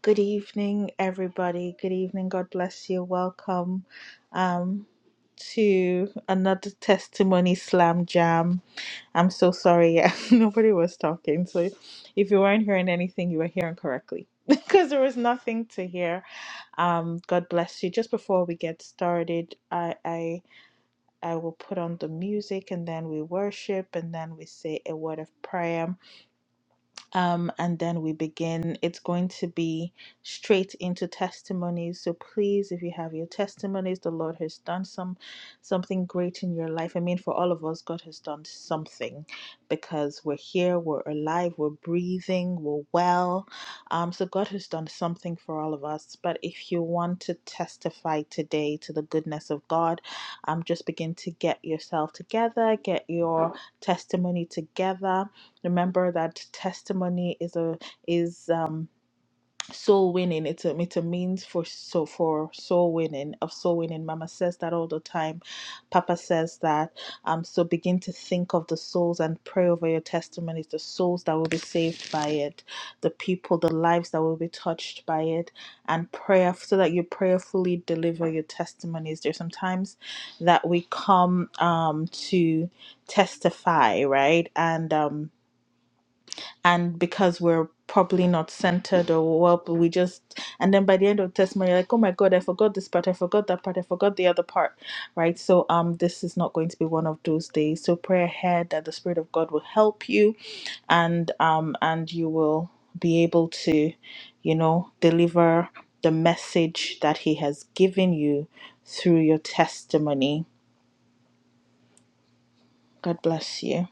Good evening, everybody. Good evening. God bless you. Welcome um, to another testimony slam jam. I'm so sorry. Yeah, nobody was talking. So if you weren't hearing anything, you were hearing correctly because there was nothing to hear. Um, God bless you. Just before we get started, I, I I will put on the music and then we worship and then we say a word of prayer um, and then we begin. It's going to be straight into testimonies. So please, if you have your testimonies, the Lord has done some something great in your life. I mean, for all of us, God has done something because we're here, we're alive, we're breathing, we're well. Um, so God has done something for all of us. But if you want to testify today to the goodness of God, um, just begin to get yourself together, get your testimony together Remember that testimony is a is um soul winning. It's a it's a means for so for soul winning of soul winning. Mama says that all the time. Papa says that. Um so begin to think of the souls and pray over your testimonies, the souls that will be saved by it, the people, the lives that will be touched by it, and prayer so that you prayerfully deliver your testimonies. There's sometimes that we come um to testify, right? And um and because we're probably not centered or well but we just and then by the end of the testimony you're like oh my god i forgot this part i forgot that part i forgot the other part right so um this is not going to be one of those days so pray ahead that the spirit of god will help you and um and you will be able to you know deliver the message that he has given you through your testimony god bless you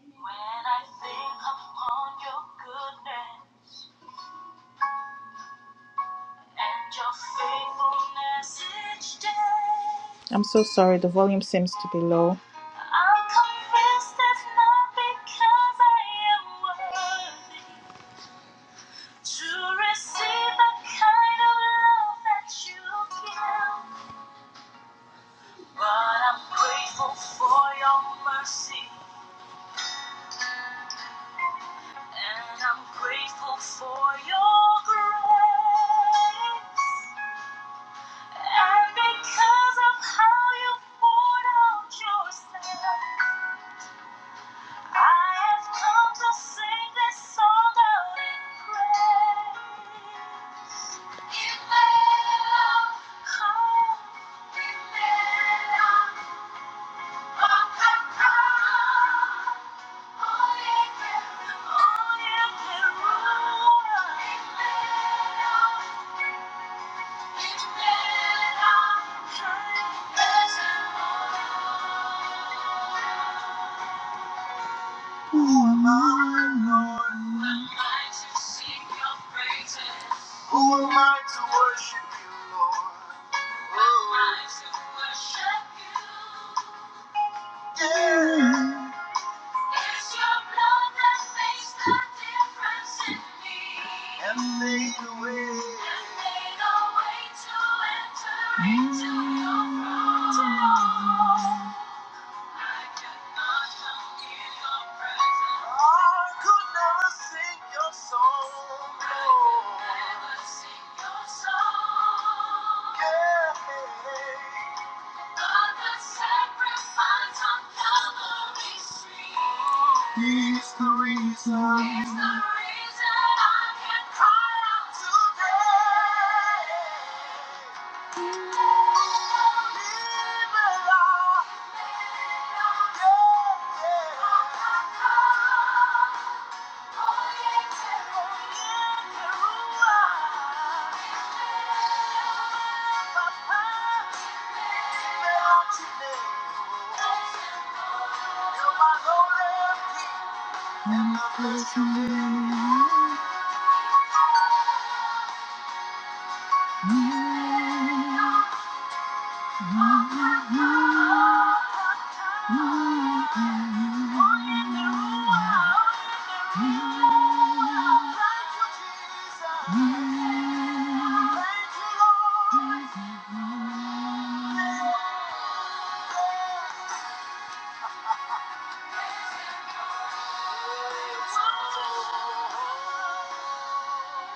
When I think upon your goodness, I'm so sorry, the volume seems to be low. and I'm grateful for your grace. And because of how you poured out yourself, I have come to sing this song out in praise. Who am I to worship you, Lord? Who am I to worship you? Yeah. It's your blood that makes the difference in me. And made the way. And made a way to enter into your throne. I could never sing your song, Yeah. But the sacrifice on Calvary's reason. Is the reason I can cry out today. Thank you. Thank you. Jesus.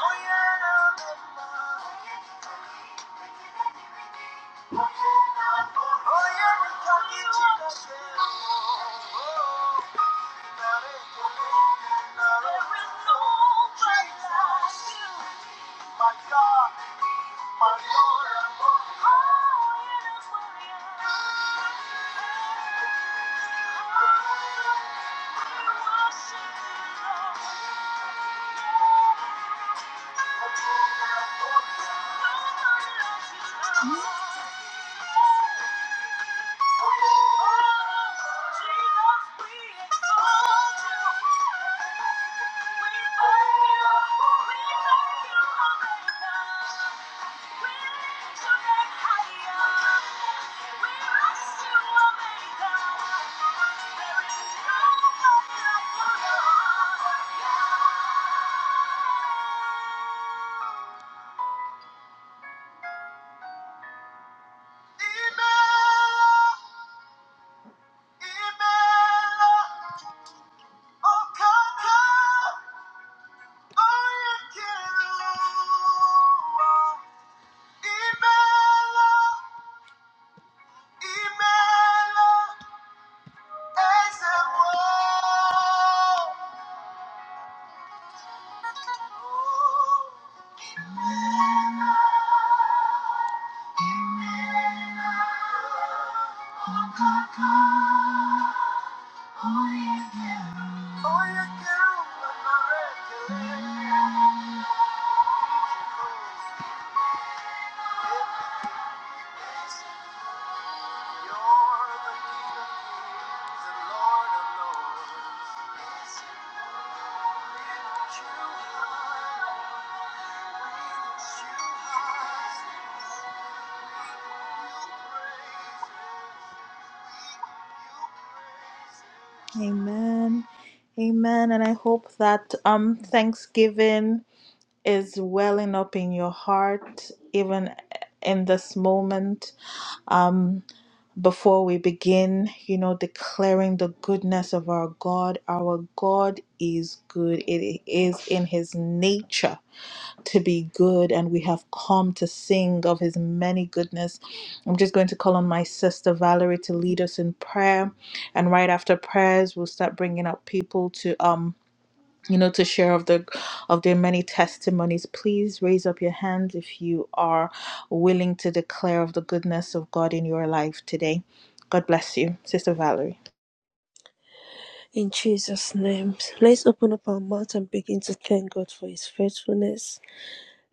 Oh yeah. I love my My God, my Lord, oh, you're the we Thank you. Omega. Imela, Imela, As the wall, oh, oh, you do not recollect. You're the King of Kings and Lord of Lords. Yes, You are Amen. Amen. And I hope that um Thanksgiving is welling up in your heart even in this moment. Um before we begin, you know, declaring the goodness of our God. Our God is good. It is in his nature to be good and we have come to sing of his many goodness. I'm just going to call on my sister Valerie to lead us in prayer and right after prayers we'll start bringing up people to um you know to share of the of their many testimonies please raise up your hand if you are willing to declare of the goodness of God in your life today god bless you sister valerie In Jesus' name, let's open up our mouth and begin to thank God for His faithfulness.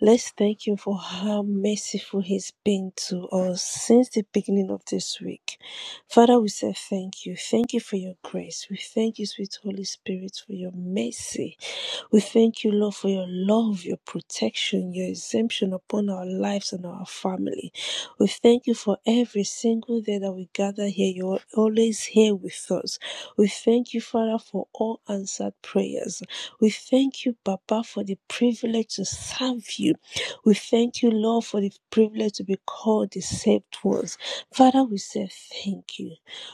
Let's thank Him for how merciful He's been to us since the beginning of this week. Father, we say thank you. Thank you for your grace. We thank you, sweet Holy Spirit, for your mercy. We thank you, Lord, for your love, your protection, your exemption upon our lives and our family. We thank you for every single day that we gather here. You're always here with us. We thank you, Father, for all answered prayers. We thank you, Papa, for the privilege to serve you. We thank you, Lord, for the privilege to be called the saved ones. Father, we say thank you.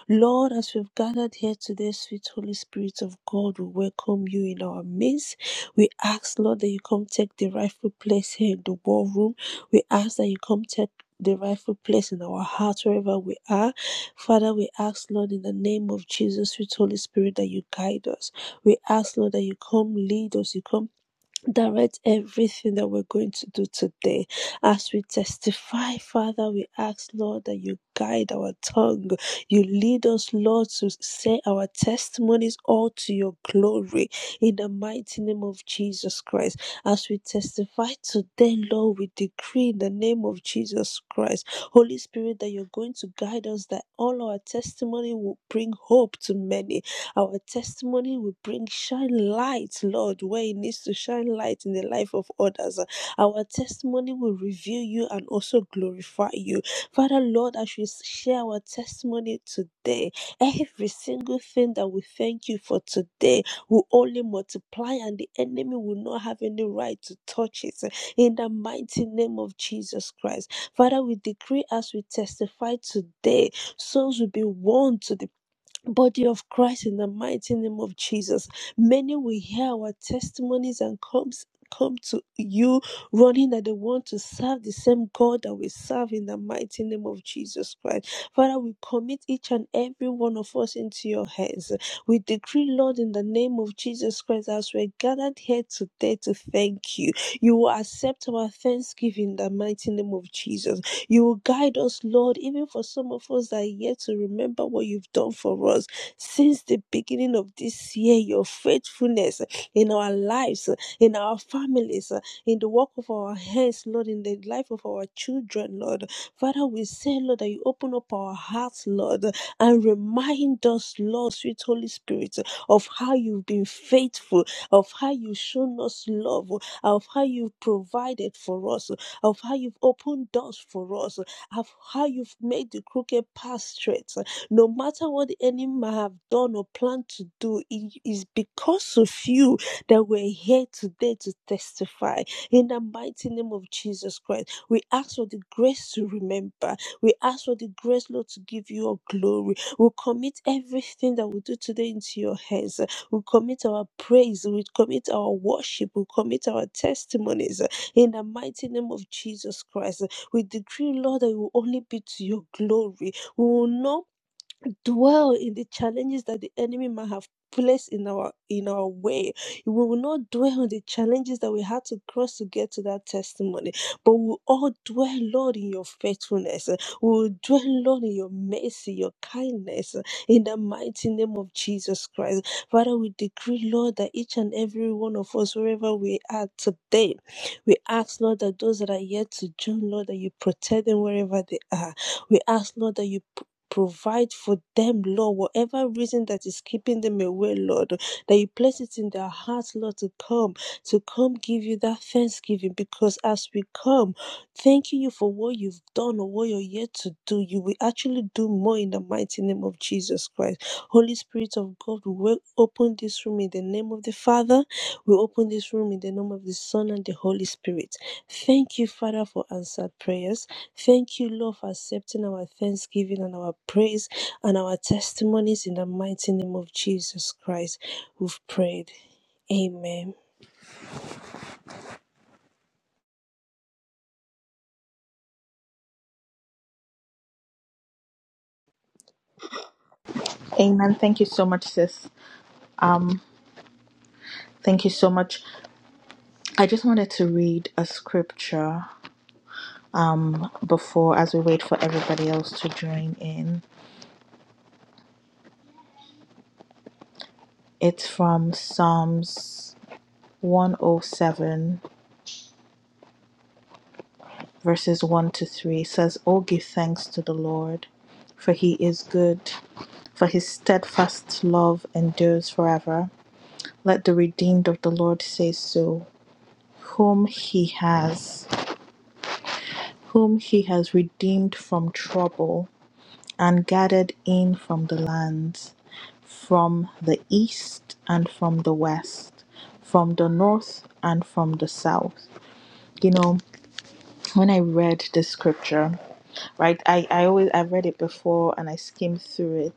Lord, as we've gathered here today, sweet Holy Spirit of God, we welcome you in our midst. We ask, Lord, that you come take the rightful place here in the war room. We ask that you come take the rightful place in our hearts wherever we are. Father, we ask, Lord, in the name of Jesus, with Holy Spirit, that you guide us. We ask, Lord, that you come lead us, you come direct everything that we're going to do today as we testify father we ask lord that you guide our tongue you lead us lord to say our testimonies all to your glory in the mighty name of jesus christ as we testify today lord we decree in the name of jesus christ holy spirit that you're going to guide us that all our testimony will bring hope to many our testimony will bring shine light, Lord, where it needs to shine light in the life of others. Our testimony will reveal you and also glorify you. Father, Lord, as we share our testimony today, every single thing that we thank you for today will only multiply and the enemy will not have any right to touch it. In the mighty name of Jesus Christ. Father, we decree as we testify today, souls will be won to the body of Christ in the mighty name of Jesus. Many will hear our testimonies and comes come to you running that they want to serve the same God that we serve in the mighty name of Jesus Christ. Father, we commit each and every one of us into your hands. We decree, Lord, in the name of Jesus Christ, as we're gathered here today to thank you, you will accept our thanksgiving in the mighty name of Jesus. You will guide us, Lord, even for some of us that are yet to remember what you've done for us since the beginning of this year. Your faithfulness in our lives, in our families, in the work of our hands, Lord, in the life of our children, Lord. Father, we say, Lord, that you open up our hearts, Lord, and remind us, Lord, sweet Holy Spirit, of how you've been faithful, of how you've shown us love, of how you've provided for us, of how you've opened doors for us, of how you've made the crooked path straight. No matter what the enemy have done or planned to do, it is because of you that we're here today to testify. In the mighty name of Jesus Christ, we ask for the grace to remember. We ask for the grace, Lord, to give you all glory. We commit everything that we do today into your hands. We commit our praise. We commit our worship. We commit our testimonies. In the mighty name of Jesus Christ, we decree, Lord, that we will only be to your glory. We will not dwell in the challenges that the enemy might have placed in our in our way. We will not dwell on the challenges that we had to cross to get to that testimony, but we will all dwell, Lord, in your faithfulness. We will dwell, Lord, in your mercy, your kindness, in the mighty name of Jesus Christ. Father, we decree, Lord, that each and every one of us, wherever we are today, we ask, Lord, that those that are yet to join, Lord, that you protect them wherever they are. We ask, Lord, that you Provide for them, Lord, whatever reason that is keeping them away, Lord, that you place it in their hearts, Lord, to come, to come give you that thanksgiving. Because as we come, thanking you for what you've done or what you're yet to do, you will actually do more in the mighty name of Jesus Christ. Holy Spirit of God, we will open this room in the name of the Father. We open this room in the name of the Son and the Holy Spirit. Thank you, Father, for answered prayers. Thank you, Lord, for accepting our thanksgiving and our praise and our testimonies in the mighty name of Jesus Christ. We've prayed. Amen. amen thank you so much sis um thank you so much i just wanted to read a scripture um, before as we wait for everybody else to join in. It's from Psalms 107, verses 1 to 3. It says, Oh, give thanks to the Lord, for he is good, for his steadfast love endures forever. Let the redeemed of the Lord say so, whom he has, whom he has redeemed from trouble and gathered in from the lands from the east and from the west, from the north and from the south. You know, when I read the scripture, right, I, I always I've read it before and I skimmed through it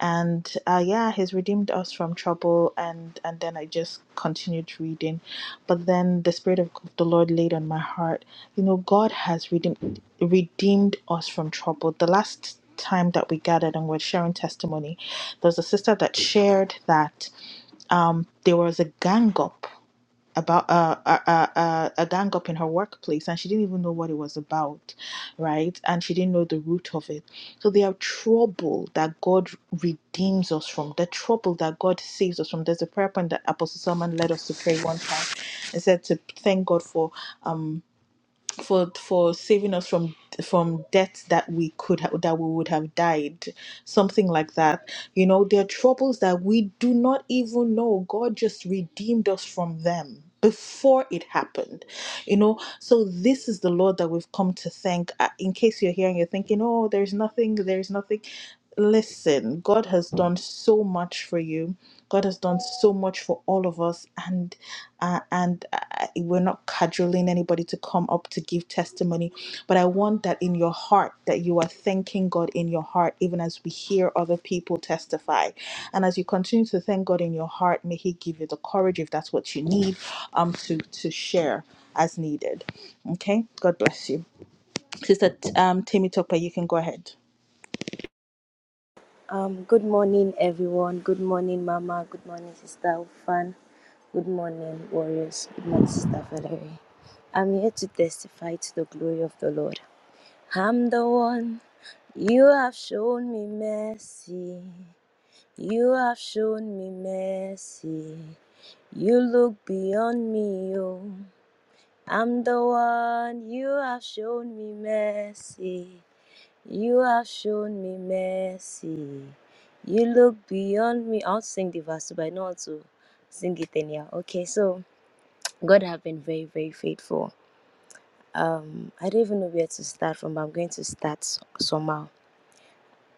and uh, yeah he's redeemed us from trouble and and then i just continued reading but then the spirit of the lord laid on my heart you know god has redeemed redeemed us from trouble the last time that we gathered and were sharing testimony there was a sister that shared that um, there was a gang up about uh, a, a, a, a gang up in her workplace and she didn't even know what it was about right and she didn't know the root of it so there are trouble that god redeems us from the trouble that god saves us from there's a prayer point that apostle solomon led us to pray one time it said to thank god for um for for saving us from from death that we could ha- that we would have died something like that you know there are troubles that we do not even know god just redeemed us from them before it happened you know so this is the lord that we've come to thank Uh, in case you're here and you're thinking oh there's nothing there's nothing listen god has done so much for you god has done so much for all of us and uh, and uh, we're not cajoling anybody to come up to give testimony but i want that in your heart that you are thanking god in your heart even as we hear other people testify and as you continue to thank god in your heart may he give you the courage if that's what you need um to to share as needed okay god bless you sister um timmy topper you can go ahead Um, good morning, everyone. Good morning, Mama. Good morning, Sister Ufan. Good morning, Warriors. Good morning, Sister Valerie. I'm here to testify to the glory of the Lord. I'm the one you have shown me mercy. You have shown me mercy. You look beyond me, oh. I'm the one you have shown me mercy. You have shown me mercy. You look beyond me. I'll sing the verse, but I know how to sing it anyhow. Okay, so God have been very, very faithful. Um, I don't even know where to start from, but I'm going to start somehow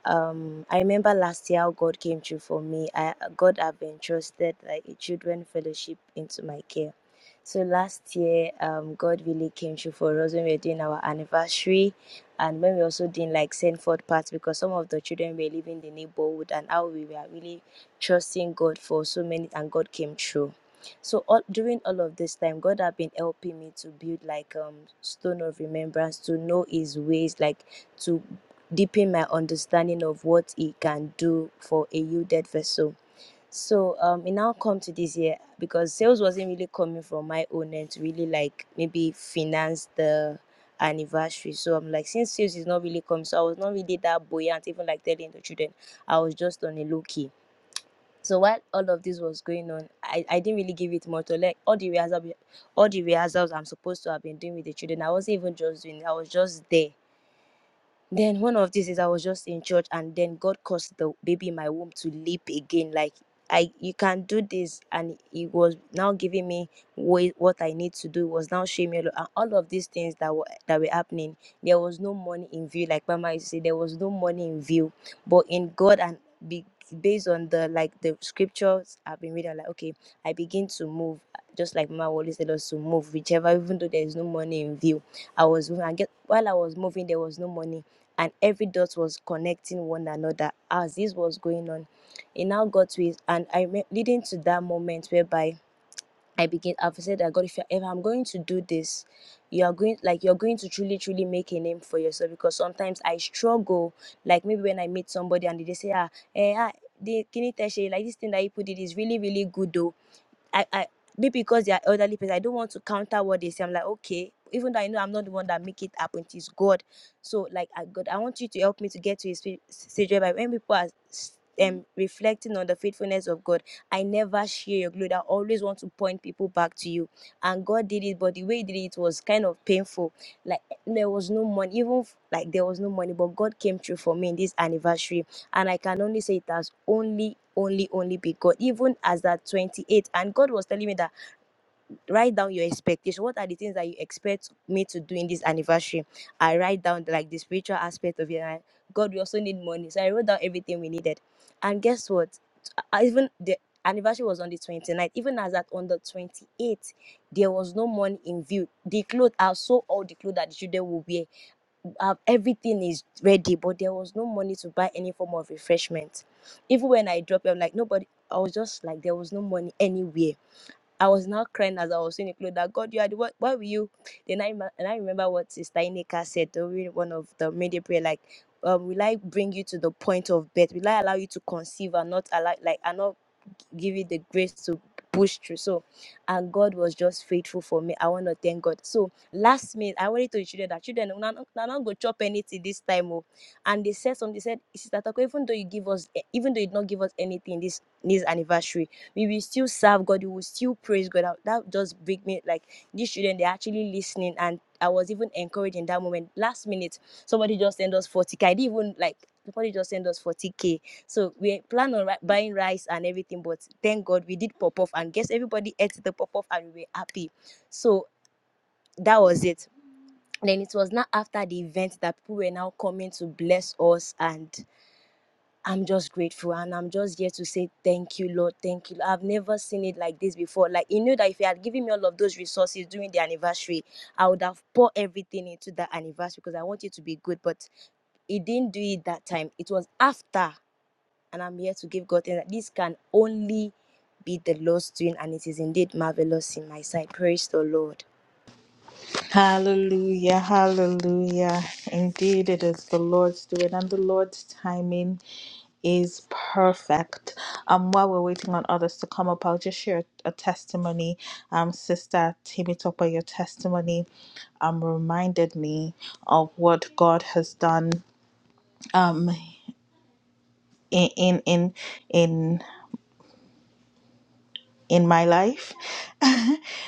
um i remember last year how god came through for me i god have entrusted like a children fellowship into my care so last year um god really came through for us when we were doing our anniversary and when we also doing like send forth parts because some of the children were living in the neighborhood and how we were really trusting god for so many and god came through so all, during all of this time god have been helping me to build like um stone of remembrance to know his ways like to deepen my understanding of what it can do for a yielded vessel. So um, it now come to this year because sales wasn't really coming from my own end to really like maybe finance the anniversary. So I'm like, since sales is not really coming, so I was not really that buoyant, even like telling the children, I was just on a low key. So while all of this was going on, I, I didn't really give it much. to Like all the rehearsals, all the rehearsals I'm supposed to have been doing with the children, I wasn't even just doing. I was just there then one of these is I was just in church and then God caused the baby in my womb to leap again. Like I you can do this and he was now giving me wha- what I need to do. It was now showing me a lot- and all of these things that were that were happening. There was no money in view. Like Mama used to say, there was no money in view. But in God and be, based on the like the scriptures I've been reading, I'm like okay, I begin to move just like Mama always said us to move, whichever even though there is no money in view. I was moving and get while I was moving there was no money and every dot was connecting one another as this was going on. It now got to it, and I re- leading to that moment whereby I begin. I've said that God, if, you, if I'm going to do this, you are going like you're going to truly, truly make a name for yourself. Because sometimes I struggle, like maybe when I meet somebody and they say, ah, eh, ah, the kini teshe, like this thing that you put it is really, really good though I, I maybe because they are elderly people, I don't want to counter what they say. I'm like, okay, even though I know I'm not the one that make it happen, it is God. So like, I, God, I want you to help me to get to His fe- stage whereby when people are s- um, reflecting on the faithfulness of God, I never share your glory. I always want to point people back to you. And God did it, but the way He did it was kind of painful. Like there was no money, even f- like there was no money, but God came through for me in this anniversary and i can only say it has only only only be god even as that 28 and god was telling me that write down your expectation what are the things that you expect me to do in this anniversary i write down like the spiritual aspect of it and god we also need money so i wrote down everything we needed and guess what I- even the anniversary was on the twenty ninth. even as that on the 28th there was no money in view the clothes i saw all the clothes that the children will wear uh, everything is ready, but there was no money to buy any form of refreshment. Even when I dropped, it, I'm like, nobody, I was just like, there was no money anywhere. I was now crying as I was in the clothes that God, you are the what, why were you? Then I, ma- and I remember what Sister Ineka said during one of the media prayer, like, um, will I bring you to the point of birth? Will I allow you to conceive and not allow, like, and not give you the grace to push through. So, and God was just faithful for me. I want to thank God. So, last minute, I already told the children that children, we're not, go chop anything this time. Oh. And they said something, they said, Sister Tako, even though you give us, eh, even though you did not give us anything this this anniversary, we will still serve God, we will still praise God. That, that just break me like these children, they're actually listening. And I was even encouraged in that moment. Last minute, somebody just sent us 40k. I didn't even like, somebody just sent us 40k so we plan on ri- buying rice and everything, but thank God we did pop off and guess everybody ate the pop off and we were happy. So that was it. Then it was not after the event that people were now coming to bless us and I'm just grateful and I'm just here to say thank you, Lord. Thank you. I've never seen it like this before. Like you know that if you had given me all of those resources during the anniversary, I would have poured everything into that anniversary because I want it to be good. But He didn't do it that time. It was after and I'm here to give God thanks. that This can only be the Lord's doing, and it is indeed marvelous in my sight. Praise the Lord. Hallelujah, hallelujah. Indeed, it is the Lord's doing, and the Lord's timing is perfect. Um, while we're waiting on others to come up, I'll just share a testimony. Um, Sister Timitopa, your testimony um reminded me of what God has done um in in in in, in my life.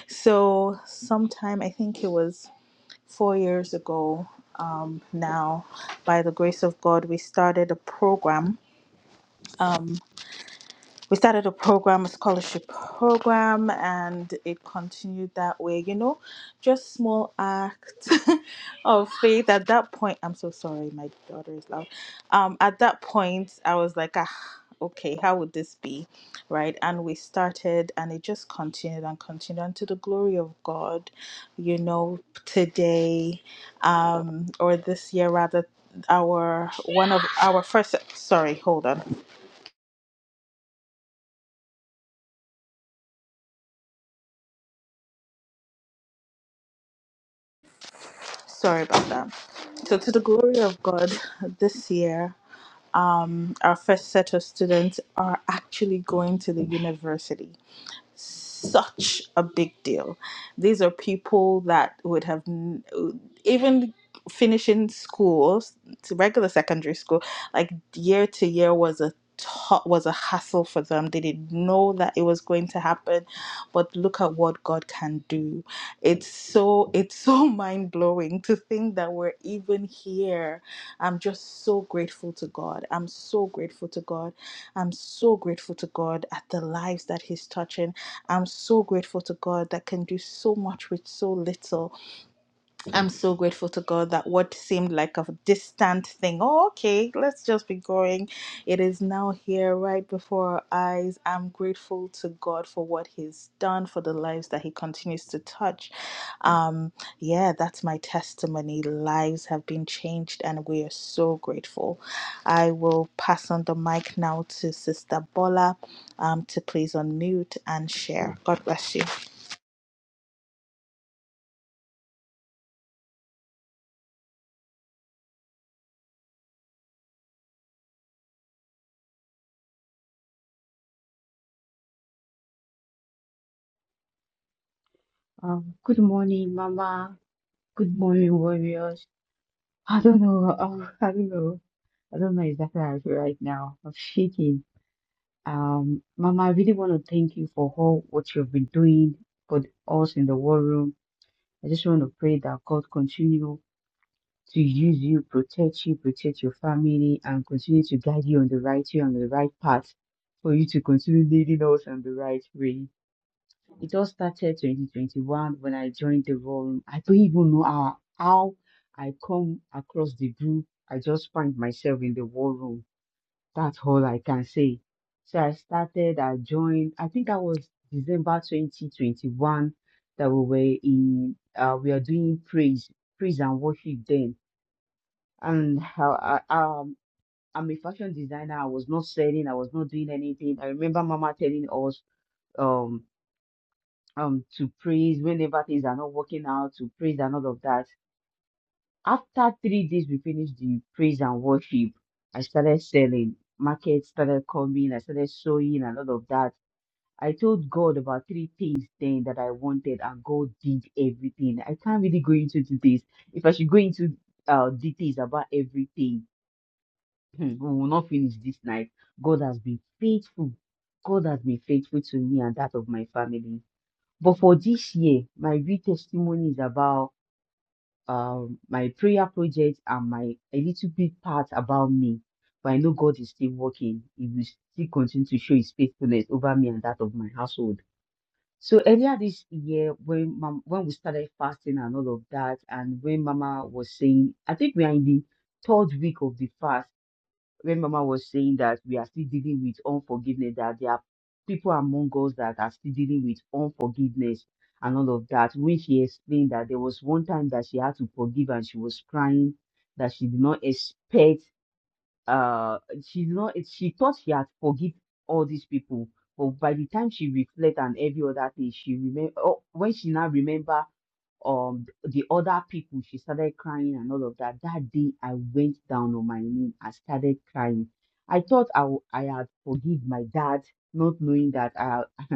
so sometime I think it was four years ago um, now. By the grace of God, we started a program um we started a program, a scholarship program, and it continued that way. You know, just small acts of faith. At that point, I'm so sorry, my daughter is loud. Um, at that point, I was like, ah, okay, how would this be, right? And we started, and it just continued and continued, and to the glory of God, you know, today, um, or this year rather, our one of our first. Sorry, hold on Sorry about that. So, to the glory of God, this year, um, our first set of students are actually going to the university such a big deal. These are people that would have n- even finishing school, regular secondary school, like year to year was a to- was a hassle for them. They didn't know that it was going to happen, but look at what God can do. It's so it's so mind blowing to think that we're even here. I'm just so grateful to God. I'm so grateful to God. I'm so grateful to God at the lives that He's touching I'm so grateful to God that can do so much with so little. I'm so grateful to God that what seemed like a distant thing, oh, okay, let's just be going, it is now here right before our eyes. I'm grateful to God for what He's done, for the lives that He continues to touch. Um, yeah, that's my testimony. Lives have been changed, and we are so grateful. I will pass on the mic now to Sister Bola um, to please unmute and share. God bless you. Um, good morning, Mama. Good morning, warriors. I don't know. Um, I don't know. I don't know exactly how I feel right now. I'm shaking. Um, Mama, I really want to thank you for all what you've been doing for us in the war room. I just want to pray that God continue to use you, protect you, protect your family, and continue to guide you on the right way, on the right path, for you to continue leading us on the right way. It all started 2021 when I joined the room. I don't even know how, how I come across the group. I just find myself in the war room. That's all I can say. So I started, I joined, I think that was December 2021 that we were in, uh, we are doing praise, praise and worship then. And how I, um, I'm a fashion designer. I was not selling, I was not doing anything. I remember Mama telling us, um um to praise whenever things are not working out to praise and all of that after three days we finished the praise and worship i started selling market started coming i started sewing and all of that i told god about three things then that i wanted and god did everything i can't really go into details if i should go into uh details about everything hmm, we will not finish this night god has been faithful god has been faithful to me and that of my family but for this year, my real testimony is about um, my prayer project and my a little bit part about me. But I know God is still working. He will still continue to show His faithfulness over me and that of my household. So earlier this year, when mom, when we started fasting and all of that, and when Mama was saying, I think we are in the third week of the fast when Mama was saying that we are still dealing with unforgiveness, that there are people among us that are still dealing with unforgiveness and all of that. When she explained that there was one time that she had to forgive and she was crying, that she did not expect, uh, she did not, she thought she had forgive all these people. But by the time she reflect and every other thing, she remember. Oh, when she now remember um the other people she started crying and all of that that day i went down on my knee I started crying i thought i, w- I had forgive my dad not knowing that i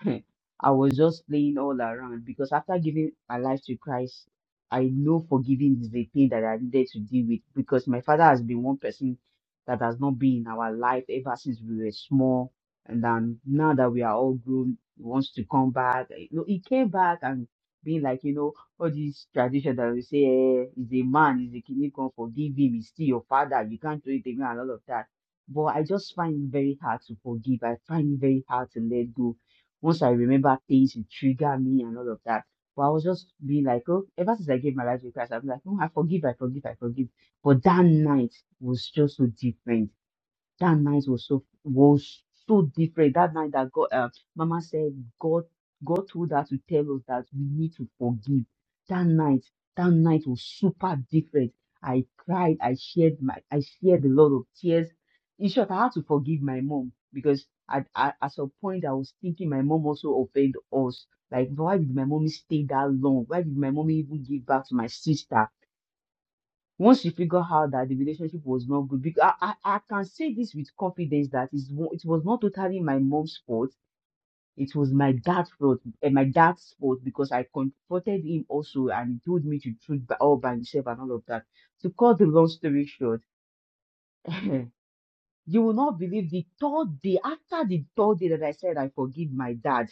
I was just playing all around because after giving my life to Christ, I know forgiving is the thing that I needed to deal with because my father has been one person that has not been in our life ever since we were small. And then now that we are all grown, he wants to come back. You know, he came back and being like, you know, all these tradition that we say, eh, he's a man, he's a king, you can't forgive him, he's still your father, you can't do it again, and all of that. But I just find it very hard to forgive. I find it very hard to let go once I remember things, it trigger me and all of that. But I was just being like, oh, ever since I gave my life to Christ, I'm like, oh, I forgive, I forgive, I forgive. But that night was just so different that night was so was so different. That night that God, uh, Mama said, God, God told her to tell us that we need to forgive. That night, that night was super different. I cried. I shared my, I shared a lot of tears. In short, I had to forgive my mom because at at, at some point I was thinking my mom also offended us. Like, why did my mommy stay that long? Why did my mommy even give back to my sister? once you figure out that the relationship was not good, because I, I, I can say this with confidence that it's, wa- it was not totally my mom's fault. It was my dad's fault, and my dad's fault because I confronted him also, and he told me to truth by, all by himself and all of that. To cut the long story short, you will not believe the third day after the third day that I said I forgive my dad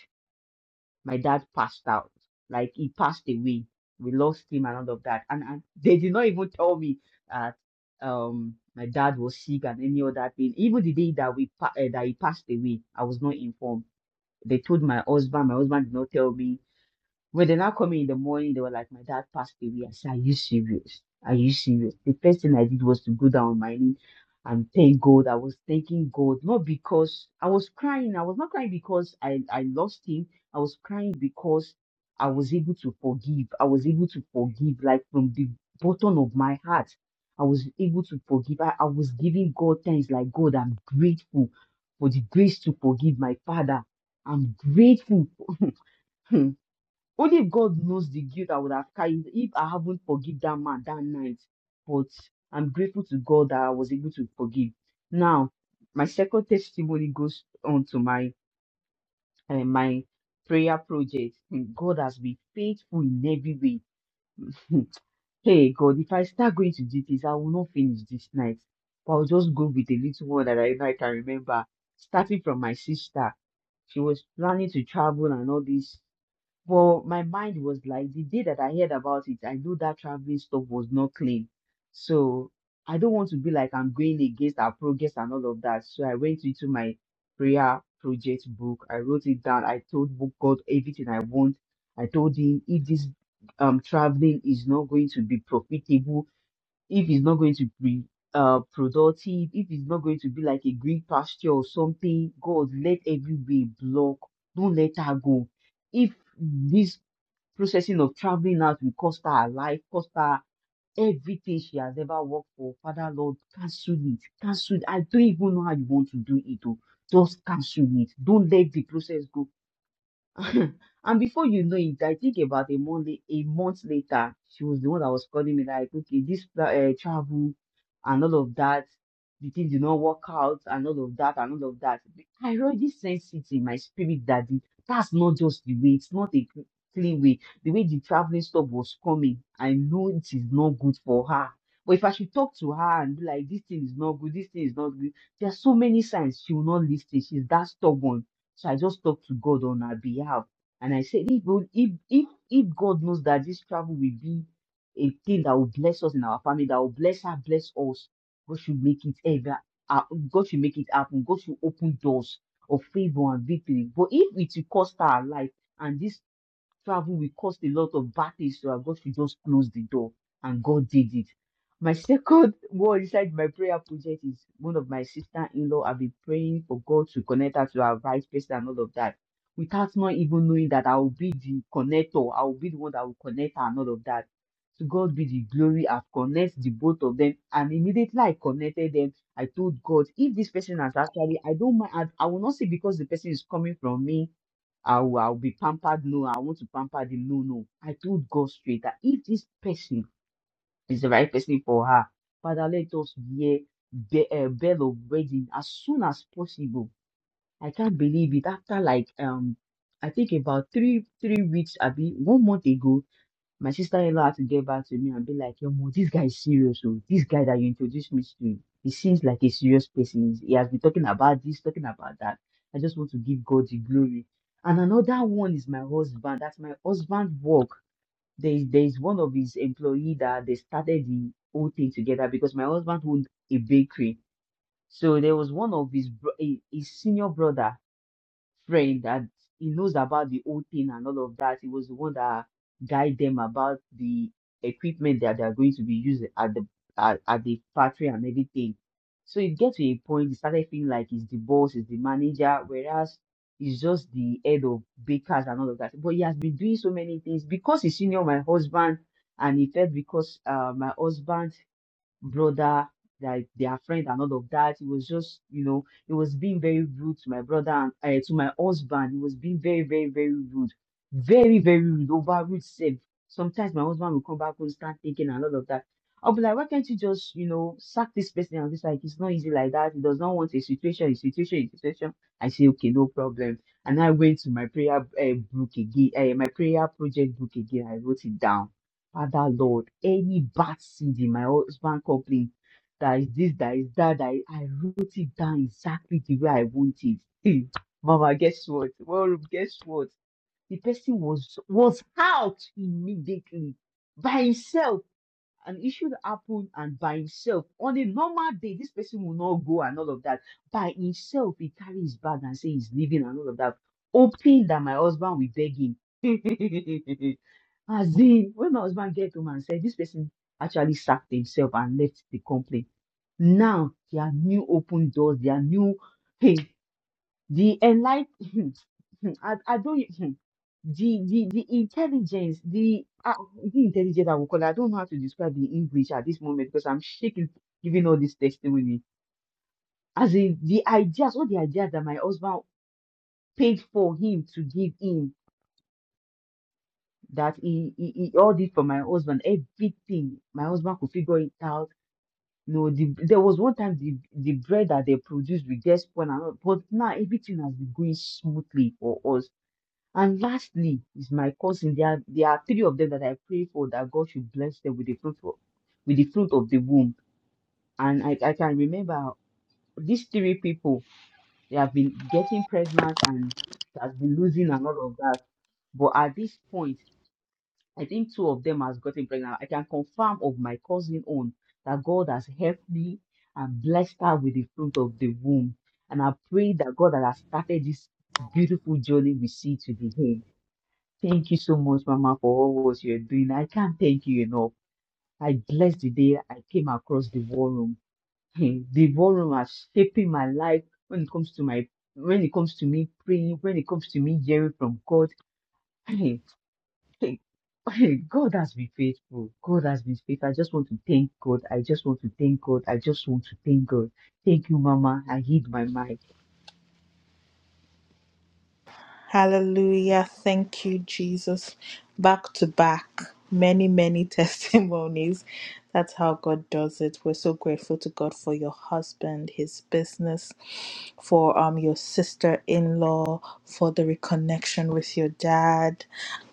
my dad passed out. Like he passed away. We lost him and all of that. And, and they did not even tell me that um my dad was sick and any other thing. Even the day that we pa- uh, that he passed away, I was not informed. They told my husband. My husband did not tell me when they now called me in the morning, they were like, My dad passed away. I said, Are you serious? Are you serious? The first thing I did was to go down on my knee and thank God. I was thanking God, not because I was crying. I was not crying because I, I lost him. I was crying because I was able to forgive. I was able to forgive, like from the bottom of my heart. I was able to forgive. I, I was giving God thanks, like, God, I'm grateful for the grace to forgive my father. I'm grateful. Only God knows the guilt I would have carried if I haven't forgive that man that night. But I'm grateful to God that I was able to forgive. Now, my second testimony goes on to my eh, my prayer project. Hmm, God has been faithful in every way. Hmm. Hey God, if I start going to details, I will not finish this night. But I'll just go with the little one that I, I can remember. Starting from my sister, she was planning to travel and all this. Well, my mind was like the day that I heard about it, I knew that traveling stuff was not clean. So I don't want to be like I'm going against our progress and all of that. So I went into my prayer project book. I wrote it down. I told book God everything I want. I told him if this um traveling is not going to be profitable, if it's not going to be uh, productive, if it's not going to be like a green pasture or something, God, let every way block. Don't let her go. If this processing of traveling out will cost her her life, cost her everything she has ever worked for, Father Lord, cancel it. Cancel it. I don't even know how you want to do it. Oh. Just cancel it. Don't let the process go and before you know it, I think about a month, la- a month later, she was the one that was calling me like, okay, this uh, travel and all of that, the thing did not work out and all of that and all of that. I already sense it in my spirit that the, that's not just the way. It's not a cl- clean way. The way the traveling stuff was coming, I know it is not good for her. But if I should talk to her and be like, this thing is not good, this thing is not good, there are so many signs she will not listen. She's that stubborn so I just talked to God on her behalf. And I said, if, God- if, if, if God knows that this travel will be a thing that will bless us in our family, that will bless her, bless us, God should make it ever, uh, God should make it happen. God should open doors of favor and victory. But if it will cost her life, and this Travel will cost a lot of bad things to her. God should just close the door. And God did it. My second word inside my prayer project is one of my sister in law. I've been praying for God to connect her to her right person and all of that without not even knowing that I will be the connector. I will be the one that will connect her and all of that. To God be the glory. I've connected the both of them. And immediately I connected them, I told God, if this person has actually, I don't mind, I, I will not say because the person is coming from me I'll, I'll be pampered. No, I want to pamper them. No, no. I told God straight that if this person is the right person for her, Father, let us hear the uh, bell of wedding as soon as possible. I can't believe it. After like um, I think about three three weeks, Abby, one month ago, my sister in law had to get back to me and be like, Yo, Mo, this guy is serious. Oh. This guy that you introduced me to, he seems like a serious person. He has been talking about this, talking about that. I just want to give God the glory. And another one is my husband. That's my husband's work. There is, there is one of his employee that they started the whole thing together because my husband owned a bakery. So there was one of his, bro- his his senior brother friend that he knows about the whole thing and all of that. He was the one that guide them about the equipment that they are going to be using at the at, at the factory and everything. So it gets to a point he started feeling like he's the boss, he's the manager, whereas he's just the head of bakers and all of that. But he has been doing so many things because he's senior my husband and he felt because uh, my husband brother, like their friend and all of that. He was just, you know, he was being very rude to my brother and uh, to my husband. He was being very, very, very rude. Very, very rude, over rude safe. Sometimes my husband will come back and start thinking and all of that. I'll be like, why can't you just, you know, sack this person? And it's like, it's not easy like that. He does not want a situation, a situation, a situation. I say, okay, no problem. And I went to my prayer uh, book again, uh, my prayer project book again. I wrote it down Father Lord, any bad seed in my husband company that is this, that is that, that is, I wrote it down exactly the way I want it. Hey, Mama, guess what? Well, guess what? The person was was out immediately by himself an issue that happened and by himself on a normal day this person will not go and all of that by himself he carry his bag and say he's leaving and all of that hoping that my husband will beg him as in when my husband get home and said this person actually sacked himself and left the company now there are new open doors there are new hey, the enlight, I, I don't, the, the, the intelligence, the, uh, the intelligence I will call it, I don't know how to describe the English at this moment because I'm shaking giving all this testimony. As in the ideas, all the ideas that my husband paid for him to give him, that he, he, he all did for my husband, everything. My husband could figure it out. No, the, there was one time the, the bread that they produced, we just spun and but now everything has been going smoothly for us And lastly is my cousin. There are, there are three of them that I pray for that God should bless them with the fruit of, with the fruit of the womb. And I, I can remember these three people, they have been getting pregnant and has been losing and all of that. But at this point, I think two of them has gotten pregnant. I can confirm of my cousin own that God has helped me and blessed her with the fruit of the womb. And I pray that God that has started this beautiful journey we see today. Thank you so much, Mama, for all what you're doing. I can't thank you enough. I bless the day I came across the war room. the war room has shaped my life when it comes to my when it comes to me praying, when it comes to me hearing from God. God has been faithful. God has been faithful. I just want to thank God. I just want to thank God. I just want to thank God. Thank you, Mama. I hid my mic. Hallelujah. Thank you, Jesus. Back to back, many, many testimonies. That's how God does it. We're so grateful to God for your husband, his business, for um your sister in law, for the reconnection with your dad.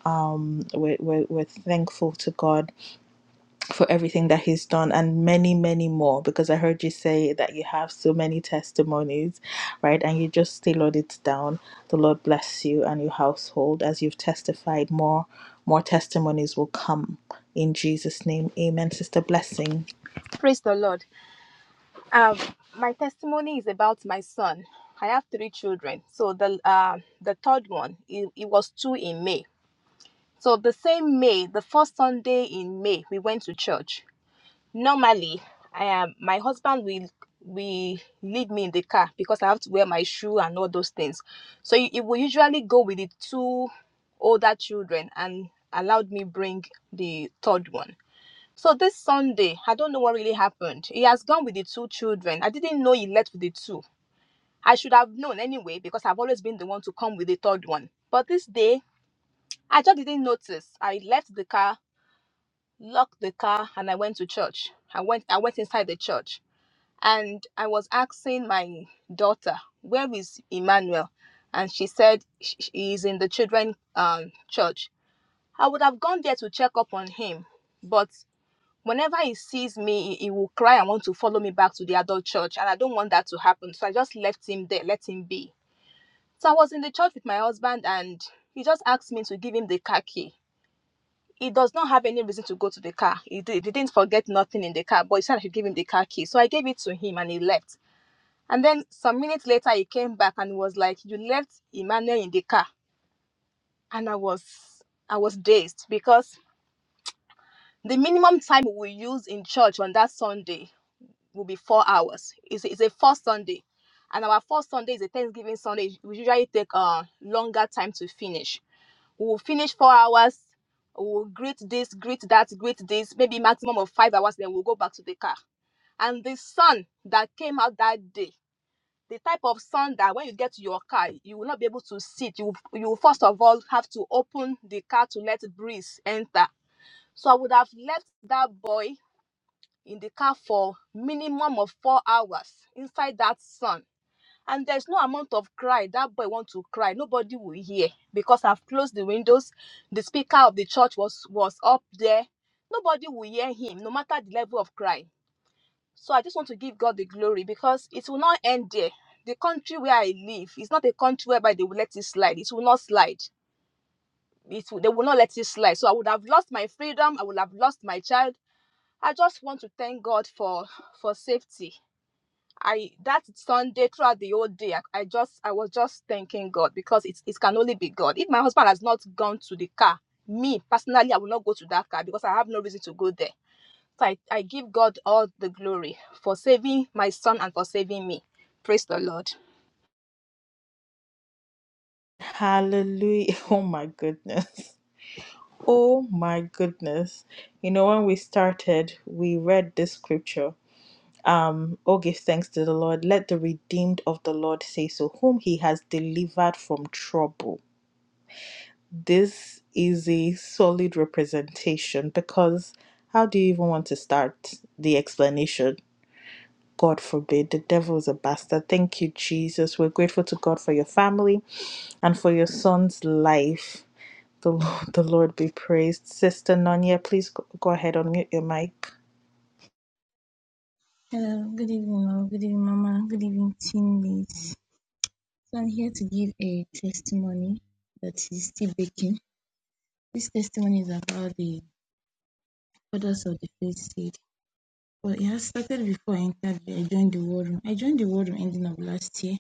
Um, we're, we're, we're thankful to God for everything that he's done and many many more because i heard you say that you have so many testimonies right and you just still on it down the lord bless you and your household as you've testified more more testimonies will come in jesus name amen sister blessing Praise the Lord. Um, my testimony is about my son. I have three children. So the uh, the third one, it, it was two in May. So the same May, the first Sunday in May, we went to church. Normally, I am my husband will we leave me in the car because I have to wear my shoe and all those things. So he, he will usually go with the two older children and allowed me bring the third one so this Sunday, I don't know what really happened. He has gone with the two children. I didn't know he left with the two. I should have known anyway because I've always been the one to come with the third one. But this day, I just didn't notice. I left the car, locked the car, and I went to church. I went I went inside the church and I was asking my daughter, "Where is Emmanuel?" And she said sh- he is in the children um church. I would have gone there to check up on him, but whenever he sees me he, will cry and want to follow me back to the adult church and i don't want that to happen so i just left him there let him be so i was in the church with my husband and he just asked me to give him the car key he does not have any reason to go to the car he, did, he didn't forget nothing in the car but he said i should give him the car key so i gave it to him and he left and then some minutes later he came back and was like you left emmanuel in the car and i was i was dazed because the minimum time we use in church on that sunday will be four hours. It's, it's a first Sunday. And our first Sunday is a Thanksgiving Sunday. We usually take a uh, longer time to finish. We will finish four hours. We will greet this, greet that, greet this, maybe maximum of five hours. Then we'll go back to the car. And the sun that came out that day, the type of sun that when you get to your car, you will not be able to sit. You, you first of all have to open the car to let breeze enter. So I would have left that boy in the car for minimum of four hours inside that sun and there's no amount of cry that boy wants to cry nobody will hear because i've closed the windows the speaker of the church was was up there nobody will hear him no matter the level of cry so i just want to give god the glory because it will not end there the country where i live is not a country whereby they will let it slide it will not slide it will, they will not let it slide so i would have lost my freedom i would have lost my child i just want to thank god for for safety I that Sunday throughout the whole day, I, I just I was just thanking God because it it can only be God. If my husband has not gone to the car, me personally, I will not go to that car because I have no reason to go there. So I, I give God all the glory for saving my son and for saving me. Praise the Lord. hallelujah oh my goodness oh my goodness you know when we started we read this scripture Um, oh, give thanks to the Lord. Let the redeemed of the Lord say so, whom he has delivered from trouble. This is a solid representation because how do you even want to start the explanation? God forbid, the devil is a bastard. Thank you, Jesus. We're grateful to God for your family and for your son's life. The Lord, the Lord be praised. Sister Nonya, please go go ahead, unmute your mic. Hello, good evening, Lord. Good evening, Mama. Good evening, team leads. So I'm here to give a testimony that is still baking. This testimony is about the products of the faith seed. Well, it has started before I entered. I joined the war room. I joined the war room ending of last year.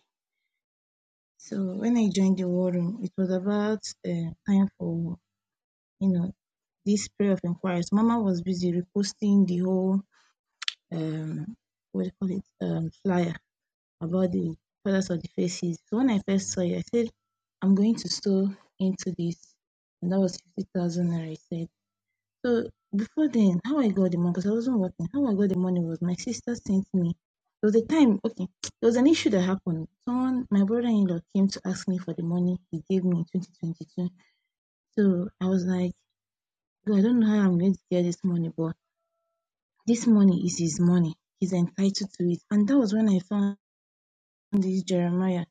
So when I joined the war room, it was about uh, time for you know this prayer of inquiries. Mama was busy reposting the whole um what do you call it um flyer about the colours of the faces. So when I first saw it, I said, I'm going to store into this. And that was 50,000 naira, I said. So before then, how I got the money, because I wasn't working, how I got the money was my sister sent me. There was a time, okay, there was an issue that happened. Someone, my brother in law, came to ask me for the money he gave me in 2022. So I was like, "Well, I don't know how I'm going to get this money, but this money is his money. He's entitled to it. And that was when I found this Jeremiah.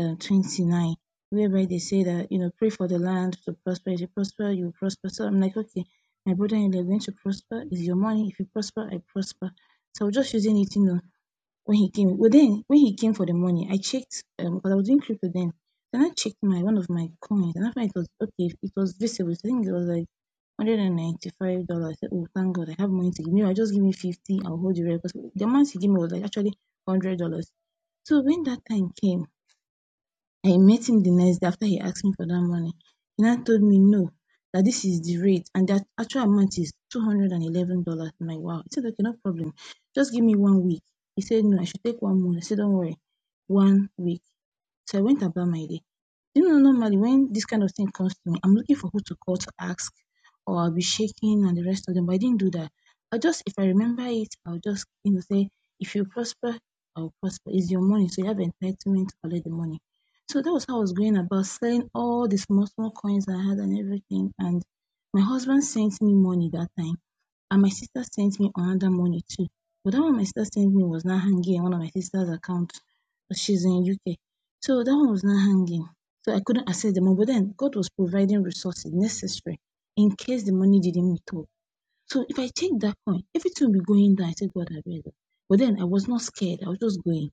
um twenty nine whereby they say that you know pray for the land to prosper. If you prosper, you will prosper. So I'm like, okay, my brother you're going to prosper is your money. If you prosper, I prosper. So I was just using it, you know, when he came. Well then when he came for the money, I checked um because I was doing crypto then. Then I checked my one of my coins and I found it was okay, it was visible. I think it was like one hundred and ninety five dollars. I said, Oh thank God, I have money to give me. I just give me fifty, I'll hold the rest. Because the amount he gave me was like actually one hundred dollars. So when that time came, I met him the next day after he asked me for that money. He now told me no, that this is the rate and the actual amount is two hundred and eleven dollars. I'm like, wow. He said, okay, no problem. Just give me one week. He said no, I should take one month. I said, don't worry, one week. So I went about my day. You know, normally when this kind of thing comes to me, I'm looking for who to call to ask or I'll be shaking and the rest of them, but I didn't do that. I just, if I remember it, I'll just, you know, say, if you prosper, I'll prosper. It's your money, so you have entitlement to collect the money. So that was how I was going about selling all the small, small coins I had and everything. And my husband sent me money that time, and my sister sent me another money too. But that one my sister sent me was not hanging in one of my sister's accounts. She's in UK. So that one was not hanging. So I couldn't access the money. But then God was providing resources necessary in case the money didn't meet up. So if I take that point, everything will be going down. I said, God, I beg. you." But then I was not scared. I was just going.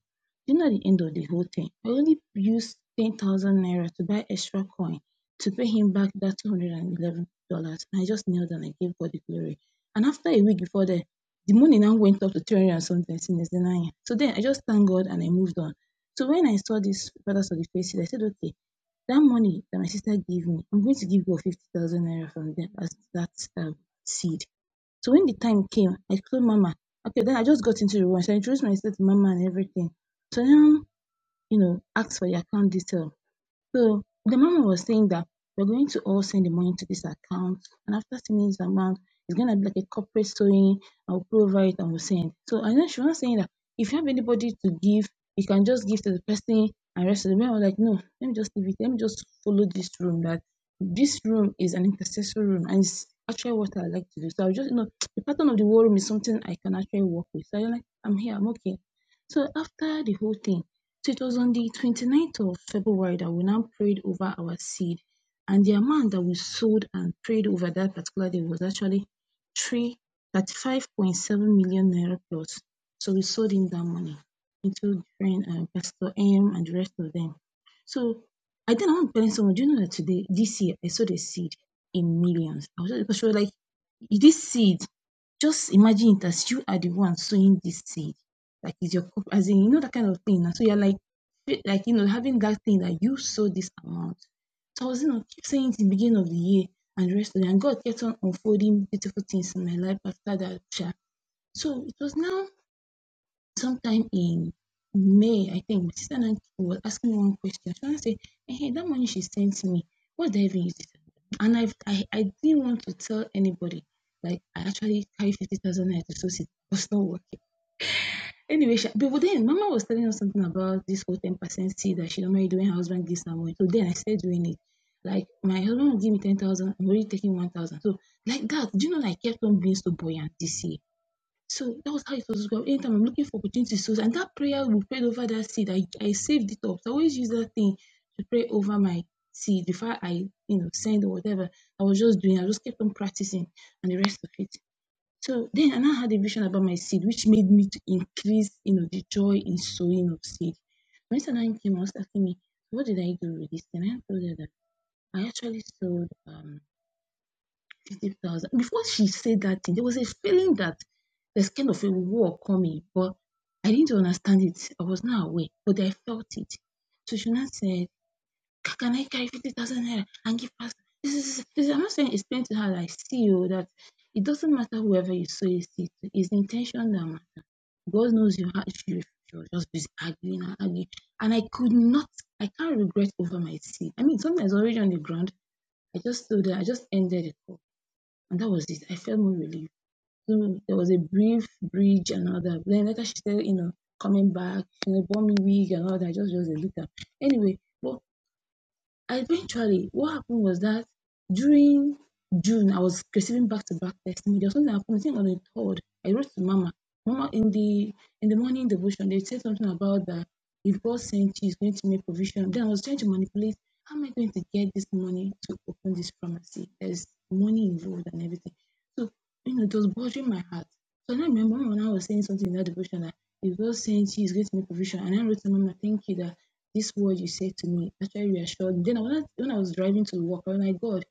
You know, at the end of the whole thing, I only used 10,000 naira to buy extra coin to pay him back that $211. And I just knelt and I gave God the glory. And after a week before that, the money now went up to 300 and something So then I just thanked God and I moved on. So when I saw this brothers of the faith, I said, okay, that money that my sister gave me, I'm going to give you 50,000 naira from them as that um, seed. So when the time came, I told Mama, okay, then I just got into the room. So I introduced myself to Mama and everything. So now, you know, asked for the account detail. So the mama was saying that we're going to all send the money to this account, and after sending this amount, it's gonna be like a corporate sewing. I'll put over it and we'll send. So and then she was saying that if you have anybody to give, you can just give to the person and rest of the them. I was like, no, let me just leave it. Let me just follow this room. That this room is an intercessory room, and it's actually what I like to do. So I just you know the pattern of the war room is something I can actually work with. So I'm like, I'm here, I'm okay. So after the whole thing. So it was on the 29th of February that we now prayed over our seed. And the amount that we sold and prayed over that particular day was actually three thirty-five point seven million naira plus. So we sold in that money into different uh, Pastor M and the rest of them. So I think I want to tell someone, do you know that today, this year, I sold a seed in millions? I was just because she was like, this seed, just imagine it as you are the one sowing this seed like is your cup as in you know that kind of thing. And so you're like like you know, having that thing that you sold this amount. So I was you know keep saying it in the beginning of the year and the rest of it. And God kept on unfolding beautiful things in my life after that. So it was now sometime in May, I think, my sister Nancy was asking me one question. She wanted to say, hey, that money she sent me, what did I even use it for?" And I've, I, I didn't want to tell anybody. Like, I actually carry 50,000 naira to source it. It was not working. Anyway, she, but then Mama was telling us something about this whole ten percent seed that she don't mind doing her husband gives her money. So then I started doing it. Like my husband will give me ten thousand, I'm already taking one thousand. So like that, do you know? Like kept on being so buoyant this year. So that was how it was. going. Anytime I'm looking for opportunities, so and that prayer we prayed over that seed, I, I saved it up. So I always use that thing to pray over my seed before I you know send or whatever. I was just doing. I just kept on practicing, and the rest of it. So then I now had a vision about my seed, which made me to increase, you know, the joy in sowing of seed. When Satan came I was asking me, what did I do with this? And I told her that I actually sold um fifty thousand. Before she said that thing, there was a feeling that there's kind of a war coming, but I didn't understand it. I was not aware, but I felt it. So she now said. Ca- Can I carry 50,000 naira and give us? This is, this is, I'm not saying explain to her like, see you, that it doesn't matter whoever you sow a seed to, it's the intention that matters. God knows you had, she, was just busy arguing and arguing. And I could not, I can't regret over my seed. I mean, sometimes already on the ground, I just stood there, I just ended it. all. And that was it. I felt more relieved. So there was a brief bridge and all that. Then later she said, you know, coming back, you know, bought me wig and all that. I just, just a little. Anyway, but. Eventually, what happened was that during June, I was receiving back-to-back testimony. There was something that happened, I think on the third. I wrote to Mama. Mama, in the in the morning devotion, they said something about that if God sent you, He's going to make provision. Then I was trying to manipulate. How am I going to get this money to open this pharmacy? There's money involved and everything. So you know, it was bothering my heart. So I remember when I was saying something in that devotion that if God sent you, He's going to make provision. And I wrote to Mama, thank you that this word you said to me actually reassured me. Then I, when I, when I was driving to work, I was like, God,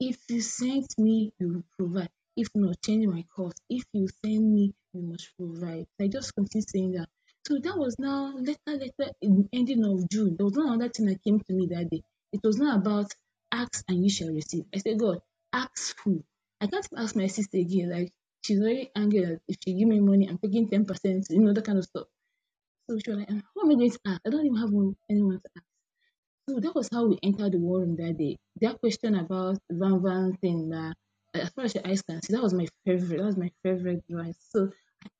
if you sent me, you will provide. If not, change my course. If you send me, you must provide. I just continued saying that. So that was now later, later in the ending of June. There was no other thing that came to me that day. It was not about ask and you shall receive. I said, God, ask who? I can't ask my sister again. Like she's very angry that if she give me money, I'm taking ten percent, you know, that kind of stuff. So she was like, "Ah, who am I going to ask? I don't even have one, anyone to ask. So that was how we entered the war room that day. That question about Van Van thing, uh, as far as your eyes can see, that was my favorite. That was my favorite device. So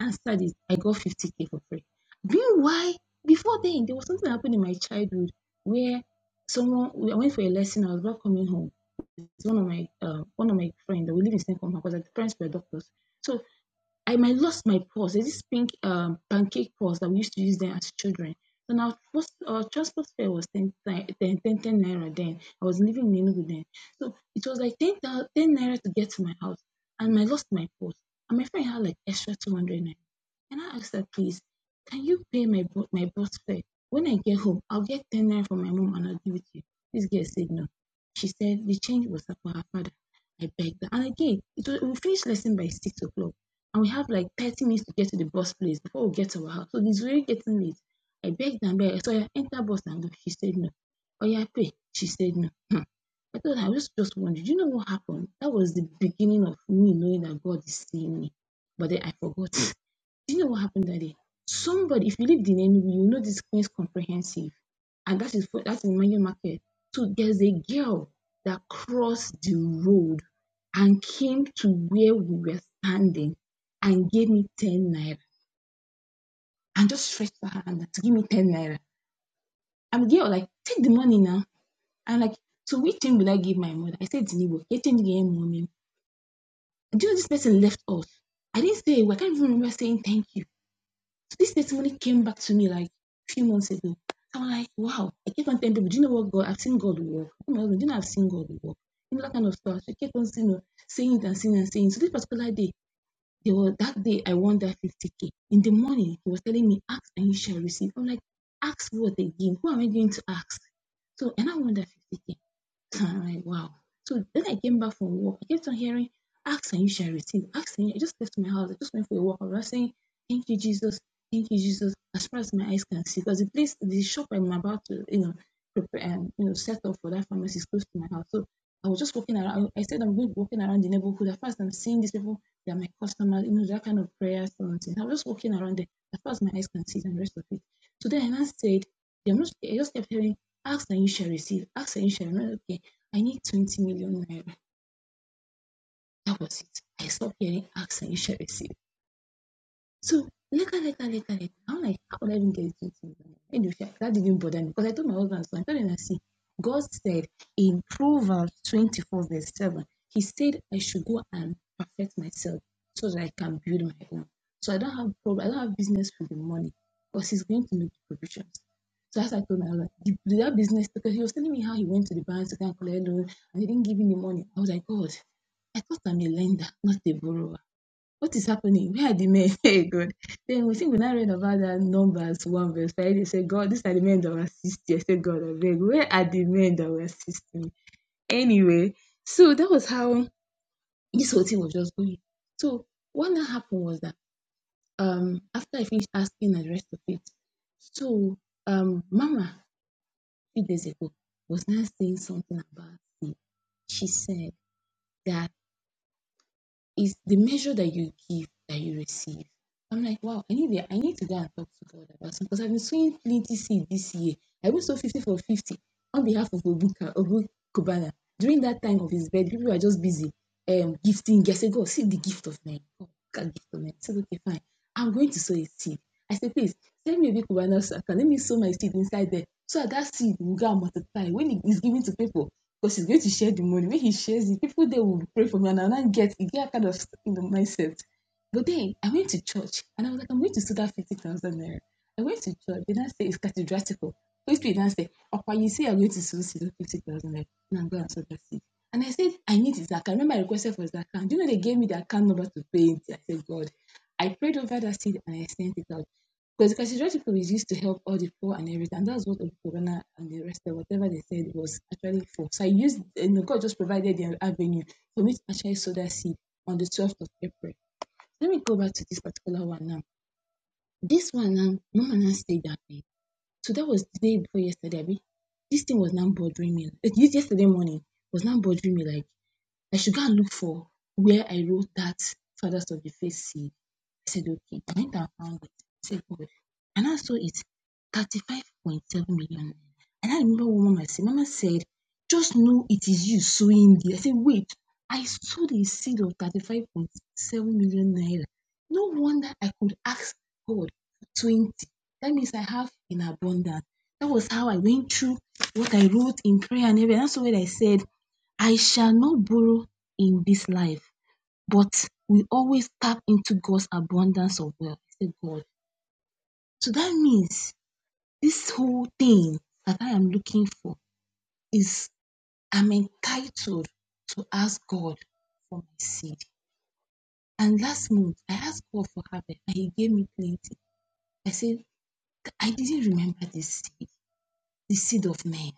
I answered it. I got 50k for free. Meanwhile, before then, there was something happened in my childhood where someone I went for a lesson. I was about coming home. It's one of my uh, one of my friends. We live in the same compound because the parents were doctors. So I might lost my purse. There's this pink um, pancake purse that we used to use then as children. So now first, our transport fare was 10, ten, ten, ten naira then. I was living in Enugu then. So it was like 10, 10 naira to get to my house. And I lost my purse. And my friend had like extra 200 naira. And I asked her, please, can you pay my bu- my bus fare? When I get home, I'll get 10 naira from my mom and I'll give it to you. This girl said no. She said the change was for her father. I begged her. And again, it was, we finished lesson by 6 o'clock. And we have like 30 minutes to get to the bus place before we get to our house. So it's really getting late. I begged and begged. So I enter bus and go. She said no. Oh, yeah, pay. She said no. Hmm. I thought I was just wondering, you know what happened? That was the beginning of me knowing that God is seeing me. But then I forgot. Do you know what happened that day? Somebody, if you live in Enugu, you know this Queen's Comprehensive, and that is for, that's in Mayo Market. So there's a girl that crossed the road and came to where we were standing and gave me 10 naira and just stretched her hand to give me 10 naira. I'm the girl, like, take the money now. I'm like, so which thing will I give my mother? I said, Zinibo, get change again, mommy. Do you know this person left us? I didn't say, I can't even remember saying thank you. So this testimony came back to me like a few months ago. So I'm like, wow, I kept on telling people, do you know what God? I've seen God work. Oh my husband, do you know I've seen God work? You know, that kind of stuff. So I kept on saying, you know saying it and saying and saying. So this particular day, there was that day I won that 50k. In the morning, he was telling me, ask and you shall receive. I'm like, ask what again? Who am I going to ask? So and I won that 50k. I'm like, wow. So then I came back from work. I kept on hearing, ask and you shall receive. Ask and I just left my house. I just went for a walk. I was saying, thank you, Jesus. Thank you, Jesus. As far as my eyes can see, because the place, the shop I'm about to, you know, prepare, and you know, set up for that pharmacy is close to my house. So I was just walking around. I said I'm going to be walking around the neighborhood. At first, I'm seeing these people. They're my customers. You know, that kind of prayer something. I was just walking around there. As far as my eyes can see, and the rest of it. So then I now said, i just kept hearing, ask and you shall receive. Ask and you shall receive. Okay. I need 20 million naira. That was it. I stopped hearing ask and you shall receive. So later, later, later, later, I'm like, how would I even get these things? Anyway, that didn't bother me because I told my husband, so I told him, I see, God said in Proverbs 24, verse 7, He said, I should go and perfect myself so that I can build my own. So I don't have problem, I don't have business with the money because He's going to make the provisions. So as I told my husband, the, that business, because he was telling me how he went to the bank to go and collect loan and they didn't give him the money. I was like, God, I thought I'm a lender, not a borrower. What is happening? Where are the men? Hey, God. Then we think we now read about that Numbers 1 verse 5. They say, God, these are the men that were assisting. I said, God, I beg, where are the men that were assisting me? Anyway, so that was how this whole thing was just going. So what now happened was that um after I finished asking the rest of it, so um Mama, three days ago, was now saying something about sleep. She said that It's the measure that you give that you receive. I'm like, wow, I need, I need to go and talk to God about something because I've been sowing plenty seed this year. I will sow 50 for 50 on behalf of Obuka, Obu Kubana. During that time of his birth, people were just busy um, gifting. I said, God, see the gift of men. God, God, gift of men. I said, okay, fine. I'm going to sow a seed. I said, please, send me a big Kubana so I can let me sow my seed inside there. So that that seed will go and multiply. When it is given to people, because he's going to share the money. When he shares it, people they will pray for me, and I'll not get it. Get kind of in the mindset. But then I went to church, and I was like, I'm going to steal that fifty thousand naira. I went to church. They now say it's cathedratical. Holy Spirit now say, Papa, you say I'm going to sow seed fifty thousand naira, and I'm going to sow that seed. And I said, I need his account. Remember, I requested for his account. Do you know they gave me the account number to pay it? I said, God. I prayed over that seed and I sent it out. Because constituency people is used to help all the poor and everything. And that's what Okorona and the rest of whatever they said was actually for. So I used, you know, God just provided the avenue for me to actually sow that seed on the 12th of April. Let me go back to this particular one now. This one now, Mama now stayed that day. So that was the day before yesterday. Abi? This thing was now bothering me. Eh, This yesterday morning was now bothering me like I should go and look for where I wrote that Fathers of the Faith seed. I said, okay. I went and found it. I said, God. And I saw it 35.7 million. And I remember what Mama said. Mama said, just know it is you sowing this. I said, wait, I sowed a seed of 35.7 million naira. No wonder I could ask God for 20. That means I have in abundance. That was how I went through what I wrote in prayer and everything. That's what I said I shall not borrow in this life, but we always tap into God's abundance of wealth. I said God. So that means this whole thing that I am looking for is I'm entitled to ask God for my seed. And last month, I asked God for harvest and He gave me plenty. I said, I didn't remember the seed, the seed of man.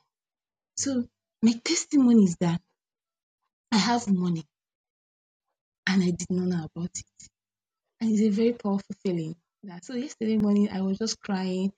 So my testimony is that I have money and I did not know about it. And it's a very powerful feeling. Yeah, So yesterday morning, I was just crying,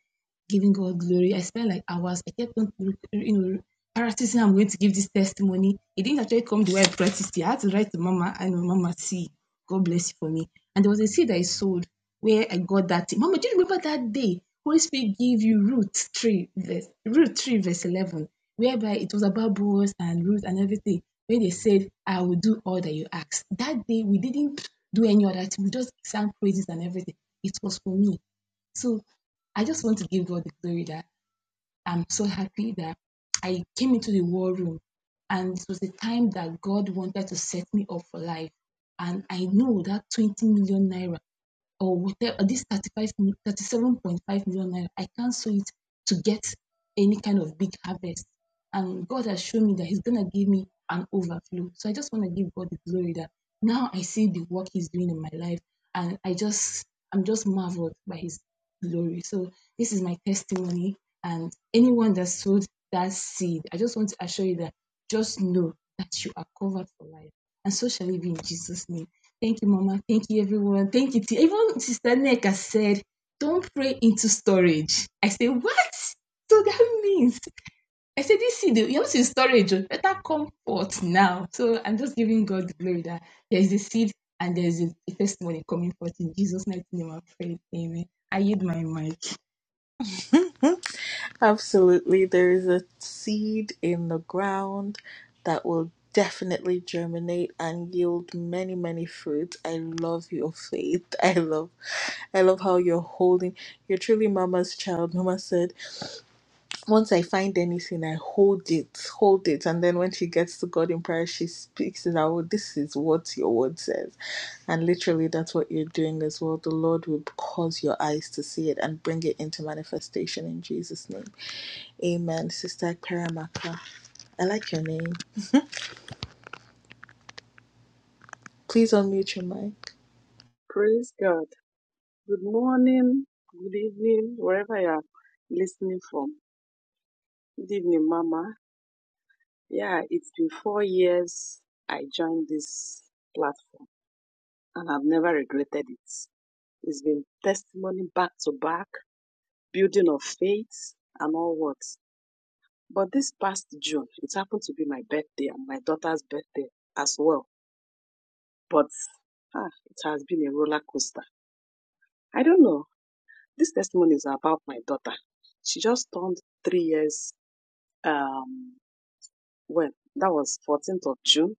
giving God glory. I spent like hours. I kept on, you know, practicing. I'm going to give this testimony. It didn't actually come the way I practiced it. I had to write to Mama. I know Mama, see, God bless you for me. And there was a seed I sowed where I got that thing. Mama, do you remember that day Holy Spirit gave you Ruth 3, verse, Ruth 3, verse 11, whereby it was about Boaz and Ruth and everything, where they said, I will do all that you ask. That day, we didn't do any other thing. We just sang praises and everything. It was for me. So I just want to give God the glory that I'm so happy that I came into the war room and it was the time that God wanted to set me up for life. And I know that 20 million naira or whatever uh, this thirty-five, thirty-seven point five million, mil- 37.5 million naira i cancel it to get any kind of big harvest and god has shown me that he's gonna give me an overflow so i just want to give god the glory that now i see the work he's doing in my life and i just i'm just marveled by his glory so this is my testimony and anyone that sowed that seed i just want to assure you that just know that you are covered for life and so shall it be in jesus name Thank you, Mama. Thank you, everyone. Thank you. To, even Sister Neka said, don't pray into storage. I said, what? So that means, I said, this seed, you're not in storage, oh, better come forth now. So I'm just giving God the glory that there is a seed and there is a, a testimony coming forth in Jesus' mighty name. I pray. Amen. I yield my mic. Absolutely. There is a seed in the ground that will definitely germinate and yield many, many fruits. I love your faith. I love I love how you're holding. You're truly mama's child. Mama said once I find anything, I hold it, hold it. And then when she gets to God in prayer, she speaks it out. This is what your word says. And literally, that's what you're doing as well. The Lord will cause your eyes to see it and bring it into manifestation in Jesus' name. Amen. Sister Karamaka, I like your name. Please unmute your mic. Praise God. Good morning, good evening, wherever you are listening from. Good evening, Mama. Yeah, it's been four years I joined this platform and I've never regretted it. It's been testimony back to back, building of faith and all what. But this past June, it happened to be my birthday and my daughter's birthday as well. But ah, it has been a roller coaster. I don't know. This testimony is about my daughter. She just turned three years. Um, well, that was 14th of June.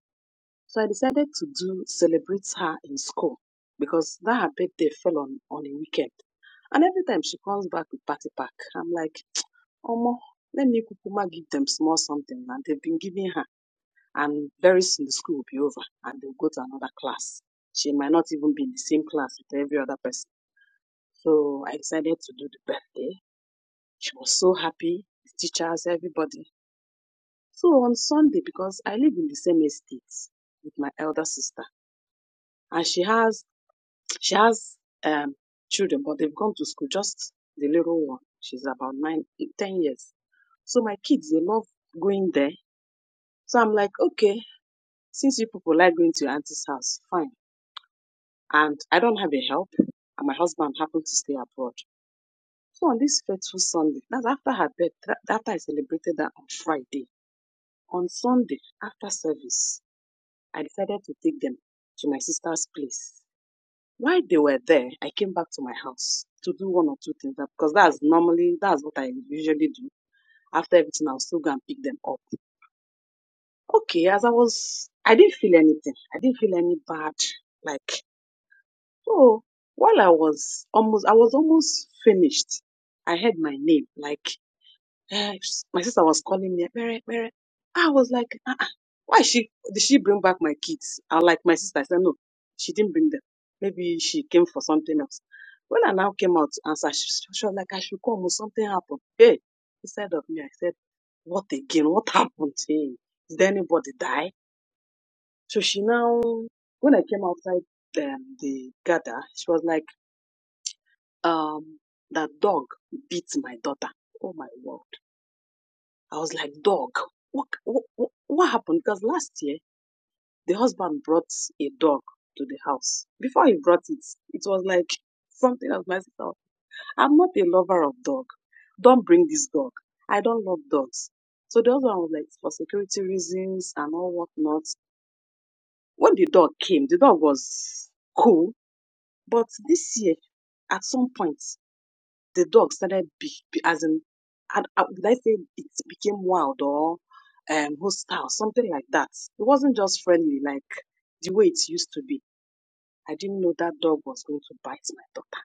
So I decided to do celebrate her in school because that her birthday fell on on a weekend. And every time she comes back with party pack, I'm like, Omo, let me kukuma give them small something. And they've been giving her. And very soon the school will be over and they'll go to another class. She might not even be in the same class with every other person. So I decided to do the birthday She was so happy, the teachers, everybody. So on Sunday, because I live in the same estate with my elder sister, and she has she has um children, but they've gone to school. Just the little one, she's about nine, ten years. So my kids, they love going there. So I'm like, okay, since you people like going to your auntie's house, fine. And I don't have a help, and my husband happened to stay abroad. So on this fateful Sunday, that's after her birth, after I celebrated that on Friday, On Sunday, after service, I decided to take them to my sister's place. While they were there, I came back to my house to do one or two things because that's normally that's what I usually do. After everything, I'll still go and pick them up. Okay, as I was, I didn't feel anything. I didn't feel any bad. Like oh, while I was almost, I was almost finished. I heard my name. Like My sister was calling me, Mary, Mary. I was like, uh-uh. why she did she bring back my kids? I like my sister. I said, no, she didn't bring them. Maybe she came for something else. When I now came out to answer, she, she she was like, I should come. or Something happened. Hey, instead of me, I said, what again? What happened? Hey, did anybody die? So she now, when I came outside um, the gather, she was like, um, that dog beat my daughter. Oh my word. I was like, dog, what, what, what what happened? Because last year, the husband brought a dog to the house. Before he brought it, it was like something of my sister. I'm not a lover of dog. Don't bring this dog. I don't love dogs. So the husband was like, for security reasons and all whatnot. When the dog came, the dog was cool. But this year, at some point, the dog started be, be- as in I, I, would I say it became wild or um hostile, something like that. It wasn't just friendly like the way it used to be. I didn't know that dog was going to bite my daughter.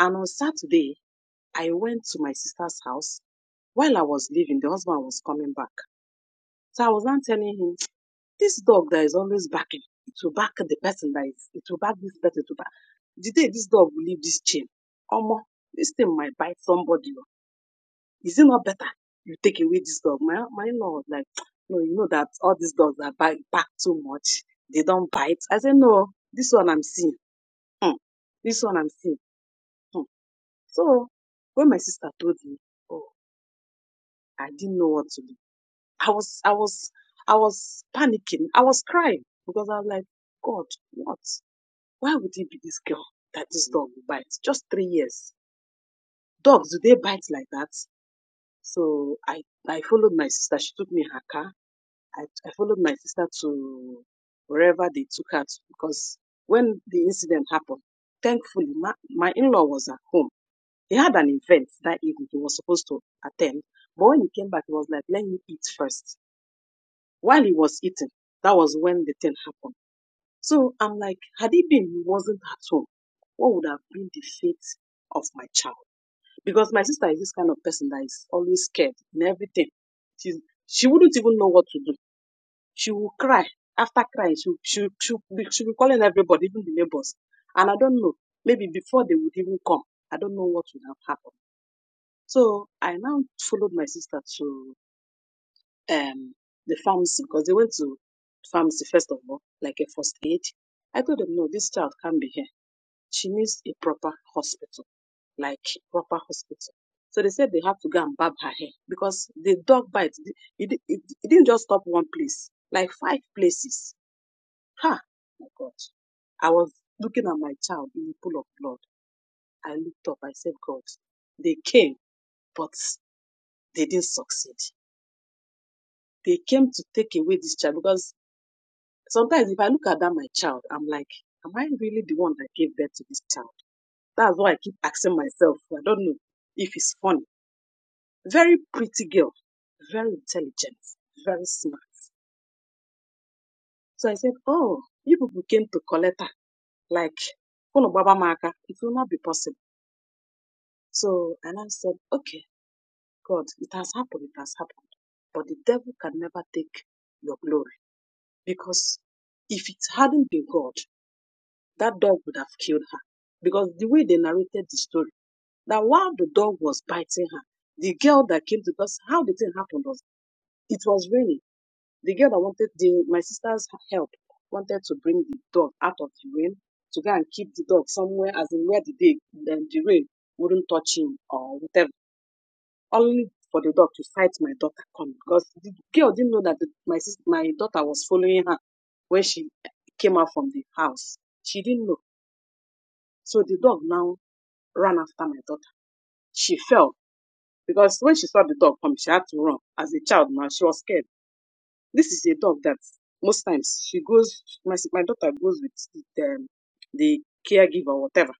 And on Saturday, I went to my sister's house. While I was leaving, the husband was coming back. So I was not telling him, this dog that is always backing, it will back the person that is, it will back this person, to will back. The day this dog will leave this chain, Omo, this thing might bite somebody Is it not better you take away this dog? My, my lord, like, no, you know that all these dogs are back, back too much. They don't bite. I said, no, this one I'm seeing. Hmm. This one I'm seeing. Hmm. So when my sister told me, oh, I didn't know what to do. I was, I was, I was panicking. I was crying because I was like, God, what? Why would it be this girl that this dog will bite? Just three years. Dogs, do they bite like that? So I, I followed my sister. She took me in her car I, I followed my sister to wherever they took her to because when the incident happened, thankfully, my, my in law was at home. He had an event that evening he was supposed to attend. But when he came back, he was like, let me eat first. While he was eating, that was when the thing happened. So I'm like, had he been, he wasn't at home, what would have been the fate of my child? Because my sister is this kind of person that is always scared in everything. She's, she wouldn't even know what to do she will cry. After crying, she, she, she, be, she will be calling everybody, even the neighbors. And I don't know, maybe before they would even come, I don't know what would have happened. So I now followed my sister to um, the pharmacy because they went to pharmacy first of all, like a first aid. I told them, no, this child can't be here. She needs a proper hospital, like proper hospital. So they said they have to go and barb her hair because the dog bite, it, it, it didn't just stop one place, like five places Ha! My God. I was looking at my child in the pool of blood. I looked up. I said, God, they came, but they didn't succeed. They came to take away this child because sometimes if I look at that, my child, I'm like, am I really the one that gave birth to this child? That's why I keep asking myself. I don't know if it's funny. Very pretty girl, very intelligent, very smart. So I said, oh, you people came to collect her. Like, "Unu gbaba m it will not be possible So, and I said, okay, God, it has happened, it has happened. But the devil can never take your glory because if it hadn't been God, that dog would have killed her. Because the way they narrated the story, that while the dog was biting her, the girl that came to us, how the thing happened was it was raining. The girl that wanted the, my sister's help wanted to bring the dog out of the rain to go and keep the dog somewhere, as in where the, day, the, the rain wouldn't touch him or whatever. only for the dog to fight my daughter come because the girl didn't know that the, my sis my daughter was following her when she came out from the house. She didn't know. So the dog now ran after my daughter. She fell because when she saw the dog come, she had to run. As a child now, she was scared. This is a dog that most times she goes, my, my daughter goes with the, um, the caregiver or whatever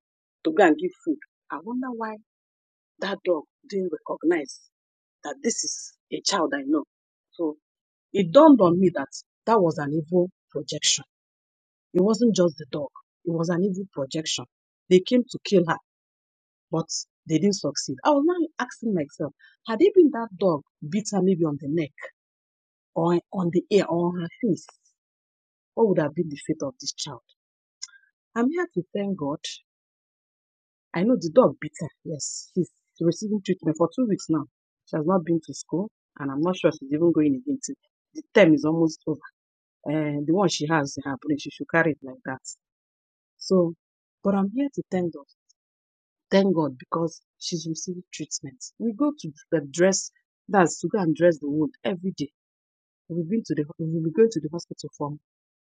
to go and give food. I wonder why that dog didn't recognize that this is a child I know. So It dawned on me that that was an evil projection. It wasn't just the dog, it was an evil projection. They came to kill her, but they didn't succeed. I was now asking myself, had it been that dog bit her maybe on the neck or on the ear or on her face, what would have been the fate of this child? I'm here to thank God. I know the dog bit her. Yes, she's receiving treatment for two weeks now. She has not been to school, and I'm not sure she's even going again. The term is almost over. Uh, the one she has in her brain, she should carry it like that. So, but I'm here to thank God. Thank God because she's receiving treatment. We go to the dress, that's to go and dress the wound every day. We've been to the, we've been going to the hospital for,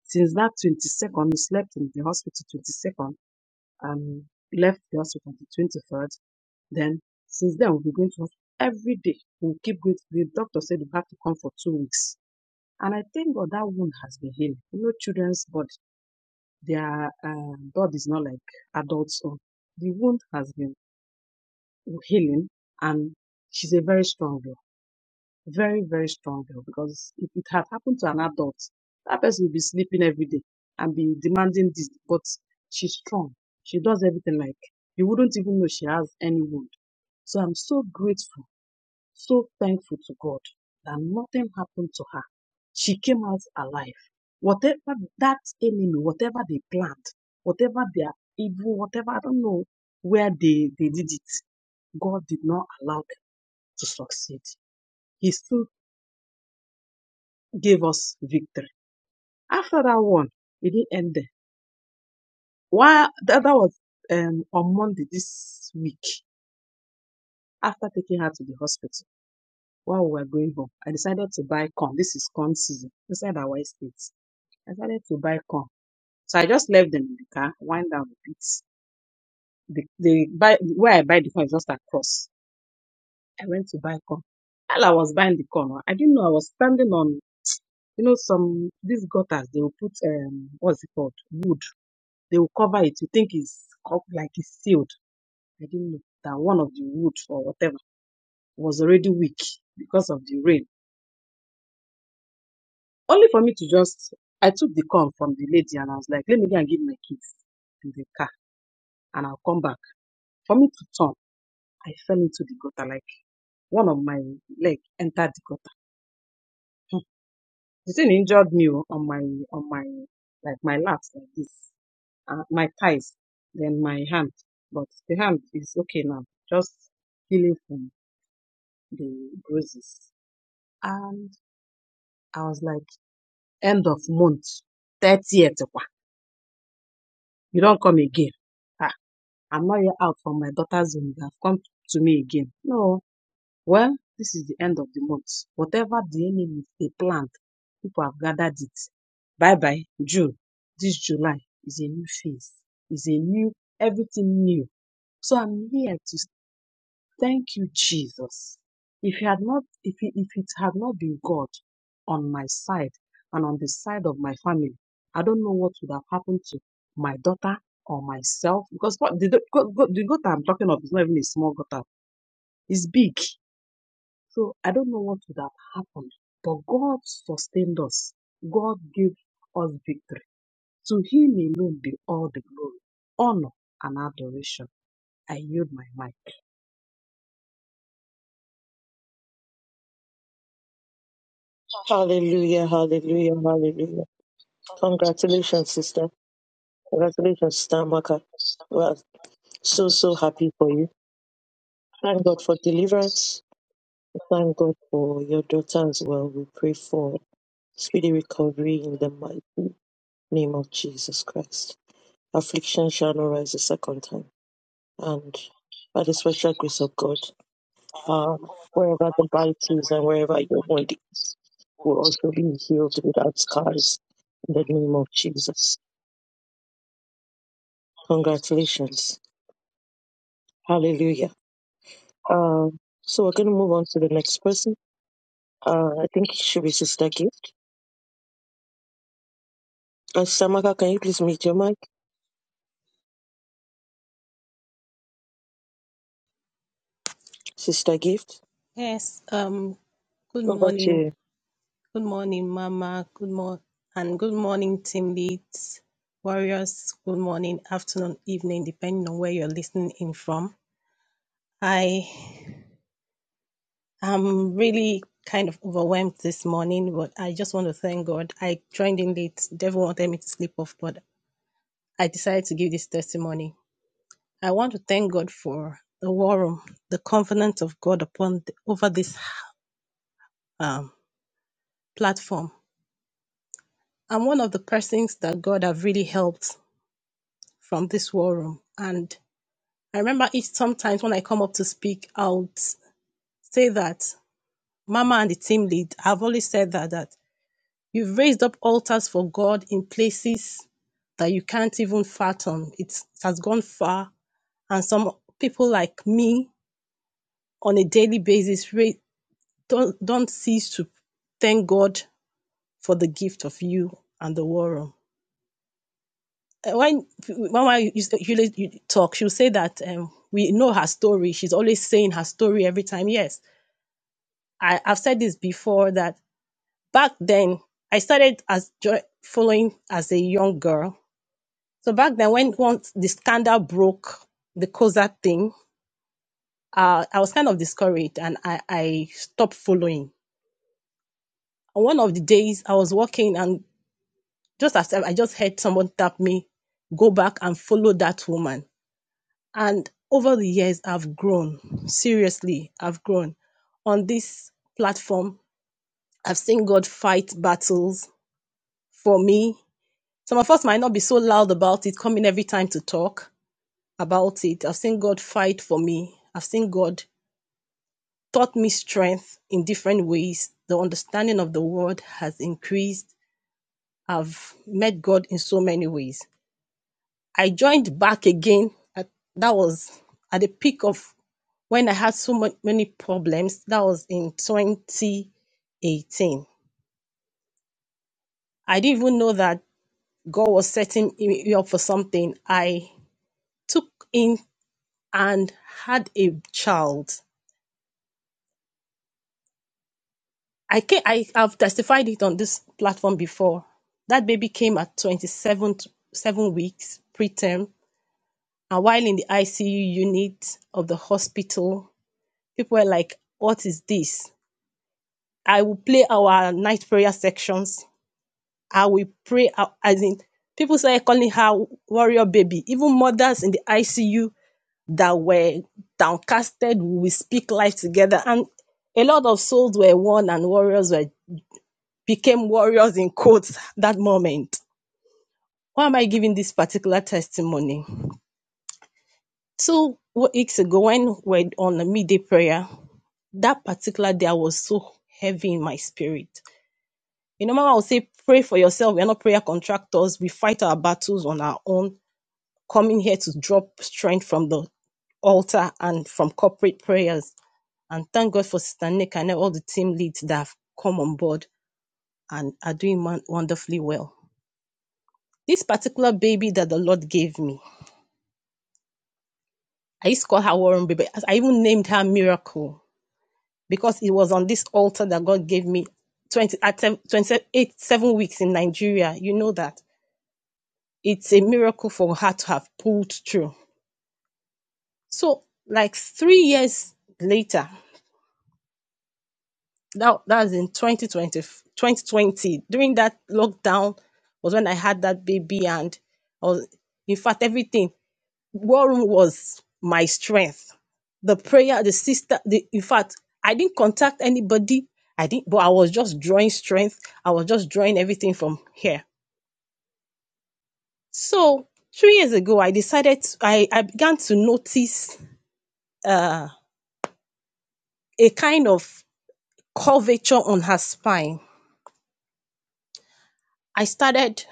since that 22nd, we slept in the hospital 22nd and left the hospital the 23rd. Then, since then, we've been going to hospital every day. We'll keep going. The doctor said we have to come for two weeks. And I thank God that wound has been healed. You know, children's body, their uh, blood is not like adults' own. The wound has been healing and she's a very strong girl very very strong girl because if it had happened to an adult that person would be sleeping every day and be demanding this but she's strong she does everything like you wouldn't even know she has any wound so i'm so grateful so thankful to god that nothing happened to her she came out alive whatever that enemy whatever they planned whatever they're evil whatever i don't know where they they did it god did not allow to succeed. He still gave us victory. After that one, it didn't end there. Why that, that was um, on Monday this week. After taking her to the hospital, while we were going home, I decided to buy corn. This is corn season inside our estate. I decided to buy corn. So I just left them in the car, wind down the bits. The, the buy, where I buy the corn is just across. I went to buy corn. While I was buying the corn, huh, I didn't know I was standing on, you know, some, these gutters, they will put, um, what's it called? Wood they will cover it. You think it's like it's sealed. I didn't know that one of the wood or whatever was already weak because of the rain. Only for me to just, I took the corn from the lady and I was like, let me go and give my kids in the car and I'll come back. For me to turn, I fell into the gutter. Like one of my leg entered the gutter. Hmm. The thing injured me oh, on my, on my, like my laps like this, uh, my thighs, then my hand. But the hand is okay now. Just healing from the bruises. And I was like, end of month, 30th. kwa. You don't come again. Ah, I'm not yet out from my daughter's room. You have come to me again. No. Well, this is the end of the month. Whatever the enemy they plant people have gathered it. Bye bye, June. This July is a new phase, is a new, everything new. So I'm here to Thank you, Jesus. If it had not, if it, if it had not been God on my side and on the side of my family, I don't know what would have happened to my daughter or myself. Because what the, go- go- the gutter I'm talking of is not even a small gutter; it's big. So I don't know what would have happened. But God sustained us. God gave us victory. To Him alone be all the glory, honor, and adoration. I yield my mic. Hallelujah, hallelujah, hallelujah. Congratulations, sister. Congratulations, sister We Amaka. have to stop the We're mass so, so destruction of happy for our you. Thank planet God for for the Earth's deliverance. survival. Thank God We for your have to stop the daughter as destruction well. We pray for speedy of our planet recovery in the mighty name of Jesus Christ. Affliction shall not rise a second time. And by the for the special survival grace of God, uh, of wherever the our bite species. We have to stop the is and destruction of our planet for the survival of wherever your wound will our also species. be healed We have to stop the destruction of without our planet for the survival of our scars in the name of species. We Jesus. have to stop the Congratulations. destruction Hallelujah. of our Um, so we're going to planet move for on to the next person. Uh, I the think it should survival be of our Sister species. Gift. Uh, Samaka, can you please meet your mic? Sister Gift, Yes, um, good over to morning. you. Good morning, Mama. Good morning, and good morning, team leads, warriors. Good morning, afternoon, evening, depending on where you're listening in from. I am really kind of overwhelmed this morning, but I just want to thank God. I joined in late. Devil wanted me to sleep off, but I decided to give this testimony. I want to thank God for the war room, the covenant of God upon the, over this um, platform I'm one of the persons that God have really helped from this war room. And I remember each sometimes when I come up to speak, I'll say that Mama and the team lead have always said that that you've raised up altars for God in places that you can't even fathom. It's, it has gone far, and some people like me on a daily basis re- don't don't cease to thank God for the gift of you and the war room. uh, when Mama you, you, you talk, she'll say that um, we know her story. She's always saying her story every time. Yes, I, I've said this before that back then I started as jo- following as a young girl. So back then, when once the scandal broke, the COSA thing, uh, I was kind of discouraged and I, I stopped following. And one of the days I was walking and just as I I just heard someone tap me, go back and follow that woman. And over the years, I've grown. Seriously, I've grown. On this platform, I've seen God fight battles for me. Some of us might not be so loud about it, coming every time to talk about it. I've seen God fight for me. I've seen God taught me strength in different ways. The understanding of the word has increased. I've met God in so many ways. I joined back again. At, that was at the peak of when I had so much, many problems. That was in 2018. I didn't even know that God was setting me up for something. I took in and had a child. I can I have testified it on this platform before. That baby came at 27 t- seven weeks preterm, and while in the ICU unit of the hospital, people were like, "What is this?" I will play our night prayer sections. I will pray uh, as in people started calling her warrior baby. Even mothers in the ICU that were downcasted, we will speak life together. And a lot of souls were won and warriors were became warriors in quotes that moment. Why am I giving this particular testimony? Two weeks ago, when we we're on a midday prayer, that particular day I was so heavy in my spirit. You know, Mama will say, pray for yourself. We are not prayer contractors. We fight our battles on our own, coming here to drop strength from the altar and from corporate prayers. And thank God for Sister Nick and all the team leads that have come on board and are doing wonderfully well. This particular baby that the Lord gave me, I used to call her Warren Baby. I even named her Miracle because it was on this altar that God gave me 20, at seven- 28, seven weeks in Nigeria. You know that. it's a miracle for her to have pulled through. So, like three years later, that that was in 2020 2020. during that lockdown was when I had that baby, and I was, in fact, everything. War room was my strength. The prayer, the sister, the in fact, I didn't contact anybody. I didn't, but I was just drawing strength. I was just drawing everything from here. So three years ago, I decided I, I began to notice. uh, a kind of curvature on her spine. I started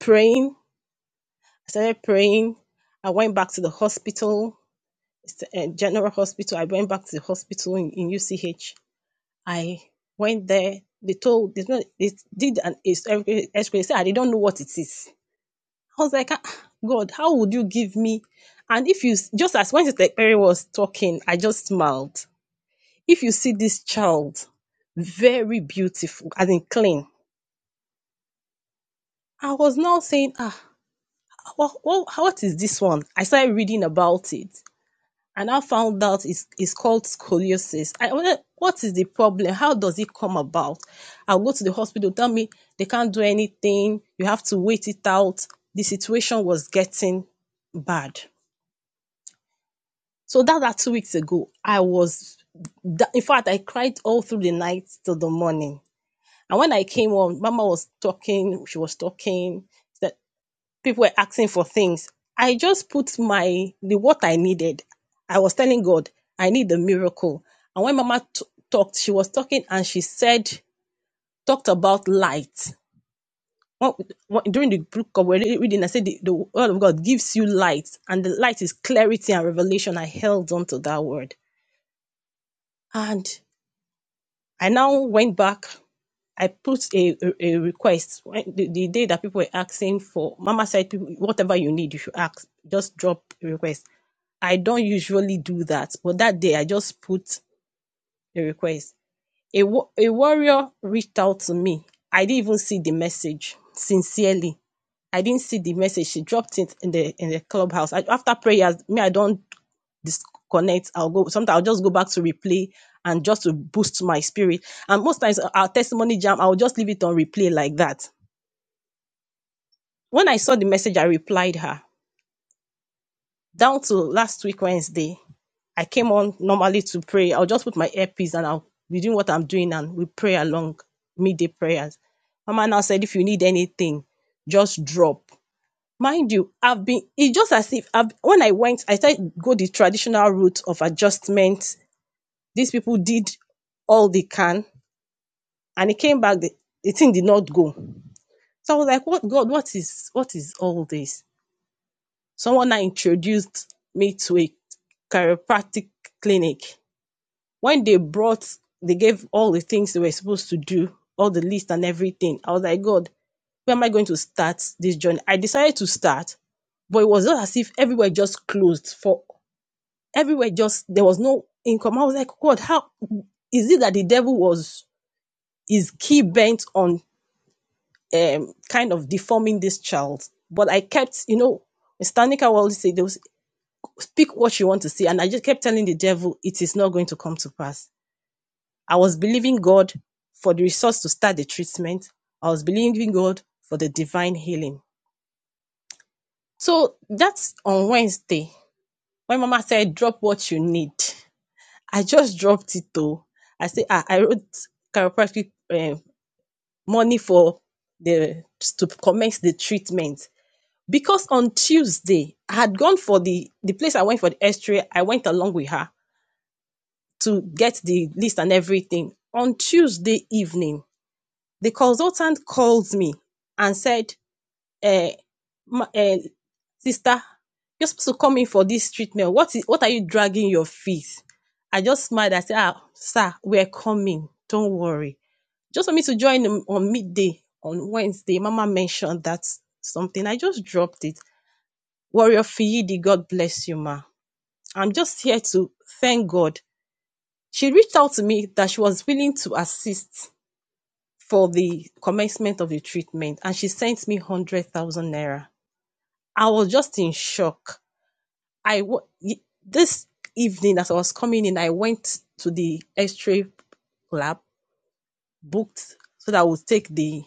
praying. I started praying. I went back to the hospital, it's a general hospital. I went back to the hospital in, in UCH. I went there. They told, they, told- they did an x-ray. They said, I don't know what it is. I was like, "Ah, God, how would you give me? And if you, s- just as when Sister Perry was talking, I just smiled. If you see this child, very beautiful, I mean clean. I was now saying, ah, what, what, what is this one? I started reading about it and I found out it's, it's called scoliosis. I wonder what is the problem? How does it come about? I'll go to the hospital, tell me they can't do anything. You have to wait it out. The situation was getting bad. So that that two weeks ago, I was, in fact, I cried all through the night till the morning. And when I came home, Mama was talking. She was talking. that. people were asking for things. I just put my the what I needed. I was telling God, I need a miracle. And when Mama t- talked, she was talking and she said, talked about light. What, what, during the book of we're reading, I said the, the word of God gives you light, and the light is clarity and revelation. I held on to that word, and I now went back. I put a, a, a request when, the, the day that people were asking for. Mama said, people, whatever you need, you should ask. Just drop a request. I don't usually do that, but that day I just put a request. A, a warrior reached out to me. I didn't even see the message. Sincerely, I didn't see the message. She dropped it in the in the clubhouse. I, after prayers, me I don't disconnect. I'll go sometimes I'll just go back to replay and just to boost my spirit. And most times uh, our testimony jam, I'll just leave it on replay like that. When I saw the message, I replied her. Down to last week Wednesday, I came on normally to pray. I'll just put my earpiece and I'll be doing what I'm doing and we pray along midday prayers. Mama now said, if you need anything, just drop. Mind you, I've been, it's just as if I've, when I went, I started to go the traditional route of adjustment These people did all they can and it came back, the, the thing did not go. So I was like, what God, what is what is all this? Someone now introduced me to a chiropractic clinic. When they brought, they gave all the things they were supposed to do, all the list and everything. I was like, God, where am I going to start this journey? I decided to start, but it was not as if everywhere just closed for everywhere just there was no income. I was like, God, how is it that the devil was is key bent on um, kind of deforming this child. But I kept, you know, Stanika will always say, speak what you want to see. And I just kept telling the devil, it is not going to come to pass. I was believing God for the resource to start the treatment. I was believing God for the divine healing. So that's on Wednesday. When Mama said, drop what you need, I just dropped it though. I said, ah, I wrote chiropractic um money for the to commence the treatment. because on Tuesday I had gone for the the place I went for the X-ray. I went along with her to get the list and everything. On Tuesday evening, the consultant called me and said, eh, ma, eh, "Sister, you're supposed to come in for this treatment. What is what are you dragging your feet?" I just smiled. I said, "Ah, sir, we're coming. Don't worry." Just for me to join on midday on Wednesday, Mama mentioned that something. I just dropped it. Warrior Fiyidi, God bless you, ma. I'm just here to thank God. She reached out to me that she was willing to assist for the commencement of the treatment, and she sent me 100,000 naira. I was just in shock. I this evening as I was coming in, I went to the X-ray lab, booked so that I would take the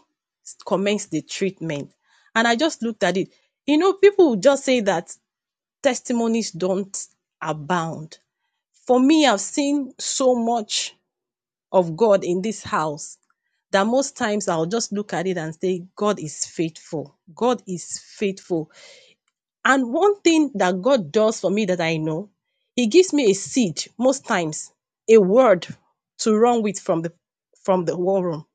commence the treatment. And I just looked at it. You know, people just say that testimonies don't abound. For me, I've seen so much of God in this house that most times I'll just look at it and say, God is faithful. God is faithful. And one thing that God does for me that I know, He gives me a seed most times, a word to run with from the from the war room.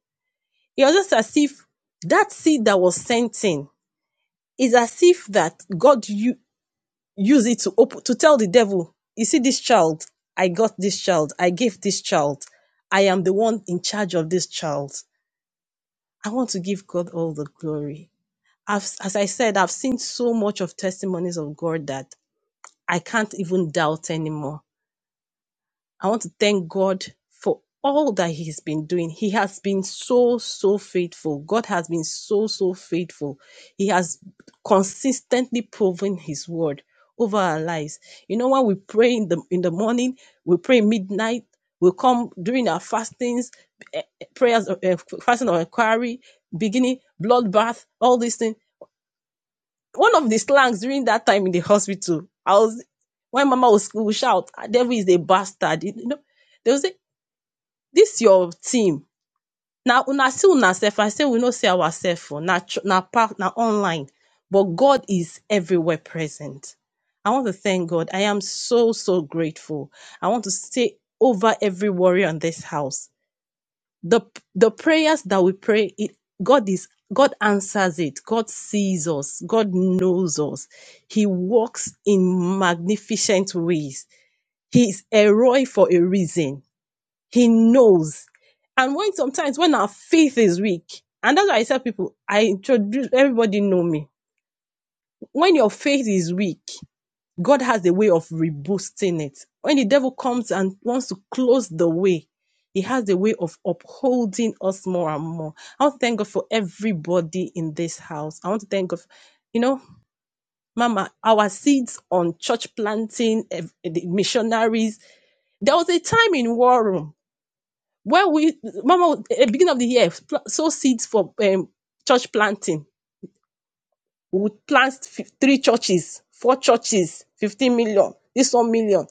It's just as if that seed that was sent in is as if that God you use it to open to tell the devil, you see this child, I got this child, I gave this child, I am the one in charge of this child. I want to give God all the glory. I've, as I said, I've seen so much of testimonies of God that I can't even doubt anymore. I want to thank God for all that He has been doing. He has been so, so faithful. God has been so, so faithful. He has consistently proven His word over our lives. You know, when we pray in the in the morning, we pray midnight, we come during our fastings, eh, eh, prayers, eh, eh, fasting or inquiry, beginning, bloodbath, all these things. One of the slangs during that time in the hospital, I was when Mama was, would shout, "Ah, "Devil is a bastard," you know. they would say. This your team na una see una sef I say we no see ourselves oo na na part na online but God is everywhere present. I want to thank God. I am so so grateful. I want to say over every warrior in this house. The the prayers that we pray, it, God is God answers it. God sees us. God knows us. He works in magnificent ways. He is a Roy for a reason he knows. And when sometimes when our faith is weak, and that's why I tell people, I introduce everybody know me. When your faith is weak, God has a way of reboosting it. When the devil comes and wants to close the way, he has a way of upholding us more and more. I want to thank God for everybody in this house. I want to thank God, for, you know, Mama, our seeds on church planting, eh, the missionaries. There was a time in war room When we, Mama, at the beginning of the year, pl- sow seeds for um, church planting. We would plant fif- three churches, four churches, 15 million, this one million.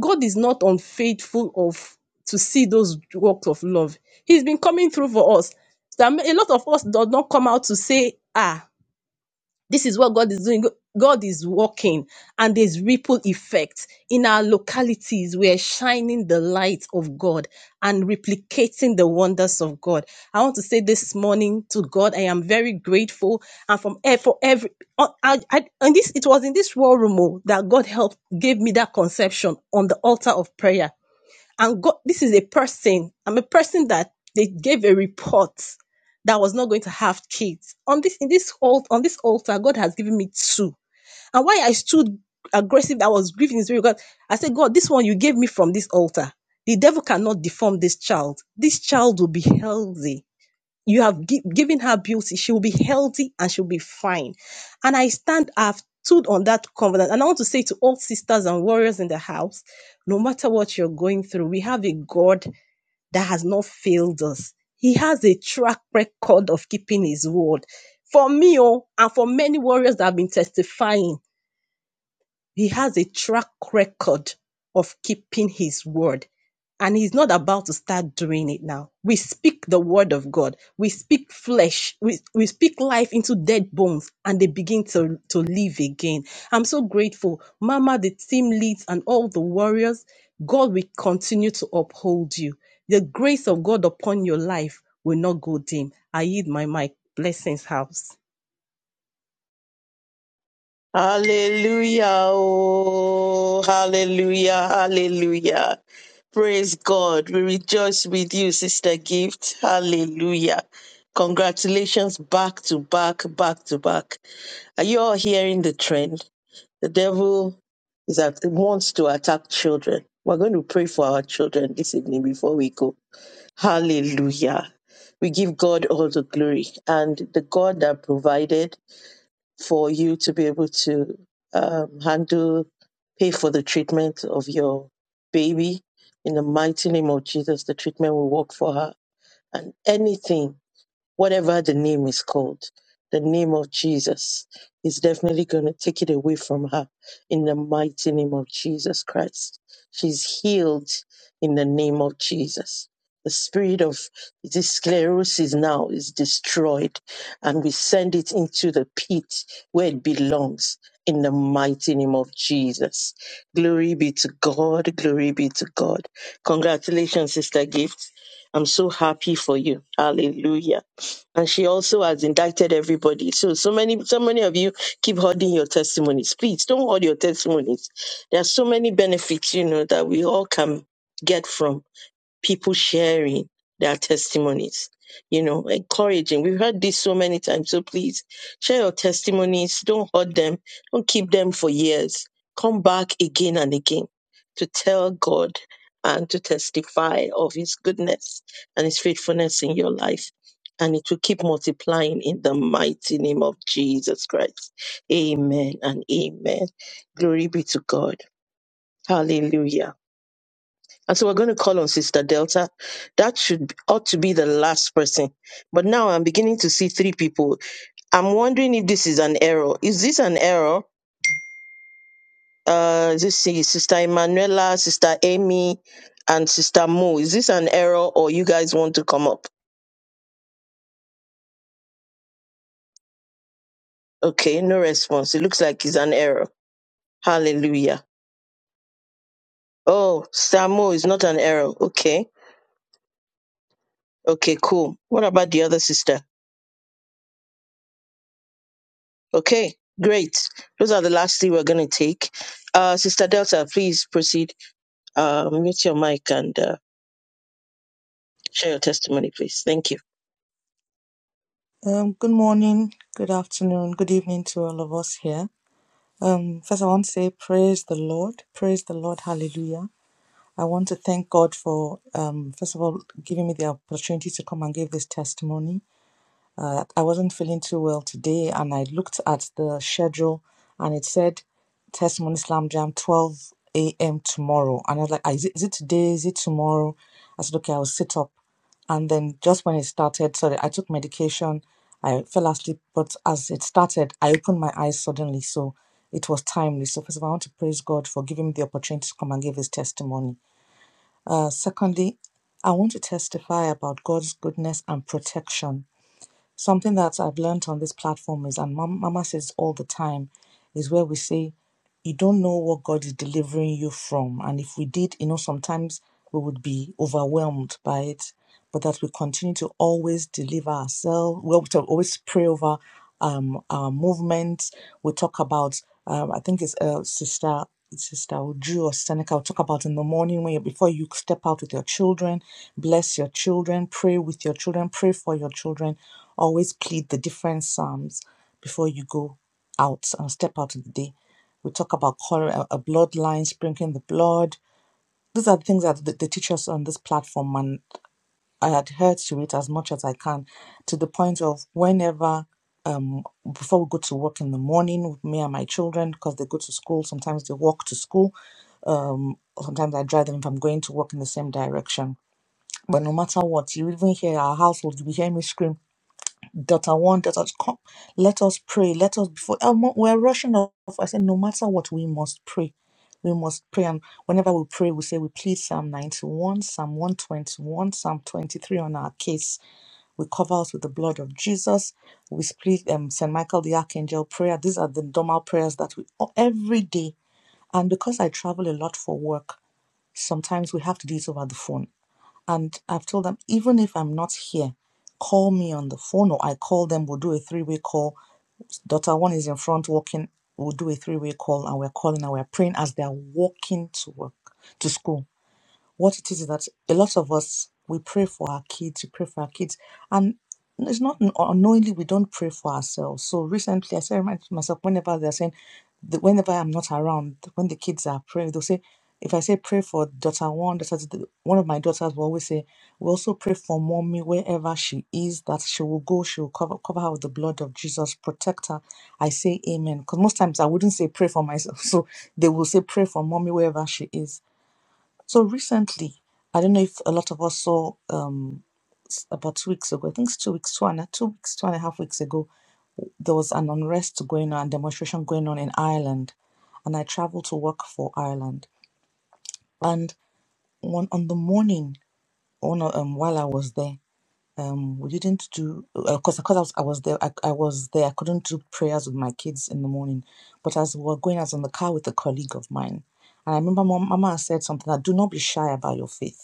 God is not unfaithful of to see those works of love. He's been coming through for us. There are ma- a lot of us does not come out to say, ah, this is what God is doing. God is working, and there's ripple effect in our localities. We are shining the light of God and replicating the wonders of God. I want to say this morning to God, I am very grateful, and from e- for every uh, I, I, and this it was in this war room oh, that God helped gave me that conception on the altar of prayer. And God, this is a person. I'm a person that they gave a report that I was not going to have kids. On this, in this alt, on this altar, God has given me two. And why I stood aggressive, I was grieving his very God. I said, God, this one you gave me from this altar. The devil cannot deform this child. This child will be healthy you have gi- given her beauty she will be healthy and she'll be fine and i stand i've stood on that covenant and i want to say to all sisters and warriors in the house no matter what you're going through we have a god that has not failed us he has a track record of keeping his word for me oh, and for many warriors that have been testifying he has a track record of keeping his word. And he's not about to start doing it now. We speak the word of God. We speak flesh. We, we speak life into dead bones and they begin to, to live again. I'm so grateful. Mama, the team leads and all the warriors, God will continue to uphold you. The grace of God upon your life will not go dim. I yield my mic. Blessings, house. Hallelujah. Oh, hallelujah. Hallelujah. Praise God. We rejoice with you, Sister Gift. Hallelujah. Congratulations back to back, back to back. Are you all hearing the trend? The devil is that wants to attack children. We're going to pray for our children this evening before we go. Hallelujah. We give God all the glory and the God that provided for you to be able to um, handle, pay for the treatment of your baby. In the mighty name of Jesus, the treatment will work for her. And anything whatever the name is called, the name of Jesus is definitely going to take it away from her in the mighty name of Jesus Christ. She's healed in the name of Jesus. The spirit of this sclerosis now is destroyed, and we send it into the pit where it belongs in the mighty name of Jesus. Glory be to God. Glory be to God. Congratulations, Sister Gift. I'm so happy for you. Hallelujah and she also has indicted everybody. So, so many, so many of you keep holding your testimonies. Please don't hold your testimonies. There are so many benefits, you know, that we all can get from people sharing their testimonies, you know, encouraging. We've heard this so many times. So please share your testimonies. Don't hoard them. Don't keep them for years. Come back again and again to tell God and to testify of his goodness and his faithfulness in your life. And it will keep multiplying in the mighty name of Jesus Christ. Amen and amen. Glory be to God. Hallelujah. And so we're going to call on Sister Delta. That should ought to be the last person. But now I'm beginning to see three people. I'm wondering if this is an error. Is this an error? Uh, this is Sister Emanuela, Sister Amy, and Sister Mo. Is this an error, or you guys want to come up? Okay, no response. It looks like it's an error. Hallelujah. Oh, Sister Mo is not an error. Okay, okay, cool. What about the other sister? Okay, great. Those are the last three we're going to take. Uh, Sister Delta, please proceed. Uh, mute your mic and uh, share your testimony, please. Thank you. Um, good morning, good afternoon, good evening to all of us here. Um, first, I want to say praise the Lord, praise the Lord, hallelujah. I want to thank God for, um, first of all, giving me the opportunity to come and give this testimony. Uh, I wasn't feeling too well today, and I looked at the schedule and it said Testimony Slam Jam 12 a.m. tomorrow. And I was like, "Ah, is it, is it today? Is it tomorrow? I said, okay, I'll sit up. And then just when it started, sorry, I took medication. I fell asleep, but as it started, I opened my eyes suddenly. So it was timely. So, first of all, I want to praise God for giving me the opportunity to come and give his testimony. Uh, secondly, I want to testify about God's goodness and protection Something that I've learned on this platform is, and Mama says all the time, is where we say you don't know what God is delivering you from. And if we did, you know, sometimes we would be overwhelmed by it, but that we continue to always deliver ourselves. We have to always pray over um, our movements. We talk about, um, I think it's uh, Sister. Sister Uju or Seneca will talk about in the morning when you, before you step out with your children, bless your children, pray with your children, pray for your children. Always plead the different psalms before you go out and step out of the day. We talk about color, a bloodline, sprinkling the blood. These are the things that they teach us on this platform, and I adhere to it as much as I can, to the point of whenever, um, before we go to work in the morning with me and my children, because they go to school. Sometimes they walk to school, or sometimes I drive them if I'm going to work in the same direction. But no matter what, you even hear our household, you hear me scream Delta one, Delta two, come, let us pray. Let us before oh, we're rushing off. I said, no matter what, we must pray. We must pray. And whenever we pray, we say we plead Psalm 91, Psalm 121, Psalm 23 on our case. We cover us with the blood of Jesus. We split um, St. Michael the Archangel prayer. These are the normal prayers that we every day. And because I travel a lot for work, sometimes we have to do it over the phone. And I've told them, even if I'm not here, call me on the phone or I call them, we'll do a three way call. Daughter one is in front walking, we'll do a three way call and we're calling and we're praying as they're walking to work, to school what it is is that a lot of us we pray for our kids, we pray for our kids, and it's not unknowingly we don't pray for ourselves. So recently, I said remind myself whenever they're saying, the- whenever I'm not around, when the kids are praying, they'll say, if I say pray for daughter one, daughter two, one of my daughters will always say, we also pray for mommy wherever she is, that she will go, she will cover cover her with the blood of Jesus, protect her. I say amen because most times I wouldn't say pray for myself, so they will say pray for mommy wherever she is. So recently, I don't know if a lot of us saw um, s- about two weeks ago, I think it's two weeks, two and a, two weeks, two and a half weeks ago, there was an unrest going on, demonstration going on in Ireland, and I traveled to work for Ireland. And one on the morning, on a- um, while I was there, um, we didn't do because because I was I was there I, I was there I couldn't do prayers with my kids in the morning, but as we were going, I was in the car with a colleague of mine, and I remember Mom, Mama said something that do not be shy about your faith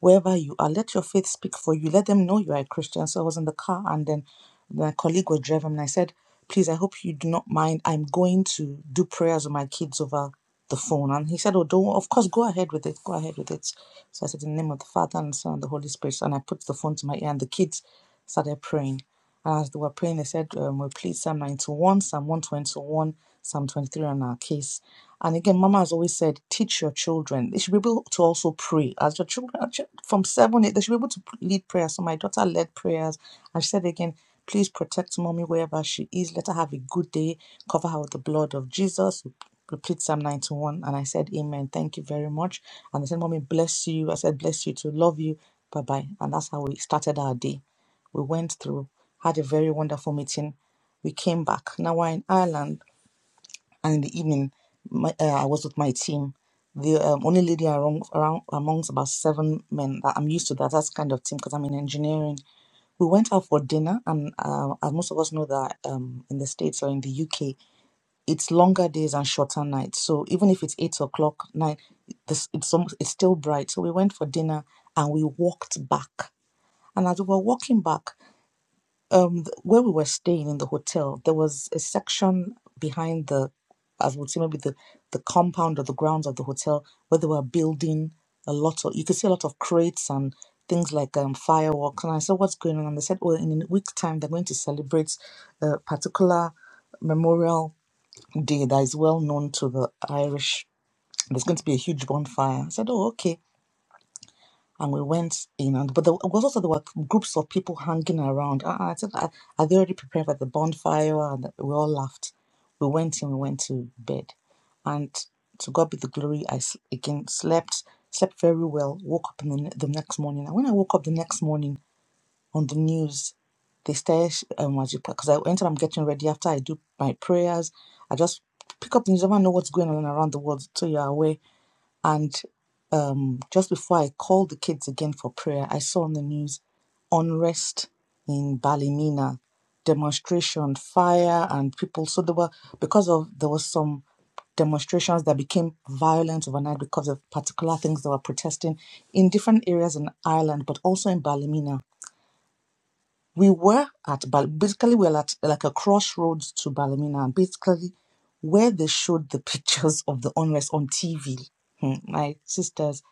wherever you are. Let your faith speak for you. Let them know you are a Christian. So I was in the car and then my colleague was driving and I said, Please, I hope you do not mind. I'm going to do prayers with my kids over the phone. And he said, Oh, don't of course go ahead with it. Go ahead with it. So I said, In the name of the Father and the Son and the Holy Spirit. And I put the phone to my ear and the kids started praying. As they were praying, they said, um, we played Psalm 91, Psalm 121, Psalm 23 on our case. And again, Mama has always said, teach your children. They should be able to also pray. As your children, from seven, eight, they should be able to lead prayers. So my daughter led prayers. And she said again, please protect mommy wherever she is. Let her have a good day. Cover her with the blood of Jesus. We Repeat Psalm 91. And I said, Amen. Thank you very much. And they said, Mommy, bless you. I said, bless you too. Love you. Bye bye. And that's how we started our day. We went through, had a very wonderful meeting. We came back. Now we're in Ireland, and in the evening, my, uh, I was with my team. The um, only lady around, around amongst about seven men that I'm used to that that's kind of team because I'm in engineering. We went out for dinner, and uh, as most of us know that um, in the states or in the UK, it's longer days and shorter nights. So even if it's eight o'clock night, this it's almost, it's still bright. So we went for dinner and we walked back. And as we were walking back, um th- where we were staying in the hotel there was a section behind the as we would say maybe the the compound or the grounds of the hotel where they were building a lot of you could see a lot of crates and things like um fireworks and I said what's going on and they said well in a week's time they're going to celebrate a particular memorial day that is well known to the Irish there's going to be a huge bonfire I said oh okay and we went in and but there was also there were groups of people hanging around uh, i said are, are they already prepared for the bonfire and we all laughed we went in we went to bed and to god be the glory I again slept slept very well woke up in the, the next morning and when i woke up the next morning on the news they started um because i entered i'm getting ready after i do my prayers i just pick up the news i never know what's going on around the world so you're aware And um, just before I called the kids again for prayer, I saw on the news unrest in Ballymena, demonstration, fire, and people. So there were because of there was some demonstrations that became violent overnight because of particular things they were protesting in different areas in Ireland, but also in Ballymena we were at basically we were at like a crossroads to Ballymena, and basically where they showed the pictures of the unrest on TV. Hmm, My sisters,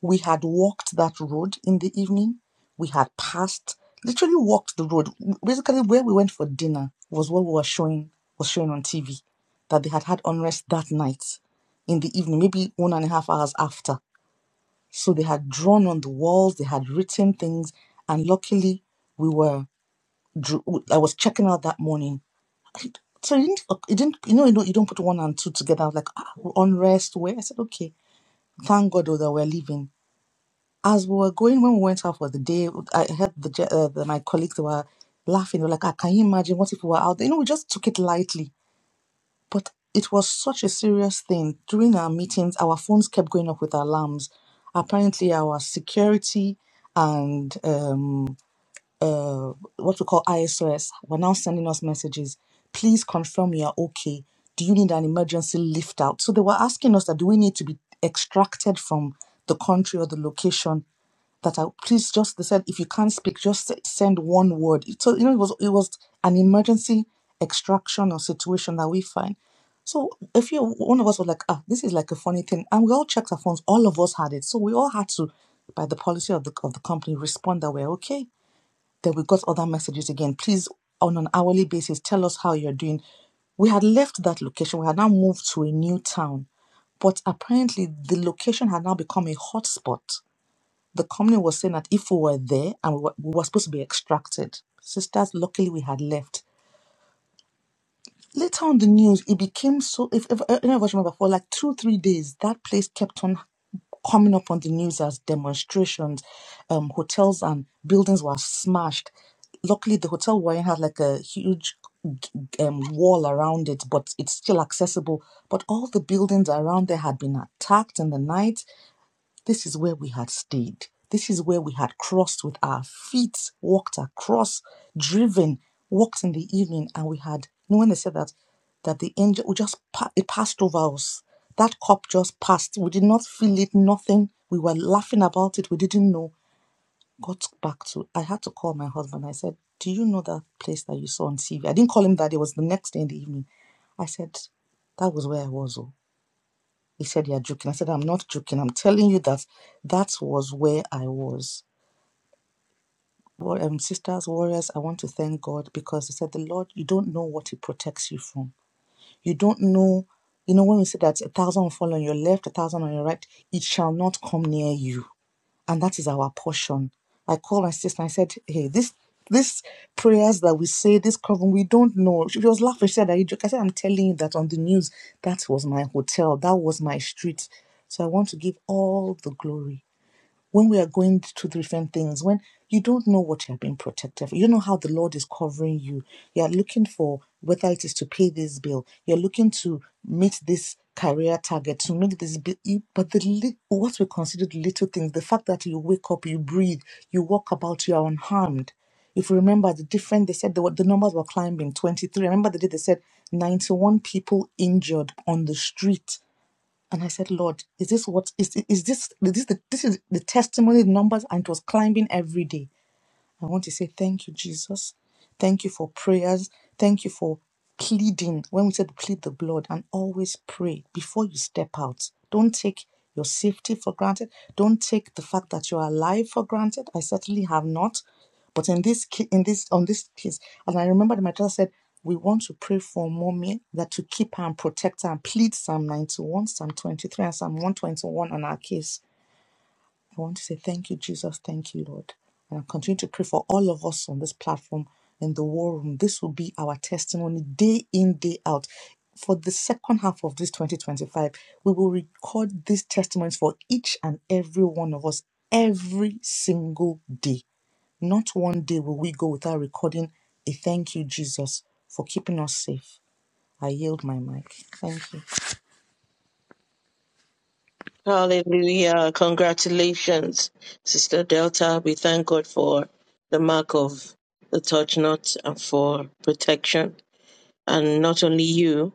we had walked that road in the evening. We had passed, literally walked the road. Basically, where we went for dinner was what we were showing was showing on TV that they had had unrest that night in the evening, maybe one and a half hours after. So they had drawn on the walls, they had written things, and luckily we were drew, I was checking out that morning. I- So you didn't, okay, you didn't, you know, you know, you don't put one and two together. I was like, ah, unrest. Where I said, okay, thank God oh, that we're leaving. As we were going, when we went out for the day, I heard the, je- uh, the my colleagues they were laughing. They were like, ah, can you imagine what if we were out? there? You know, we just took it lightly, but it was such a serious thing. During our meetings, our phones kept going off with alarms. Apparently, our security and um, uh, what we call ISOS were now sending us messages. Please confirm you are okay. Do you need an emergency lift out? So they were asking us that do we need to be extracted from the country or the location? That I please just they said if you can't speak, just send one word. So you know it was it was an emergency extraction or situation that we find. So if you one of us was like, ah, this is like a funny thing, and we all checked our phones. All of us had it, so we all had to, by the policy of the of the company, respond that we're okay then we got other messages again. Please, on an hourly basis, tell us how you're doing. We had left that location. We had now moved to a new town. But apparently, the location had now become a hotspot. The company was saying that if we were there and we were, we were supposed to be extracted, sisters, luckily we had left. Later on the news, it became so. If, if any of us remember, for like two, three days, that place kept on coming up on the news as demonstrations. Um, hotels and buildings were smashed. Luckily, the hotel we we're in had like a huge um, wall around it, but it's still accessible. But all the buildings around there had been attacked in the night this is where we had stayed. This is where we had crossed with our feet, walked across, driven, walked in the evening, and we had. You know, when they said that, that the angel we just it passed over us. That cup just passed. We did not feel it. Nothing. We were laughing about it. We didn't know. Got back to. I had to call my husband. I said, "Do you know that place that you saw on TV?" I didn't call him that. It was the next day in the evening. I said, "That was where I was." oh." He said, You're joking. I said, I'm not joking. I'm telling you that that was where I was. Well, um, sisters, warriors, I want to thank God because He said, The Lord, you don't know what He protects you from. You don't know, you know, when we say that a thousand will fall on your left, a thousand on your right, it shall not come near you and that is our portion. I called my sister and I said, Hey, this this prayers that we say, this covering, we don't know. She was laughing. She said, Are you joking? I said, I'm telling you that on the news, that was my hotel, that was my street. So I want to give all the glory when we are going to different things, when you don't know what you're being protected for, you don't know how the Lord is covering you. You're looking for whether it is to pay this bill, you're looking to meet this career target, to meet this bill. But the what we consider the little things, the fact that you wake up, you breathe, you walk about, you are unharmed. If you remember the different, they said the, the numbers were climbing 23. I remember the day they said 91 people injured on the street and I said, Lord, is this what is is this is this the, this is the testimony numbers? And it was climbing every day. I want to say thank you, Jesus. Thank you for prayers. Thank you for pleading. When we said plead the blood and always pray before you step out, don't take your safety for granted. Don't take the fact that you're alive for granted. I certainly have not. But in this ca- in this on this case, and I remember that my daughter said, we want to pray for mommy that to keep her and protect her and plead Psalm 91, Psalm 23, and Psalm 121 on our case. I want to say thank you, Jesus. Thank you, Lord. And I continue to pray for all of us on this platform in the war room. This will be our testimony day in, day out. For the second half of this 2025, we will record these testimonies for each and every one of us every single day. Not one day will we go without recording a thank you, Jesus, for keeping us safe. I yield my mic. Thank you. Hallelujah. Congratulations, Sister Delta. We thank God for the mark of the touch not and for protection. and not only you,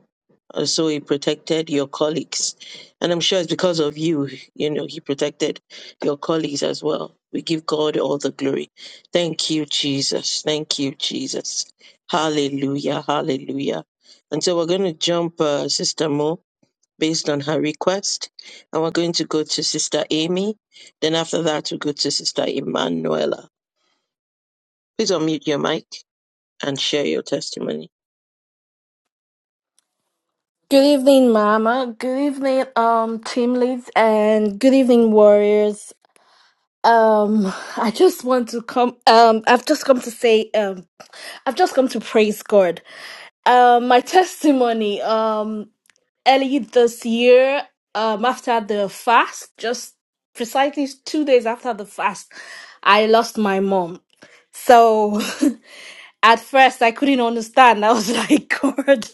uh, so he protected your colleagues. And I'm sure it's because of you, you know, he protected your colleagues as well. We give God all the glory. Thank you, Jesus. Thank you, Jesus. Hallelujah. Hallelujah. And so we're going to jump uh, Sister Mo based on her request. And we're going to go to Sister Amy. Then after that, we'll go to Sister Emanuela. Please unmute your mic and share your testimony. Good evening, Mama. Good evening, um, team leads, and good evening, warriors. Um, I just want to come. Um, I've just come to say. Um, I've just come to praise God. Um, my testimony. Um, early this year. Um, after the fast, just precisely two days after the fast, I lost my mom. So At first, I couldn't understand. I was like, God,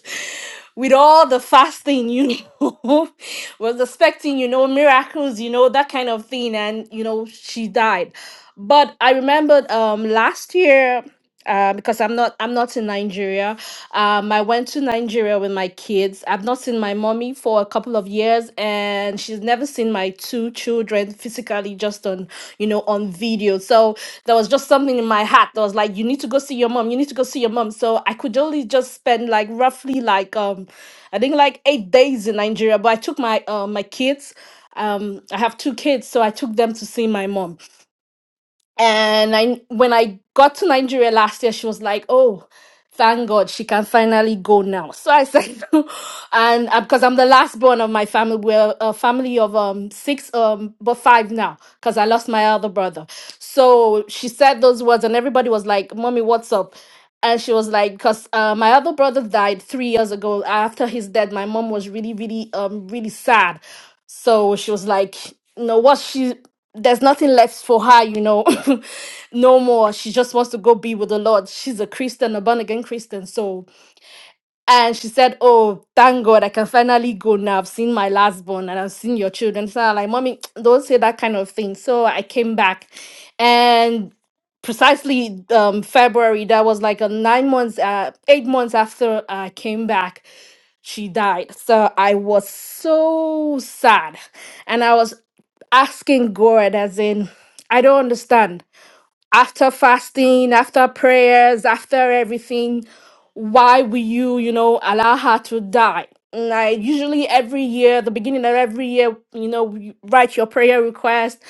with all the fasting, you know, was expecting, you know, miracles, you know, that kind of thing. And, you know, she died. But I remembered um, last year, uh, because I'm not, I'm not in Nigeria. Um, I went to Nigeria with my kids. I've not seen my mommy for a couple of years, and she's never seen my two children physically, just on you know on video. So there was just something in my heart that was like, you need to go see your mom. You need to go see your mom. So I could only just spend like roughly like um, I think like eight days in Nigeria. But I took my uh, my kids. Um, I have two kids, so I took them to see my mom and I, when I got to Nigeria last year, she was like, "Oh, thank God, she can finally go now." So I said, "And uh, because I'm the last born of my family, we're a family of um six, um, but five now, because I lost my other brother." So she said those words, and everybody was like, "Mommy, what's up?" And she was like, "Cause uh, my other brother died three years ago. After his death, my mom was really, really, um, really sad." So she was like, "No, what she?" there's nothing left for her, you know, no more. She just wants to go be with the Lord. She's a Christian, a born again Christian. So and she said, Oh, thank God, I can finally go now. I've seen my last born and I've seen your children. So I'm like, Mommy, don't say that kind of thing. So I came back. And precisely um, February, that was like a nine months, uh, eight months after I came back, she died. So I was so sad. And I was asking God, as in, I don't understand after fasting, after prayers, after everything, why will you, you know, allow her to die? And I usually every year, the beginning of every year, you know, you write your prayer request.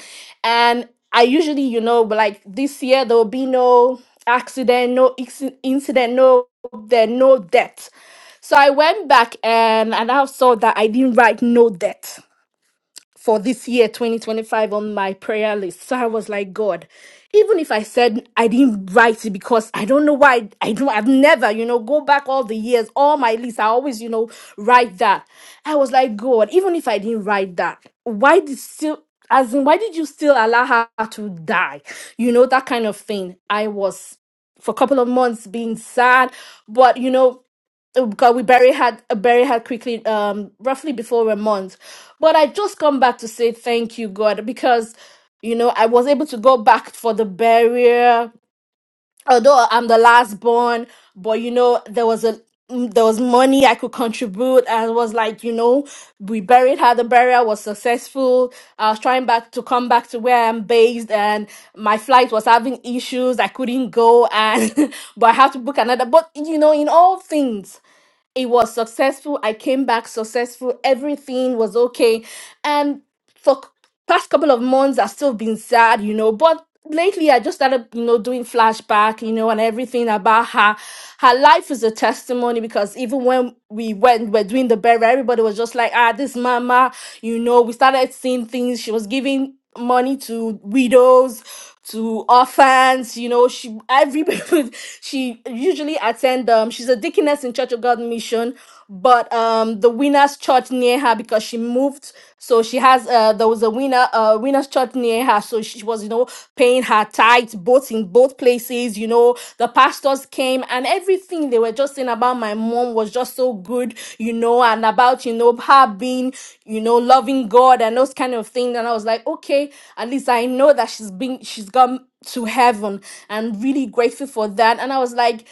And I usually, you know, but like this year, there will be no accident, no ex- incident, no there, no death. So I went back and, and I saw that I didn't write no death for this year 2025 on my prayer list. So I was like, God, even if I said I didn't write it because I don't know why I don't I've never, you know, go back all the years, all my lists, I always, you know, write that. I was like, God, even if I didn't write that, why did still as in why did you still allow her to die? You know, that kind of thing. I was for a couple of months being sad, but you know, Oh, God, we bury had uh, bury had quickly, um, roughly before a month. But I just come back to say thank you, God, because you know I was able to go back for the burial. Although I'm the last born, but you know there was a mm, there was money I could contribute, and it was like you know we buried her. The burial was successful. I was trying back to come back to where I'm based, and my flight was having issues. I couldn't go, and but I have to book another. But you know, in all things. It was successful. I came back successful. Everything was okay. And for c- past couple of months I've still been sad, you know, but lately I just started, you know, doing flashback, you know, and everything about her. Her life is a testimony because even when we went, we're doing the burial, everybody was just like, ah, this mama, you know, we started seeing things. She was giving money to widows to orphans you know she everybody she usually attend um she's a deaconess in church of god mission but um the winners church near her because she moved so she has uh there was a winner uh winners church near her so she was you know paying her tithes both in both places you know the pastors came and everything they were just saying about my mom was just so good you know and about you know her being you know loving god and those kind of things and i was like okay at least i know that she's been she's gone to heaven I'm really grateful for that and i was like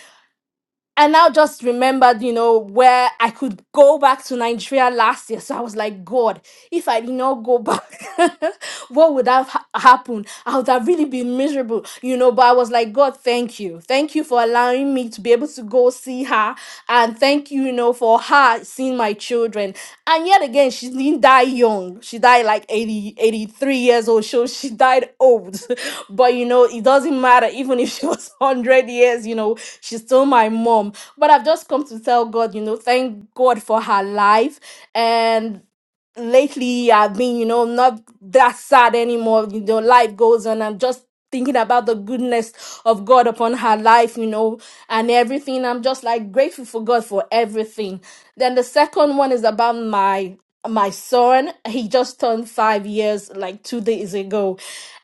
and now just remembered, you know, where I could go back to Nigeria last year. So I was like, God, if I did not go back, what would have ha- happened? I would have really been miserable, you know. But I was like, God, thank you. Thank you for allowing me to be able to go see her. And thank you, you know, for her seeing my children. And yet again, she didn't die young. She died like 80, 83 years old. So she died old. but you know, it doesn't matter. Even if she was 100 years, you know, she's still my mom. But I've just come to tell God, you know, thank God for her life. And lately I've been, you know, not that sad anymore. You know, life goes on. I'm just thinking about the goodness of God upon her life, you know, and everything. I'm just like grateful for God for everything. Then the second one is about my my son. He just turned five years like two days ago.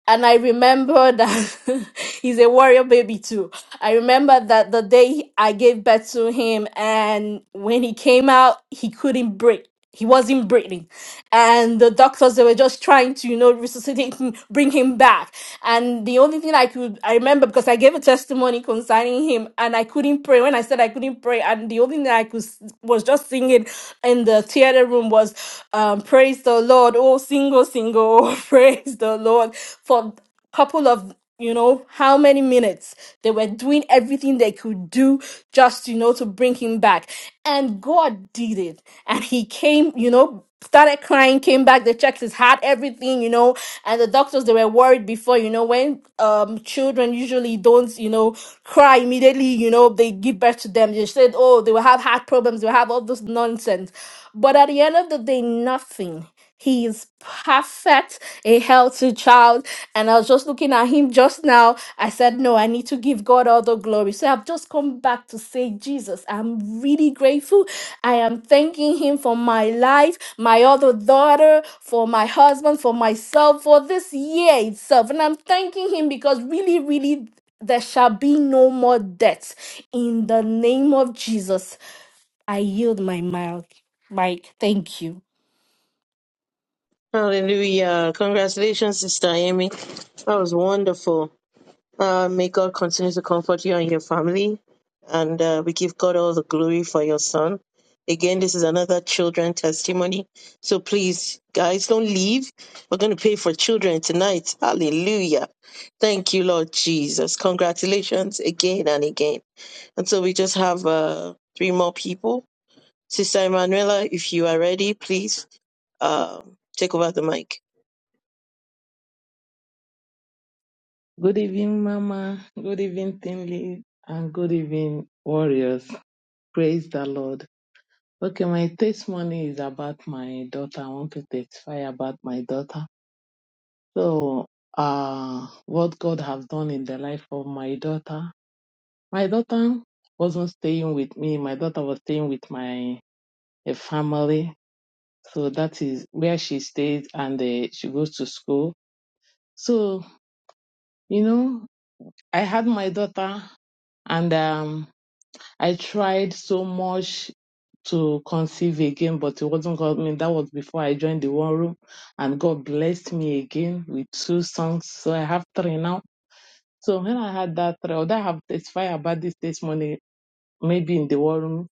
And I remember that he's a warrior baby too. I remember that the day I gave birth to him and when he came out, he couldn't breathe he wasn't breathing and the doctors they were just trying to you know resuscitate him bring him back and the only thing i could i remember because i gave a testimony concerning him and i couldn't pray when i said i couldn't pray and the only thing i could s- was just singing in the theater room was um praise the lord oh single single praise the lord for couple of you know how many minutes they were doing everything they could do just you know to bring him back and god did it and he came you know started crying came back they checked his heart everything you know and the doctors they were worried before you know when um children usually don't you know cry immediately you know they give birth to them they said oh they will have heart problems they will have all this nonsense but at the end of the day nothing he is perfect, a healthy child. And I was just looking at him just now. I said, No, I need to give God all the glory. So I've just come back to say, Jesus, I'm really grateful. I am thanking Him for my life, my other daughter, for my husband, for myself, for this year itself. And I'm thanking Him because really, really, there shall be no more death. In the name of Jesus, I yield my mic. Mike, thank you. Hallelujah. Congratulations, Sister Amy. That was wonderful. Uh, may God continue to comfort you and your family. And uh, we give God all the glory for your son. Again, this is another children testimony. So please, guys, don't leave. We're going to pay for children tonight. Hallelujah. Thank you, Lord Jesus. Congratulations again and again. And so we just have uh, three more people. Sister Emanuela, if you are ready, please um, take over the mic. Good evening, Mama. Good evening, Tinley. And good evening, Warriors. Praise the Lord. Okay, my testimony is about my daughter. I want to testify about my daughter. So, uh, what God has done in the life of my daughter. My daughter wasn't staying with me. My daughter was staying with my a family. So that is where she stays and uh, she goes to school. So, you know, I had my daughter and, um. I tried so much to conceive again, but it wasn't God. I mean, that was before I joined the war room, and God blessed me again with two songs. So I have three now. So when I had that three, although I have testified about this testimony, maybe in the war room,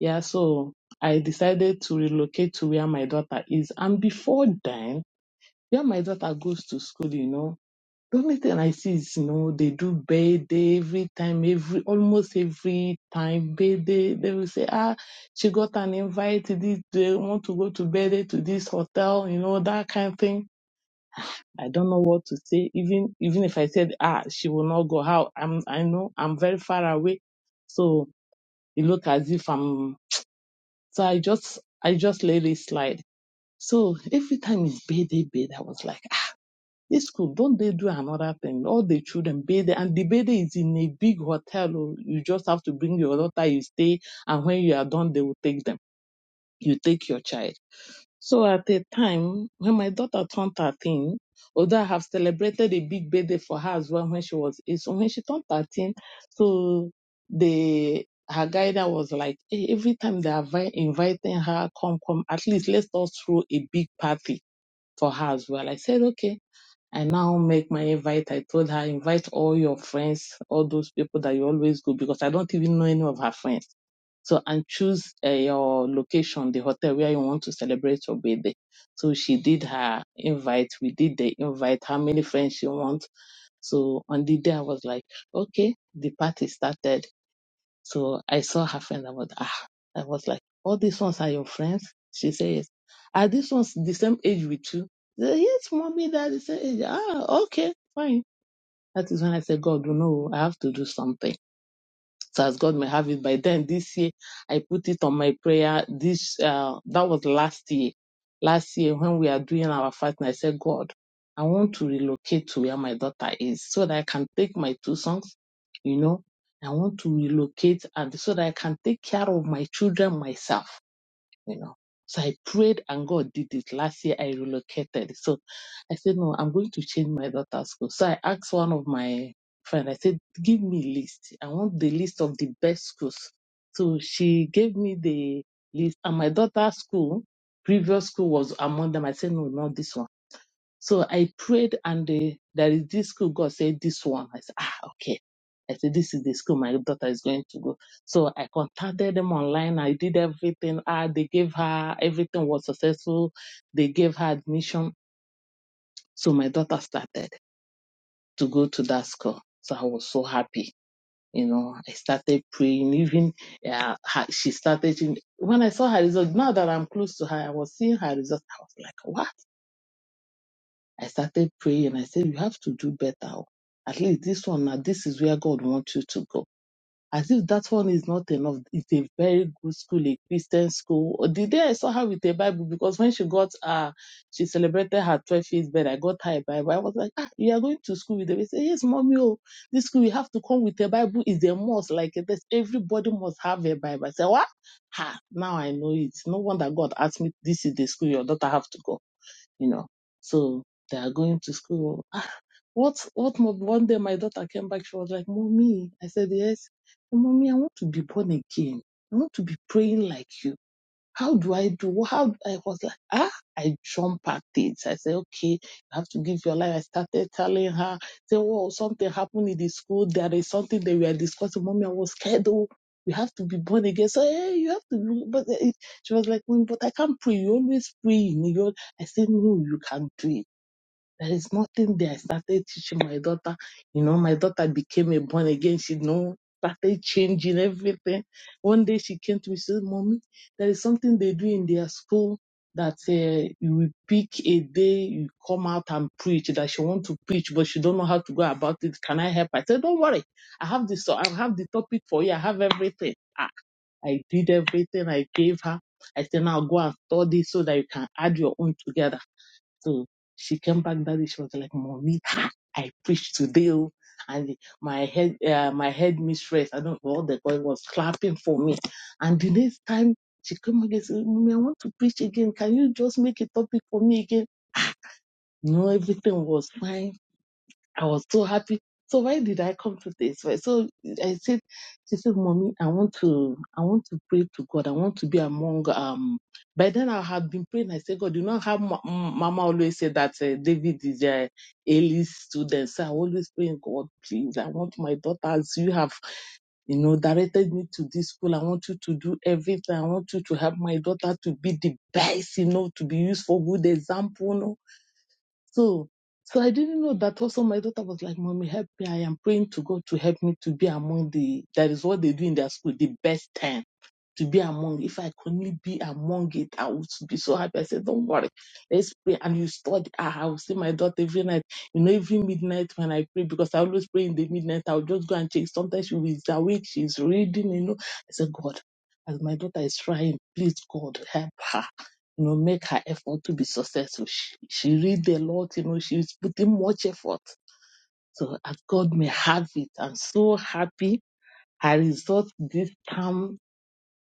yeah. So I decided to relocate to where my daughter is, and before then, where my daughter goes to school, you know. The only thing I see is, you know, they do birthday every time, every almost every time birthday. They will say, ah, she got an invite. to This they want to go to birthday to this hotel, you know, that kind of thing. I don't know what to say. Even even if I said, ah, she will not go. How I'm, I know I'm very far away, so it look as if I'm. So I just I just let it slide. So every time it's birthday, birthday, I was like. This school, don't they do another thing? All the children bathe and the bathing is in a big hotel. oh. You just have to bring your daughter, you stay, and when you are done, they will take them. You take your child. So at the time when my daughter turned 13, although I have celebrated a big birthday for her as well when she was eight, so when she turned 13, so the her guider was like, "Hey, every time they are vi- inviting her, come, come, at least let's all throw a big party for her as well. I said, okay. I now make my invite. I told her, invite all your friends, all those people that you always go, because I don't even know any of her friends. So, and choose uh, your location, the hotel where you want to celebrate your birthday. So she did her invite. We did the invite, how many friends she wants. So on the day, I was like, okay, the party started. So I saw her friend. I was, ah, I was like, all these ones are your friends? She says, are these ones the same age with you? I said, yes, mommy, they're the same age. Ah, okay, fine. That is when I said, God, you know, I have to do something so as God may have it. By then, this year, I put it on my prayer. This uh, that was last year. Last year, when we are doing our fasting, I said, God, I want to relocate to where my daughter is, so that I can take my two sons. You know, I want to relocate, and so that I can take care of my children myself you know. So I prayed and God did it. Last year I relocated. So I said, no, I'm going to change my daughter's school. So I asked one of my friends, I said, give me a list. I want the list of the best schools. So she gave me the list and my daughter's school, previous school was among them. I said, no, not this one. So I prayed, and the, there is this school. God said, This one. I said, Ah, okay. I said, This is the school my daughter is going to go. So I contacted them online. I did everything. Ah, they gave her, everything was successful. They gave her admission. So my daughter started to go to that school. So I was so happy. You know, I started praying. Even uh, her- she started. When I saw her result, now that I'm close to her, I was seeing her result. I was like, wow I started praying and I said, You have to do better. oh. At least this one now, this is where God wants you to go. As if that one is not enough. It's a very good school, a Christian school. Or The day I saw her with a Bible, because when she got uh she celebrated her 12th years birthday, I got her a Bible. I was like, Ah, you are going to school with them. They say, Yes, mommy, oh, this school you have to come with a Bible is a must. Like this, everybody must have a Bible. I said, What? Ha, now I know it. No wonder God asked me, This is the school your daughter have to go you know. So they are going to school. Ah, what what mom? One day my daughter came back. She was like, "Mommy," I said, "Yes." "Mommy, I want to be born again. I want to be praying like you." How do I do? How I was like, ah, I jump at it. I said, okay, you have to give your life. I started telling her, say, oh, something happened in the school. There is something that we are discussing. Mommy, I was scared. Oh, we have to be born again. So, hey, you have to be. But eh, she was like, "Mm, but I can't pray. You always pray in your. I said, no, you can do it. There is nothing there. I started teaching my daughter. You know, my daughter became a born again. She know started changing everything. One day she came to me and said, "Mommy, there is something they do in their school that uh, you will pick a day, you come out and preach. That she want to preach, but she don't know how to go about it. Can I help?" I said, "Don't worry. I have this. I have the topic for you. I have everything. Ah, I did everything. I gave her. I said, now go and study so that you can add your own together." So she came back that day. She was like, "Mommy, ah, I preached today, oh." and my head, uh, my head mistress, I don't know what the boy was clapping for me. And the next time she came again, said, "Mommy, I want to preach again. Can you just make a topic for me again?" No, everything was fine I was so happy. So why did I come to this? Why- So I said, she said, mommy, I want to, I want to pray to God. I want to be among, um, by then I had been praying. I said, God, you know how ma- m- mama always said that uh, David is uh, a elite student. So I always praying, God, please, I want my daughters. You have, you know, directed me to this school. I want you to do everything. I want you to help my daughter to be the best, you know, to be used for good example. You know? So, so I didn't know that also my daughter was like, Mommy, help me. I am praying to God to help me to be among the, that is what they do in their school, the best 10 to be among. If I could only be among it, I would be so happy. I said, Don't worry, let's pray. And you study. Ah, I will see my daughter every night. You know, every midnight when I pray, because I always pray in the midnight, I'll just go and check. Sometimes she is awake, she's reading, you know. I said, God, as my daughter is trying, please, God, help her. You know, make her effort to be successful. She, she read a lot, you know, she's putting much effort. So as God may have it. I'm so happy. I result this time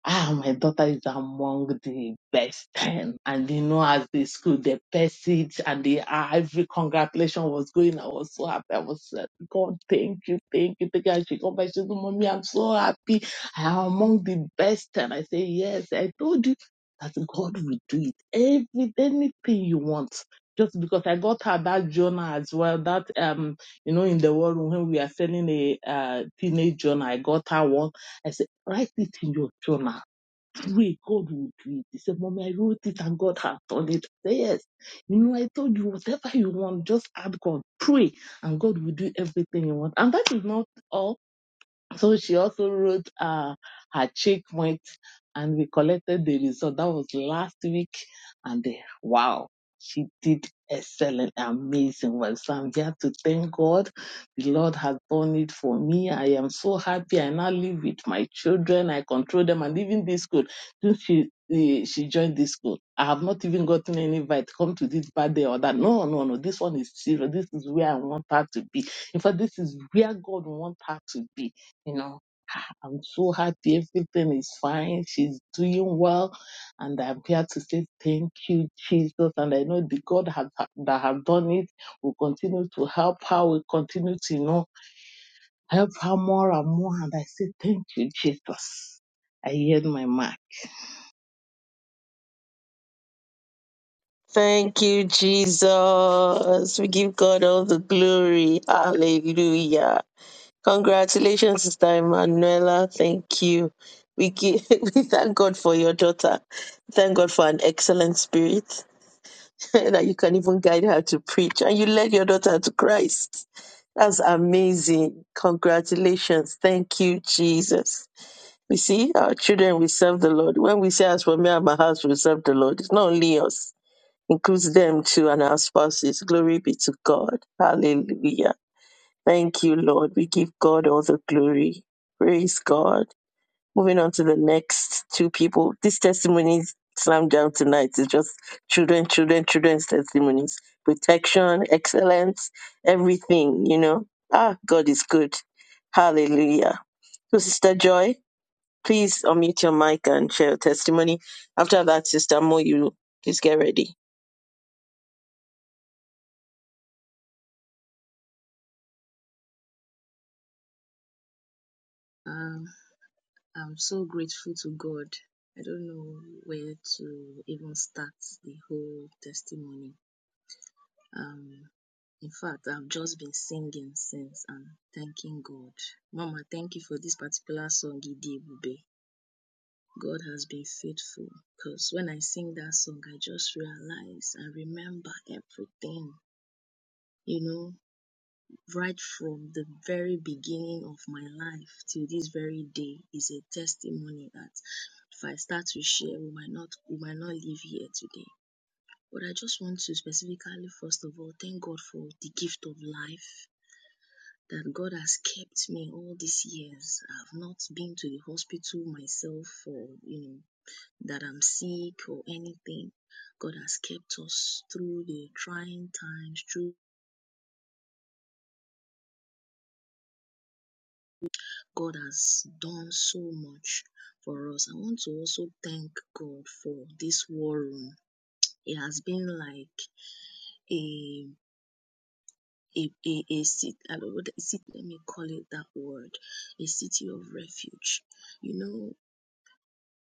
ah, my daughter is among the best 10. And you know, as the school, they pursued and the ah, every congratulation was going. I was so happy. I was like, God, thank you, thank you, thank you. And she come back, she said, Mommy, I'm so happy. I am among the best 10. I say, Yes, I told you that God will do it. Every anything you want. Just because I got her that journal as well, that um, you know, in the war room when we are selling a uh, teenage journal, I got her one. I said, write it in your journal we God will do it. He said, Mommy, I wrote it and God has done it. I said, Yes. You know, I told you whatever you want, just ask God, pray, and God will do everything you want. And that is not all so she also wrote uh, her checkmate, and we collected the result. That was last week. And uh, wow, she did excellent, amazing work. So I'm here to thank God. The Lord has done it for me. I am so happy. I now live with my children. I control them and even this school. Since she, eh, she joined this school, I have not even gotten any invite. Come to this birthday or that. No, no, no. This one is serious. This is where I want her to be. In fact, this is where God wants her to be you know, "Ah, I'm so happy. Everything is fine. She's doing well. And I'm here to say thank you, Jesus. And I know the God has, that have done it will continue to help her. Will continue to, you know, help her more and more. And I say thank you, Jesus. I yield my mic. Thank you, Jesus. We give God all the glory. Hallelujah. Congratulations, Sister Emanuela. Thank you. We, give, we thank God for your daughter. Thank God for an excellent spirit that you can even guide her to preach. And you led your daughter to Christ. That's amazing. Congratulations. Thank you, Jesus. We see our children, we serve the Lord. When we say, as for me and my house, we serve the Lord, it's not only us includes them too and our spouses. Glory be to God. Hallelujah. Thank you, Lord. We give God all the glory. Praise God. Moving on to the next two people. This testimony is slammed down tonight. It's just children, children, children's testimonies. Protection, excellence, everything, you know. Ah, God is good. Hallelujah. So, Sister Joy, please unmute your mic and share your testimony. After that, Sister Mo, please get ready. Um, I'm so grateful to God. I don't know where to even start the whole testimony. Um, in fact, I've just been singing since and thanking God. Mama, thank you for this particular song, Idibube. God has been faithful because when I sing that song, I just realize and remember everything, you know. right from the very beginning of my life till this very day is a testimony that if I start to share, we might not we might not live here today. But I just want to specifically, first of all, thank God for the gift of life that God has kept me all these years. I've not been to the hospital myself or you know that I'm sick or anything. God has kept us through the trying times, through God has done so much for us. I want to also thank God for this war room. It has been like a a, a, a city, I don't know, the city, let me call it that word, a city of refuge. You know,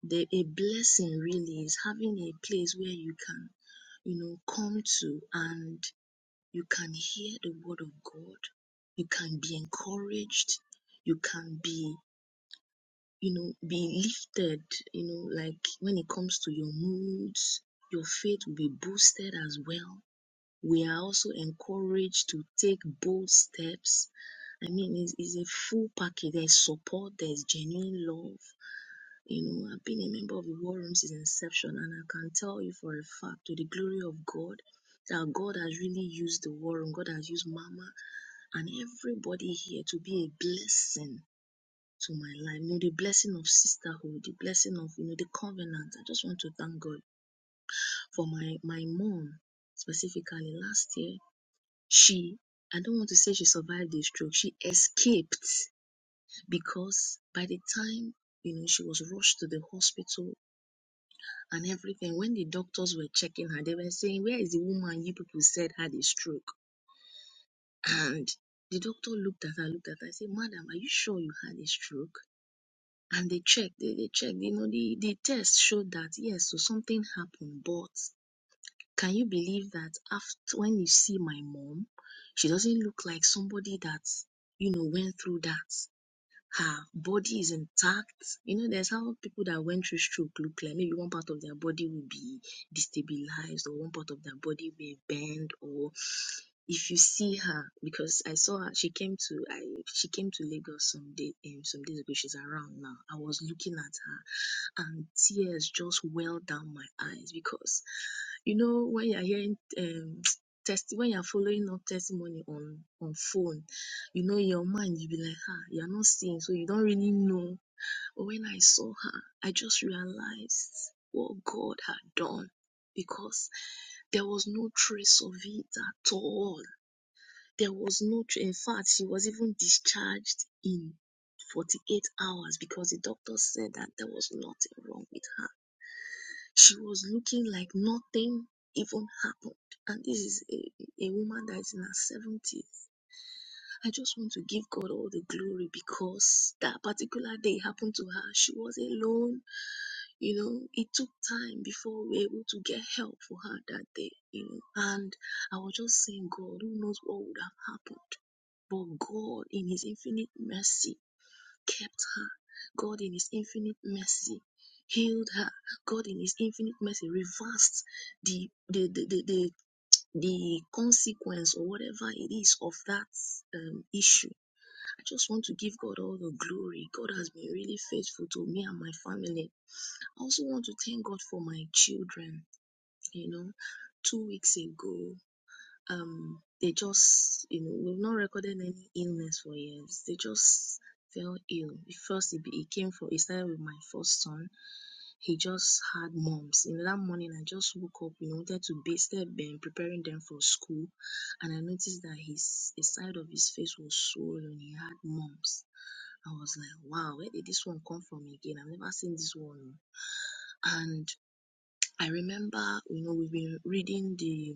the, a blessing really is having a place where you can, you know, come to and you can hear the word of God. You can be encouraged. You can be you know, be lifted, you know, like when it comes to your moods, your faith will be boosted as well. We are also encouraged to take bold steps. I mean, it's, it's a full package. There's support, there's genuine love. You know, I've been a member of the War Room since inception, and I can tell you for a fact, to the glory of God, that God has really used the War Room. God has used Mama and everybody here to be a blessing to my life. You know, the blessing of sisterhood, the blessing of, you know, the covenant. I just want to thank God for my, my mom specifically last year. She, I don't want to say she survived the stroke. She escaped because by the time, you know, she was rushed to the hospital and everything, when the doctors were checking her, they were saying, where is the woman you people said had a stroke? And the doctor looked at her, looked at her, I said, madam, are you sure you had a stroke? and they checked they, they checked you know the the test showed that yes so something happened but can you believe that after when you see my mom she doesn't look like somebody that you know went through that her body is intact. You know, there's how people that went through stroke look like. Maybe one part of their body will be destabilized, or one part of their body will bend, or if you see her, because I saw her, she came to I she came to Lagos some day um, some days ago. She's around now. I was looking at her, and tears just welled down my eyes because, you know, when you're hearing um, test when you're following up testimony on on phone you know, in your mind, you be like, ah, you're not seeing, so you don't really know. But when I saw her, I just realized what God had done because there was no trace of it at all. There was no, tr- in fact, she was even discharged in 48 hours because the doctor said that there was nothing wrong with her. She was looking like nothing even happened. And this is a, a woman that is in her 70s. I just want to give God all the glory because that particular day happened to her. She was alone. You know, it took time before we were able to get help for her that day, you know. And I was just saying, God, who knows what would have happened? But God, in His infinite mercy, kept her. God, in His infinite mercy, healed her. God, in His infinite mercy, reversed the the the the, the, the consequence or whatever it is of that um, issue I just want to give God all the glory. God has been really faithful to me and my family. I also want to thank God for my children. You know, two weeks ago, um they just you know we've not recorded any illness for years they just fell ill first he, be- he came for he started with my first son he just had mumps you know that morning i just woke up you know wanted to bathe them, been preparing them for school and i noticed that his the side of his face was swollen he had mumps i was like wow where did this one come from again i've never seen this one and i remember you know we've been reading the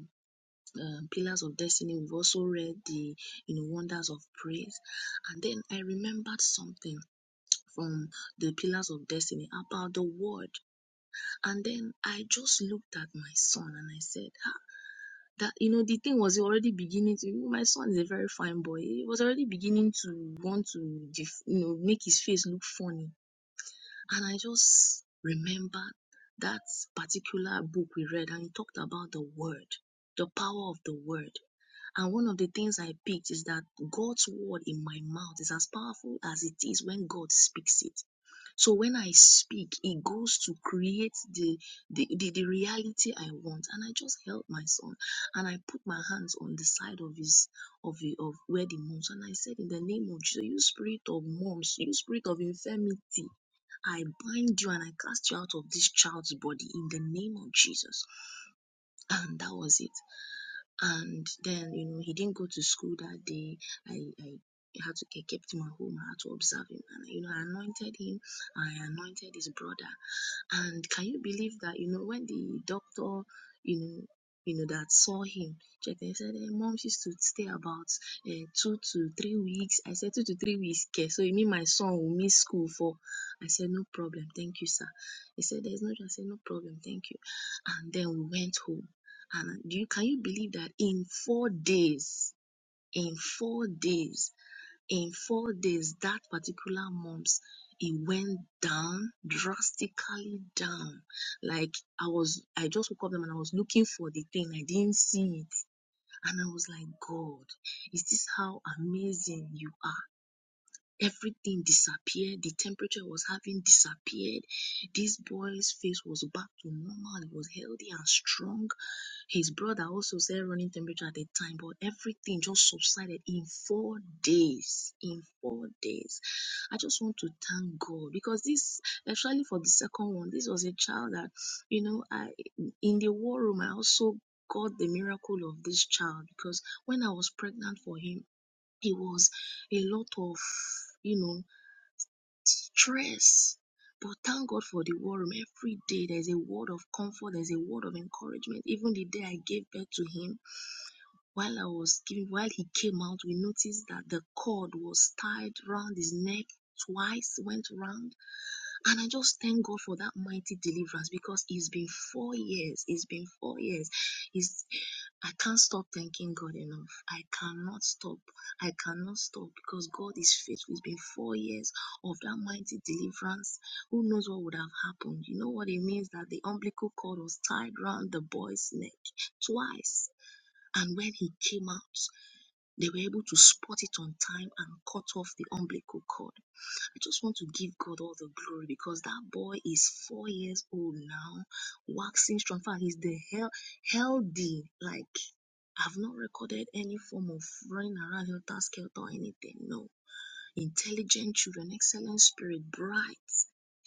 um, pillars of destiny we've also read the you know wonders of praise and then i remembered something from the pillars of destiny about the word and then i just looked at my son and i said ah, that you know the thing was already beginning to my son is a very fine boy he was already beginning to want to def- you know make his face look funny and i just remembered that particular book we read and it talked about the word the power of the word and one of the things I picked is that God's word in my mouth is as powerful as it is when God speaks it. So when I speak, it goes to create the, the, the, the reality I want. And I just held my son and I put my hands on the side of his of the of where the moms and I said, In the name of Jesus, you spirit of moms, you spirit of infirmity, I bind you and I cast you out of this child's body in the name of Jesus. And that was it and then you know he didn't go to school that day i i had to I kept him at home. I had to observe him, and you know I anointed him. I anointed his brother, and can you believe that, you know, when the doctor, you know, you know, that saw him, checked and said, hey, mom, she should stay about uh, two to three weeks. I said, two to three weeks, okay. So you mean my son will miss school for? I said, no problem. Thank you, sir. He said, there's no, I said, no problem. Thank you. And then we went home. And uh, do you, can you believe that in four days, in four days, in four days that particular month it went down drastically down like i was i just woke up and i was looking for the thing i didn't see it and i was like god is this how amazing you are Everything disappeared. The temperature I was having disappeared. This boy's face was back to normal. He was healthy and strong. His brother also said running temperature at the time, but everything just subsided in four days. In four days. I just want to thank God because this, especially for the second one, this was a child that, you know, I in the war room, I also got the miracle of this child because when I was pregnant for him, it was a lot of you know stress but thank god for the war room every day there's a word of comfort there's a word of encouragement even the day i gave birth to him while i was giving while he came out we noticed that the cord was tied round his neck twice went round and I just thank God for that mighty deliverance because it's been four years. It's been four years. It's, I can't stop thanking God enough. I cannot stop. I cannot stop because God is faithful. It's been four years of that mighty deliverance. Who knows what would have happened? You know what it means that the umbilical cord was tied round the boy's neck twice. And when he came out, they were able to spot it on time and cut off the umbilical cord. I just want to give God all the glory because that boy is four years old now, waxing strong. In fact, he's the hell healthy. Like I've not recorded any form of running around helter skelter or anything. No intelligent children, excellent spirit, bright,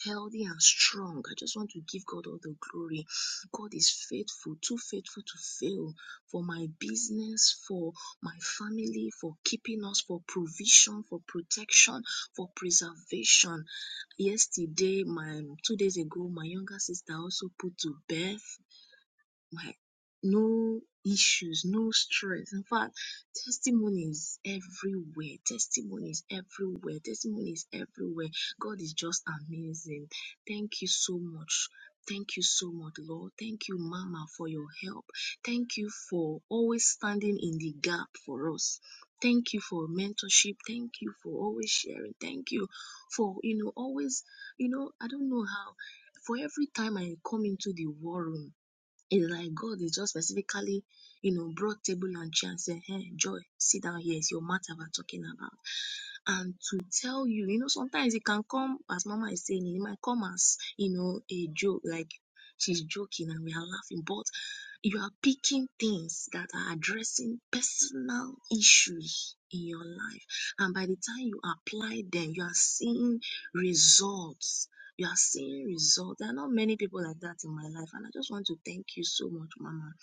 healthy, and strong. I just want to give God all the glory. God is faithful, too faithful to fail for my business, for my family, for keeping us, for provision, for protection, for preservation. Yesterday, my two days ago, my younger sister also put to birth like no issues, no stress. In fact, testimonies everywhere, testimonies everywhere, testimonies everywhere. God is just amazing. Thank you so much. Thank you so much, Lord. Thank you, Mama, for your help. Thank you for always standing in the gap for us. Thank you for mentorship. Thank you for always sharing. Thank you for, you know, always, you know, I don't know how. For every time I come into the war room, it's like God is just specifically, you know, brought table and chair and said, Hey, Joy, sit down here. It's your matter we're talking about. And to tell you, you know, sometimes it can come, as Mama is saying, it might come as, you know, a joke, like she's joking and we are laughing. But you are picking things that are addressing personal issues in your life. And by the time you apply them, you are seeing results you are seeing results. There are not many people like that in my life. And I just want to thank you so much, Mama,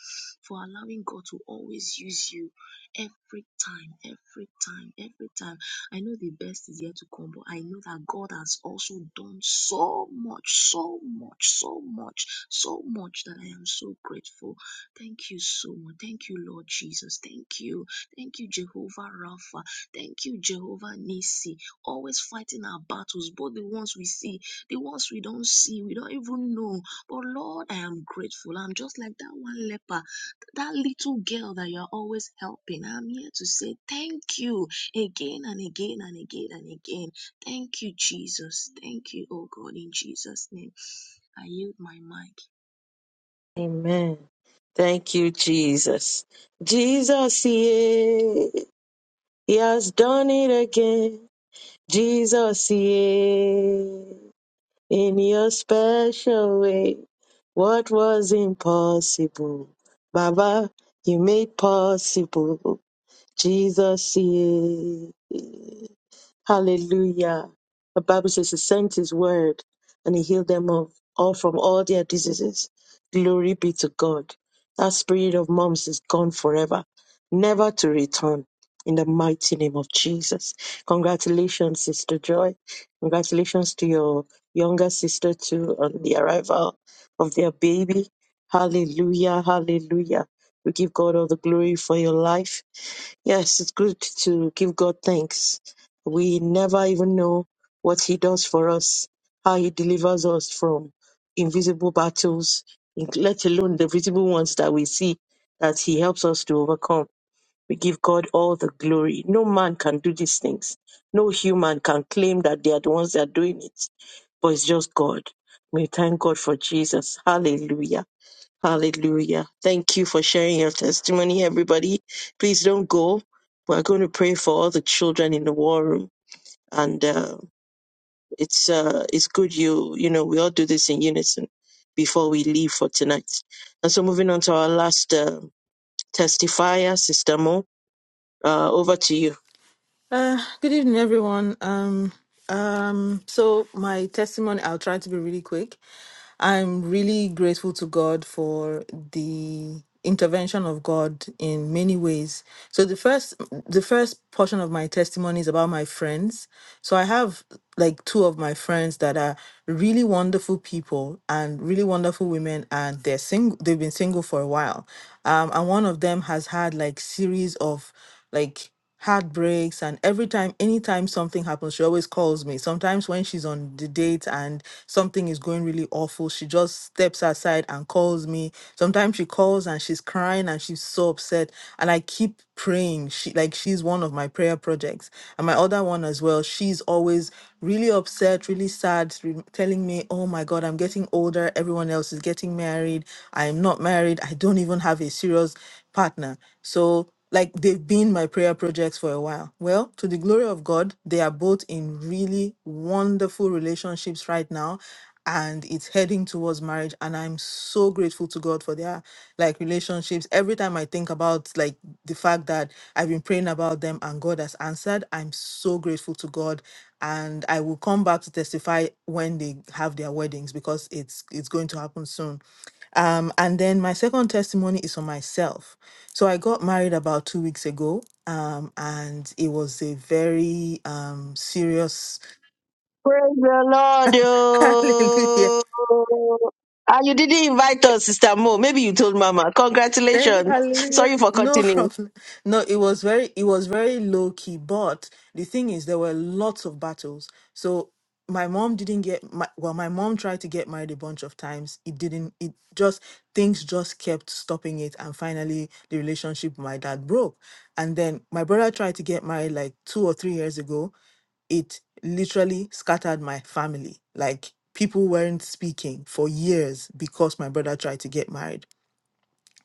for allowing God to always use you every time, every time, every time. I know the best is yet to come, but I know that God has also done so much, so much, so much, so much that I am so grateful. Thank you so much. Thank you, Lord Jesus. Thank you. Thank you, Jehovah Rapha. Thank you, Jehovah Nisi. Always fighting our battles, both the ones we see the ones we don't see, we don't even know. But Lord, I am grateful. I'm just like that one leper, that little girl that you're always helping. I'm here to say thank you again and again and again and again. Thank you, Jesus. Thank you, oh God, in Jesus' name. I yield my mic. Amen. Thank you, Jesus. Jesus, yeah, He has done it again. Jesus, yeah, in your special way, what was impossible, Baba, you made possible. Jesus, yeah. Hallelujah. The Bible says he sent his word and he healed them of all from all their diseases. Glory be to God. That spirit of moms is gone forever, never to return. In the mighty name of Jesus. Congratulations, Sister Joy. Congratulations to your younger sister too on the arrival of their baby. Hallelujah. Hallelujah. We give God all the glory for your life. Yes, it's good to give God thanks we never even know what He does for us, how He delivers us from invisible battles, in- let alone the visible ones that we see that He helps us to overcome. We give God all the glory. No man can do these things. No human can claim that they are the ones that are doing it, but it's just God. We thank God for Jesus. Hallelujah. Hallelujah. Thank you for sharing your testimony, everybody. Please don't go. We're going to pray for all the children in the war room and uh, it's uh, it's good you you know we all do this in unison before we leave for tonight. And so moving on to our last uh, testifier, Sister Mo, uh, over to you. Uh, good evening, everyone. Um, um, so my testimony, I'll try to be really quick. I'm really grateful to God for the intervention of God in many ways. So the first, the first portion of my testimony is about my friends. So I have like two of my friends that are really wonderful people and really wonderful women, and they're single. They've been single for a while, um, and one of them has had like series of like heartbreaks and every time anytime something happens she always calls me sometimes when she's on the date and something is going really awful she just steps aside and calls me sometimes she calls and she's crying and she's so upset and i keep praying she like she's one of my prayer projects and my other one as well she's always really upset really sad re- telling me oh my god i'm getting older everyone else is getting married i'm not married i don't even have a serious partner so like they've been my prayer projects for a while. Well, to the glory of God, they are both in really wonderful relationships right now and it's heading towards marriage and I'm so grateful to God for their like relationships. Every time I think about like the fact that I've been praying about them and God has answered, I'm so grateful to God and I will come back to testify when they have their weddings because it's it's going to happen soon. Um, and then my second testimony is for myself so I got married about two weeks ago, um, and it was a very um serious Praise the Lord! hallelujah. oh. Ah, you didn't invite us, Sister Mo. Maybe you told Mama. Thank you, Congratulations. hallelujah. Sorry for No continuing. problem. No, it was very it was very low key, but the thing is there were lots of battles. So my mom didn't get my well, my mom tried to get married a bunch of times. It didn't it just things just kept stopping it and finally the relationship with my dad broke. And then my brother tried to get married like two or three years ago it literally scattered my family. Like people weren't speaking for years because my brother tried to get married.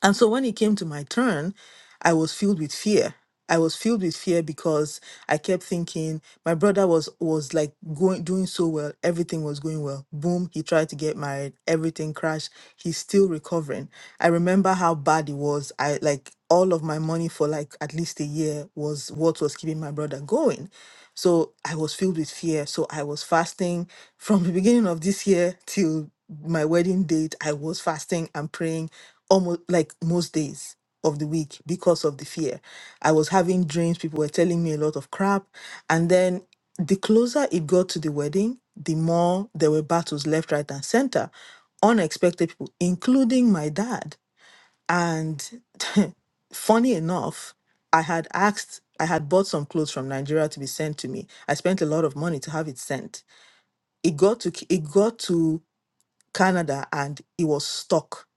And so when it came to my turn, I was filled with fear. I was filled with fear because I kept thinking my brother was was like going doing so well, everything was going well. Boom, he tried to get married, everything crashed. He's still recovering. I remember how bad it was. I like all of my money for like at least a year was what was keeping my brother going. So I was filled with fear. So I was fasting from the beginning of this year till my wedding date. I was fasting and praying almost like most days of the week because of the fear. I was having dreams. People were telling me a lot of crap. And then the closer it got to the wedding, the more there were battles left, right, and center. Unexpected people, including my dad. And funny enough, I had asked, I had bought some clothes from Nigeria to be sent to me. I spent a lot of money to have it sent. It got to K- it got to Canada and it was stuck.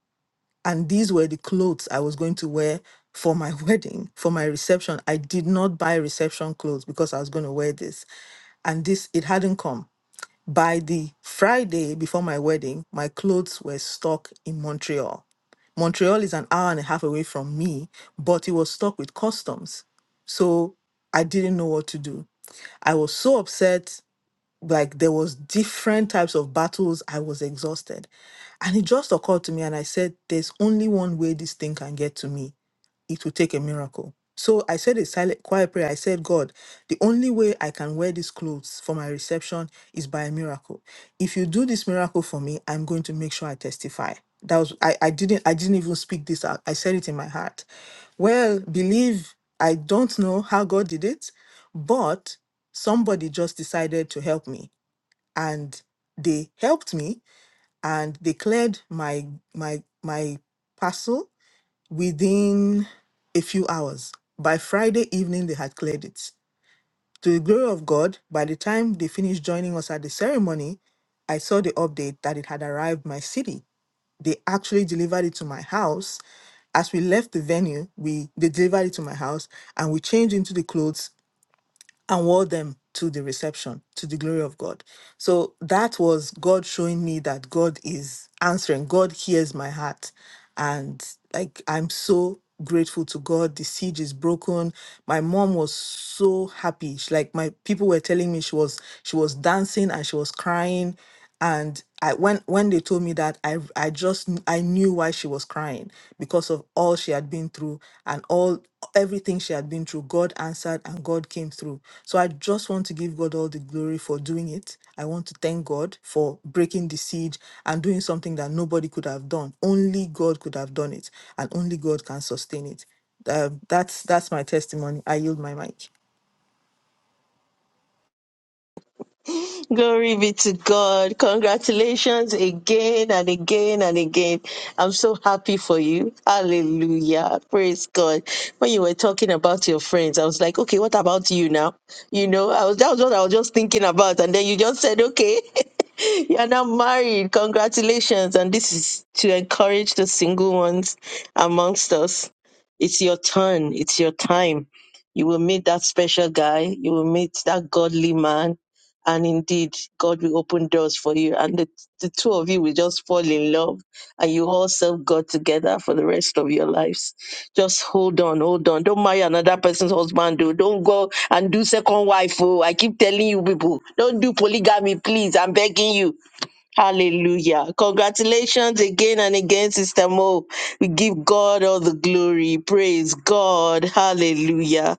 And these were the clothes I was going to wear for my wedding, for my reception. I did not buy reception clothes because I was going to wear this. And this it hadn't come. By the Friday before my wedding, my clothes were stuck in Montreal. Montreal is an hour and a half away from me, but it was stuck with customs. So I didn't know what to do. I was so upset, like there was different types of battles. I was exhausted. And it just occurred to me and I said, there's only one way this thing can get to me it will take a miracle. So I said a silent, quiet prayer. I said, God, the only way I can wear these clothes for my reception is by a miracle. If you do this miracle for me, I'm going to make sure I testify. That was I, I didn't I didn't even speak this out. I said it in my heart. Well, believe I don't know how God did it, but somebody just decided to help me. And they helped me and they cleared my my my parcel within a few hours. By Friday evening, they had cleared it. To the glory of God, by the time they finished joining us at the ceremony, I saw the update that it had arrived my city. They actually delivered it to my house. As we left the venue, we they delivered it to my house and we changed into the clothes and wore them to the reception to the glory of God. So that was God showing me that God is answering, God hears my heart. And like, I'm so grateful to God. The siege is broken. My mom was so happy. She, like my people were telling me she was she was dancing and she was crying and I when when they told me that I I just kn- I knew why she was crying because of all she had been through and all everything she had been through God answered and God came through so I just want to give God all the glory for doing it I want to thank God for breaking the siege and doing something that nobody could have done only God could have done it and only God can sustain it um, that's that's my testimony I yield my mic Glory be to God. Congratulations again and again and again. I'm so happy for you. Hallelujah. Praise God. When you were talking about your friends, I was like, okay, what about you now? You know, I was that was what I was just thinking about. And then you just said, okay, you are now married. Congratulations. And this is to encourage the single ones amongst us. It's your turn. It's your time. You will meet that special guy. You will meet that godly man and indeed god will open doors for you and the, the two of you will just fall in love and you all serve god together for the rest of your lives just hold on hold on don't marry another person's husband though. don't go and do second wife oh i keep telling you people don't do polygamy please i'm begging you hallelujah congratulations again and again sister mo we give god all the glory praise god hallelujah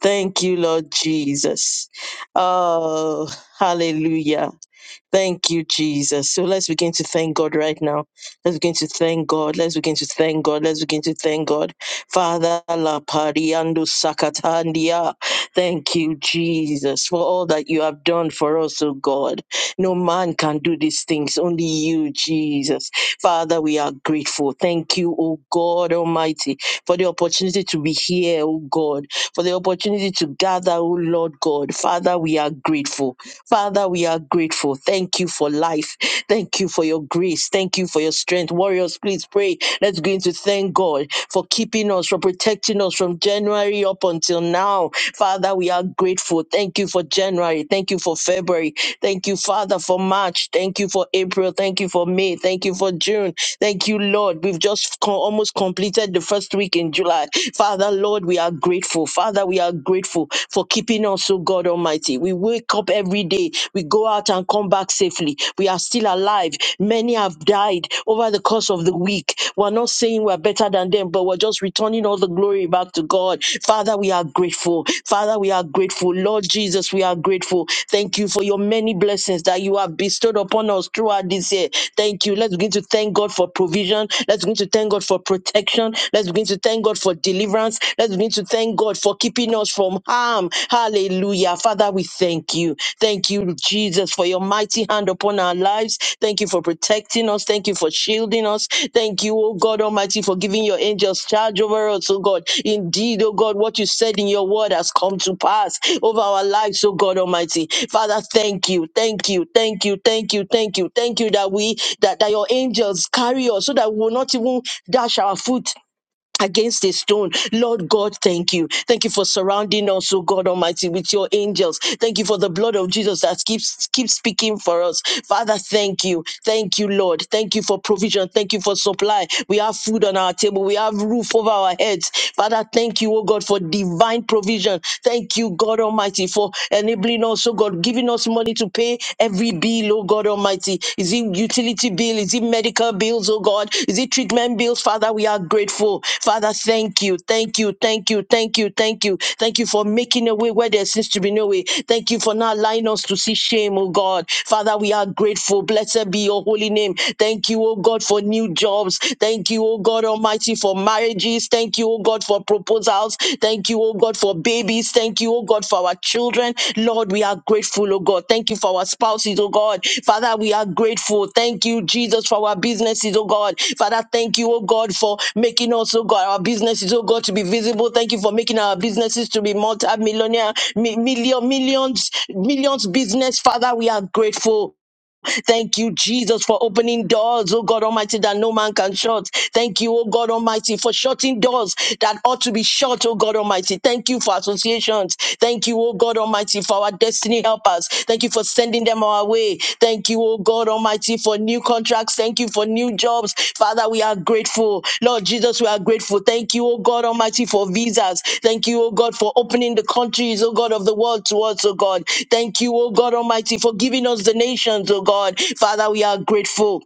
Thank you, Lord Jesus. Oh, hallelujah. Thank you, Jesus. So let's begin to thank God right now. Let's begin to thank God. Let's begin to thank God. Let's begin to thank God. Father, la pariando sakatandia. Thank you, Jesus, for all that you have done for us, oh God. No man can do these things, only you, Jesus. Father, we are grateful. Thank you, oh God Almighty, for the opportunity to be here, oh God, for the opportunity to gather, oh Lord God. Father, we are grateful. Father, we are grateful. Thank you for life. Thank you for your grace. Thank you for your strength. Warriors, please pray. Let's go into thank God for keeping us, for protecting us from January up until now. Father, we are grateful. Thank you for January. Thank you for February. Thank you, Father, for March. Thank you for April. Thank you for May. Thank you for June. Thank you, Lord. We've just co- almost completed the first week in July. Father, Lord, we are grateful. Father, we are grateful for keeping us, oh God Almighty. We wake up every day. We go out and come back safely. We are still alive. Many have died over the course of the week. We're not saying we're better than them, but we're just returning all the glory back to God. Father, we are grateful. Father, we are grateful. Lord Jesus, we are grateful. Thank you for your many blessings that you have bestowed upon us throughout this year. Thank you. Let's begin to thank God for provision. Let's begin to thank God for protection. Let's begin to thank God for deliverance. Let's begin to thank God for keeping us from harm. Hallelujah. Father, we thank you. Thank you, Jesus, for your mighty hand hand upon our lives. Thank you for protecting us. Thank you for shielding us. Thank you, oh God Almighty, for giving your angels charge over us, oh God. Indeed, oh God, what you said in your word has come to pass over our lives, oh God Almighty. Father, thank you, thank you, thank you, thank you, thank you, thank you that we that, that your angels carry us so that we will not even dash our foot against a stone. Lord God, thank you. Thank you for surrounding us, oh God Almighty, with your angels. Thank you for the blood of Jesus that keeps keeps speaking for us. Father, thank you. Thank you, Lord. Thank you for provision. Thank you for supply. We have food on our table. We have roof over our heads. Father, thank you, oh God, for divine provision. Thank you, God Almighty, for enabling us, oh God, giving us money to pay Every bill, oh God Almighty, is it utility bill? Is it medical bills, oh God? Is it treatment bills? Father, we are grateful. Father, thank you, thank you, thank you, thank you, thank you. Thank you for making a way where there seems to be no way. Thank you for not allowing us to see shame, oh God. Father, we are grateful. Blessed be your holy name. Thank you, oh God, for new jobs. Thank you, oh God Almighty, for marriages. Thank you, oh God, for proposals. Thank you, oh God, for babies. Thank you, oh God, for our children. Lord, we are grateful, oh God. Thank you for our spouses, oh God. Father, we are grateful. Thank you, Jesus, for our businesses, oh God. Father, thank you, oh God, for making us, oh God, our businesses, oh God, to be visible. Thank you for making our businesses to be multi-millionaire, mi- million, millions, millions business. Father, we are grateful. Thank you, Jesus, for opening doors, oh God Almighty, that no man can shut. Thank you, oh God Almighty, for shutting doors that ought to be shut, oh God Almighty. Thank you for associations. Thank you, oh God Almighty, for our destiny helpers. Thank you for sending them our way. Thank you, oh God Almighty, Almighty, for new contracts. Thank you for new jobs. Father, we are grateful. Lord Jesus, we are grateful. Thank you, oh God Almighty, for visas. Thank you, oh God, for opening the countries, oh God, of the world to us, oh God. Thank you, oh God Almighty, for giving us the nations, oh God. Father, we are grateful.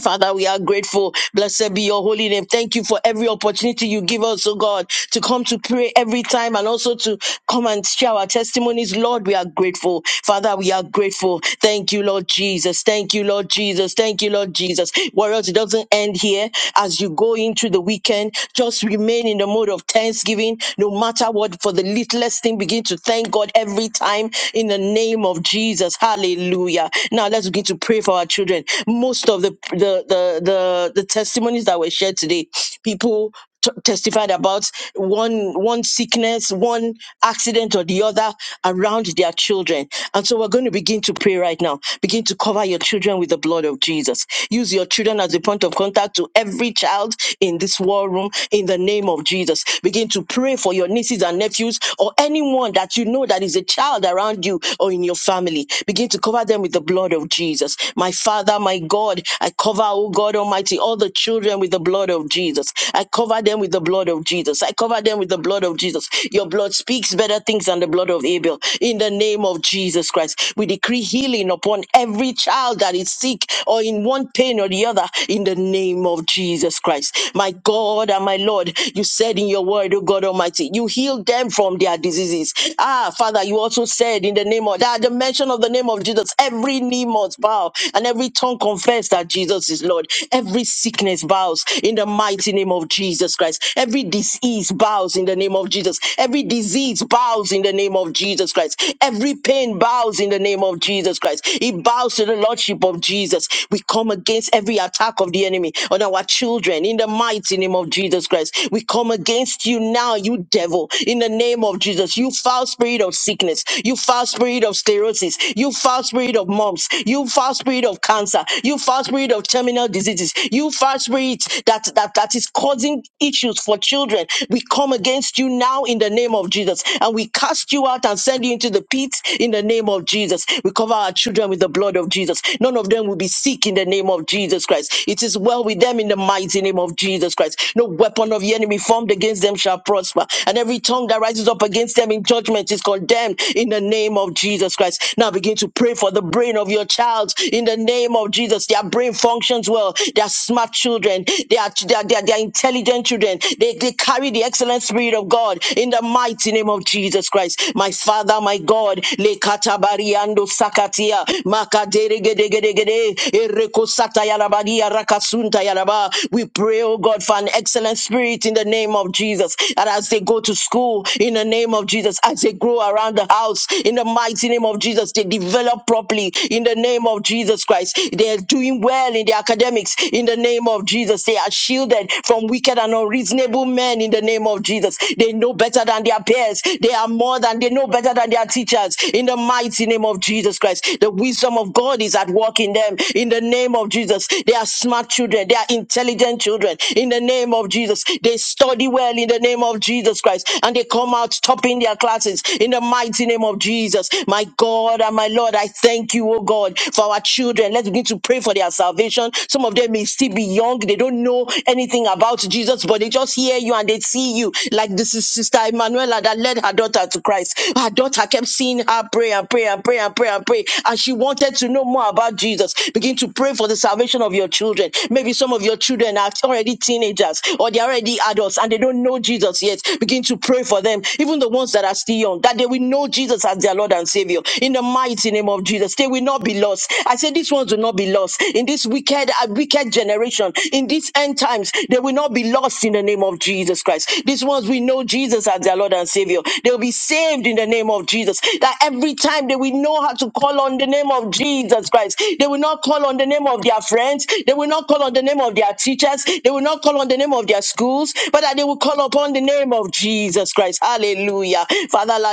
Father, we are grateful. Blessed be your holy name. Thank you for every opportunity you give us, oh God, to come to pray every time and also to come and share our testimonies. Lord, we are grateful. Father, we are grateful. Thank you, Lord Jesus. Thank you, Lord Jesus. Thank you, Lord Jesus. Warriors, it doesn't end here. As you go into the weekend, just remain in the mode of thanksgiving. No matter what, for the littlest thing, begin to thank God every time in the name of Jesus. Hallelujah. Now let's begin to pray for our children. Most most of the the the the, the testimonies that were shared today, people t- testified about one one sickness, one accident or the other around their children. And so we're going to begin to pray right now. Begin to cover your children with the blood of Jesus. Use your children as a point of contact to every child in this war room in the name of Jesus. Begin to pray for your nieces and nephews or anyone that you know that is a child around you or in your family. Begin to cover them with the blood of Jesus. My Father. Father, my God, I cover, oh God Almighty, all the children with the blood of Jesus. I cover them with the blood of Jesus. I cover them with the blood of Jesus. Your blood speaks better things than the blood of Abel. In the name of Jesus Christ, we decree healing upon every child that is sick or in one pain or the other. In the name of Jesus Christ, my God and my Lord, you said in your word, oh God Almighty, you healed them from their diseases. Ah, Father, you also said in the name of that, the mention of the name of Jesus, every knee must bow bow and every tongue confess that Jesus is Lord. Every sickness bows in the mighty name of Jesus Christ. Every disease bows in the name of Jesus. Every disease bows in the name of Jesus Christ. Every pain bows in the name of Jesus Christ. It bows to the Lordship of Jesus. We come against every attack of the enemy on our children in the mighty name of Jesus Christ. We come against you now, you devil, in the name of Jesus. You foul spirit of sickness, you foul spirit of sclerosis, you foul spirit of mumps, you foul spirit of cancer. You foul spirit of terminal diseases. You foul spirit that, that, that is causing issues for children. We come against you now in the name of Jesus and we cast you out and send you into the pits in the name of Jesus. We cover our children with the blood of Jesus. None of them will be sick in the name of Jesus Christ. It is well with them in the mighty name of Jesus Christ. No weapon of the enemy formed against them shall prosper. And every tongue that rises up against them in judgment is condemned in the name of Jesus Christ. Now begin to pray for the over the brain of your child in the name of Jesus. Their brain functions well. They are smart children. They are, they are, they are, they are intelligent children. They, they carry the excellent spirit of God in the mighty name of Jesus Christ. My Father, my God, Lekatabariando Sakatia, Makaderegedegedegede, Erekosata Yalabadia, Rakasunta Yalaba. We pray, oh God, for an excellent spirit in the name of Jesus. And as they go to school, in the name of Jesus, as they grow around the house, in the mighty name of Jesus, they develop develop properly in the name of Jesus Christ. They are doing well in the academics in the name of Jesus. They are shielded from wicked and unreasonable men in the name of Jesus. They know better than their peers. They are more than they know better than their teachers in the mighty name of Jesus Christ. The wisdom of God is at work in them in the name of Jesus. They are smart children. They are intelligent children in the name of Jesus. They study well in the name of Jesus Christ and they come out topping their classes in the mighty name of Jesus. My God and my Lord, I thank you, oh God, for our children. Let's begin to pray for their salvation. Some of them may still be young, they don't know anything about Jesus, but they just hear you and they see you. Like this is Sister Emanuela that led her daughter to Christ. Her daughter kept seeing her pray and pray and pray and pray and pray, and she wanted to know more about Jesus. Begin to pray for the salvation of your children. Maybe some of your children are already teenagers or they're already adults and they don't know Jesus yet. Begin to pray for them, even the ones that are still young, that they will know Jesus as their Lord. Lord and Savior. In the mighty name of Jesus, they will not be lost. I say these ones will not be lost in this wicked, uh, wicked generation. In these end times, they will not be lost in the name of Jesus Christ. These ones we know Jesus as their Lord and Savior. They will be saved in the name of Jesus. That every time they will know how to call on the name of Jesus Christ. They will not call on the name of their friends. They will not call on the name of their teachers. They will not call on the name of their schools, but that they will call upon the name of Jesus Christ. Hallelujah. Father,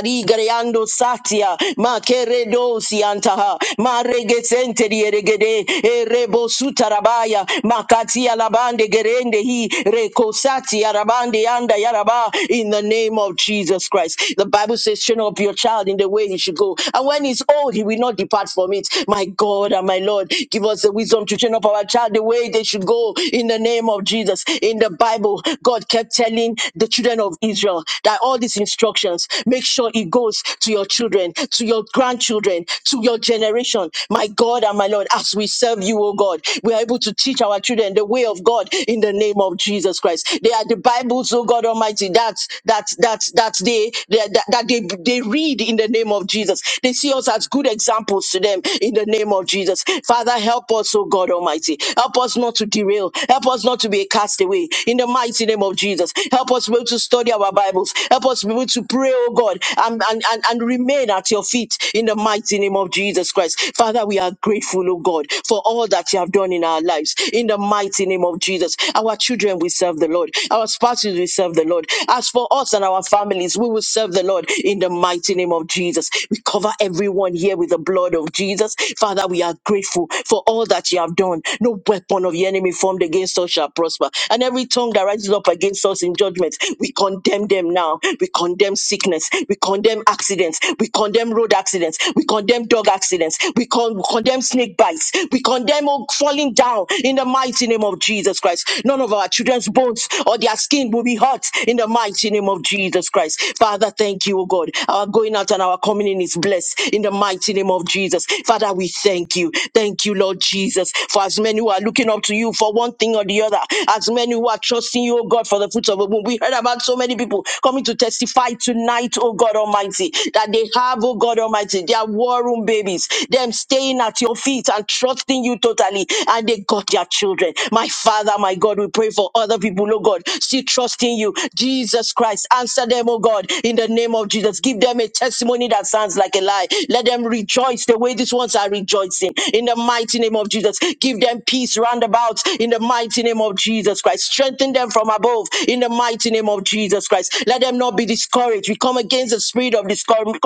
Mando Satia, Makeredosi Antaha, Maregesente Dieregede, Erebo Sutarabaya, Makatia Labande Gerende Hi, Rekosati Arabande Anda Yaraba, in the name of Jesus Christ. The Bible says, train up your child in the way he should go. And when he's old, he will not depart from it. My God and my Lord, give us the wisdom to train up our child the way they should go in the name of Jesus. In the Bible, God kept telling the children of Israel that all these instructions, make sure it it goes to your children, to your grandchildren, to your generation. My God and my Lord, as we serve you, oh God, we are able to teach our children the way of God in the name of Jesus Christ. They are the Bibles, oh God Almighty, that that that that they that, that they they read in the name of Jesus. They see us as good examples to them in the name of Jesus. Father, help us, oh God Almighty. Help us not to derail. Help us not to be a castaway in the mighty name of Jesus. Help us be able to study our Bibles. Help us be able to pray, oh oh God, and, and, and, and remain at your feet in the mighty name of Jesus Christ. Father, we are grateful, oh God, for all that you have done in our lives in the mighty name of Jesus. Our children will serve the Lord, our spouses will serve the Lord. As for us and our families, we will serve the Lord in the mighty name of Jesus. We cover everyone here with the blood of Jesus. Father, we are grateful for all that you have done. No weapon of the enemy formed against us shall prosper. And every tongue that rises up against us in judgment, we condemn them now. We condemn condemn sickness. We condemn accidents. We condemn road accidents. We condemn dog accidents. We, con- we condemn snake bites. We condemn all falling down in the mighty name of Jesus Christ. None of our children's bones or their skin will be hurt in the mighty name of Jesus Christ. Father, thank you, O God. Our going out and our coming in is blessed in the mighty name of Jesus. Father, we thank you. Thank you, Lord Jesus, for as many who are looking up to you for one thing or the other, as many who are trusting you, O God, for the fruits of the womb. We heard about so many people coming coming to testify tonight, oh God Almighty, that they have, oh God Almighty, their war room babies, them staying at your feet and trusting you totally, and they got their children. My Father, my God, we pray for other people, oh God, still trusting you. Jesus Christ, answer them, oh God, in the name of Jesus. Give them a testimony that sounds like a lie. Let them rejoice the way these ones are rejoicing in the mighty name of Jesus. Give them peace roundabout in the mighty name of Jesus Christ. Strengthen them from above in the mighty name of Jesus. Jesus Christ. Let them not be discouraged. We come against the spirit of discouragement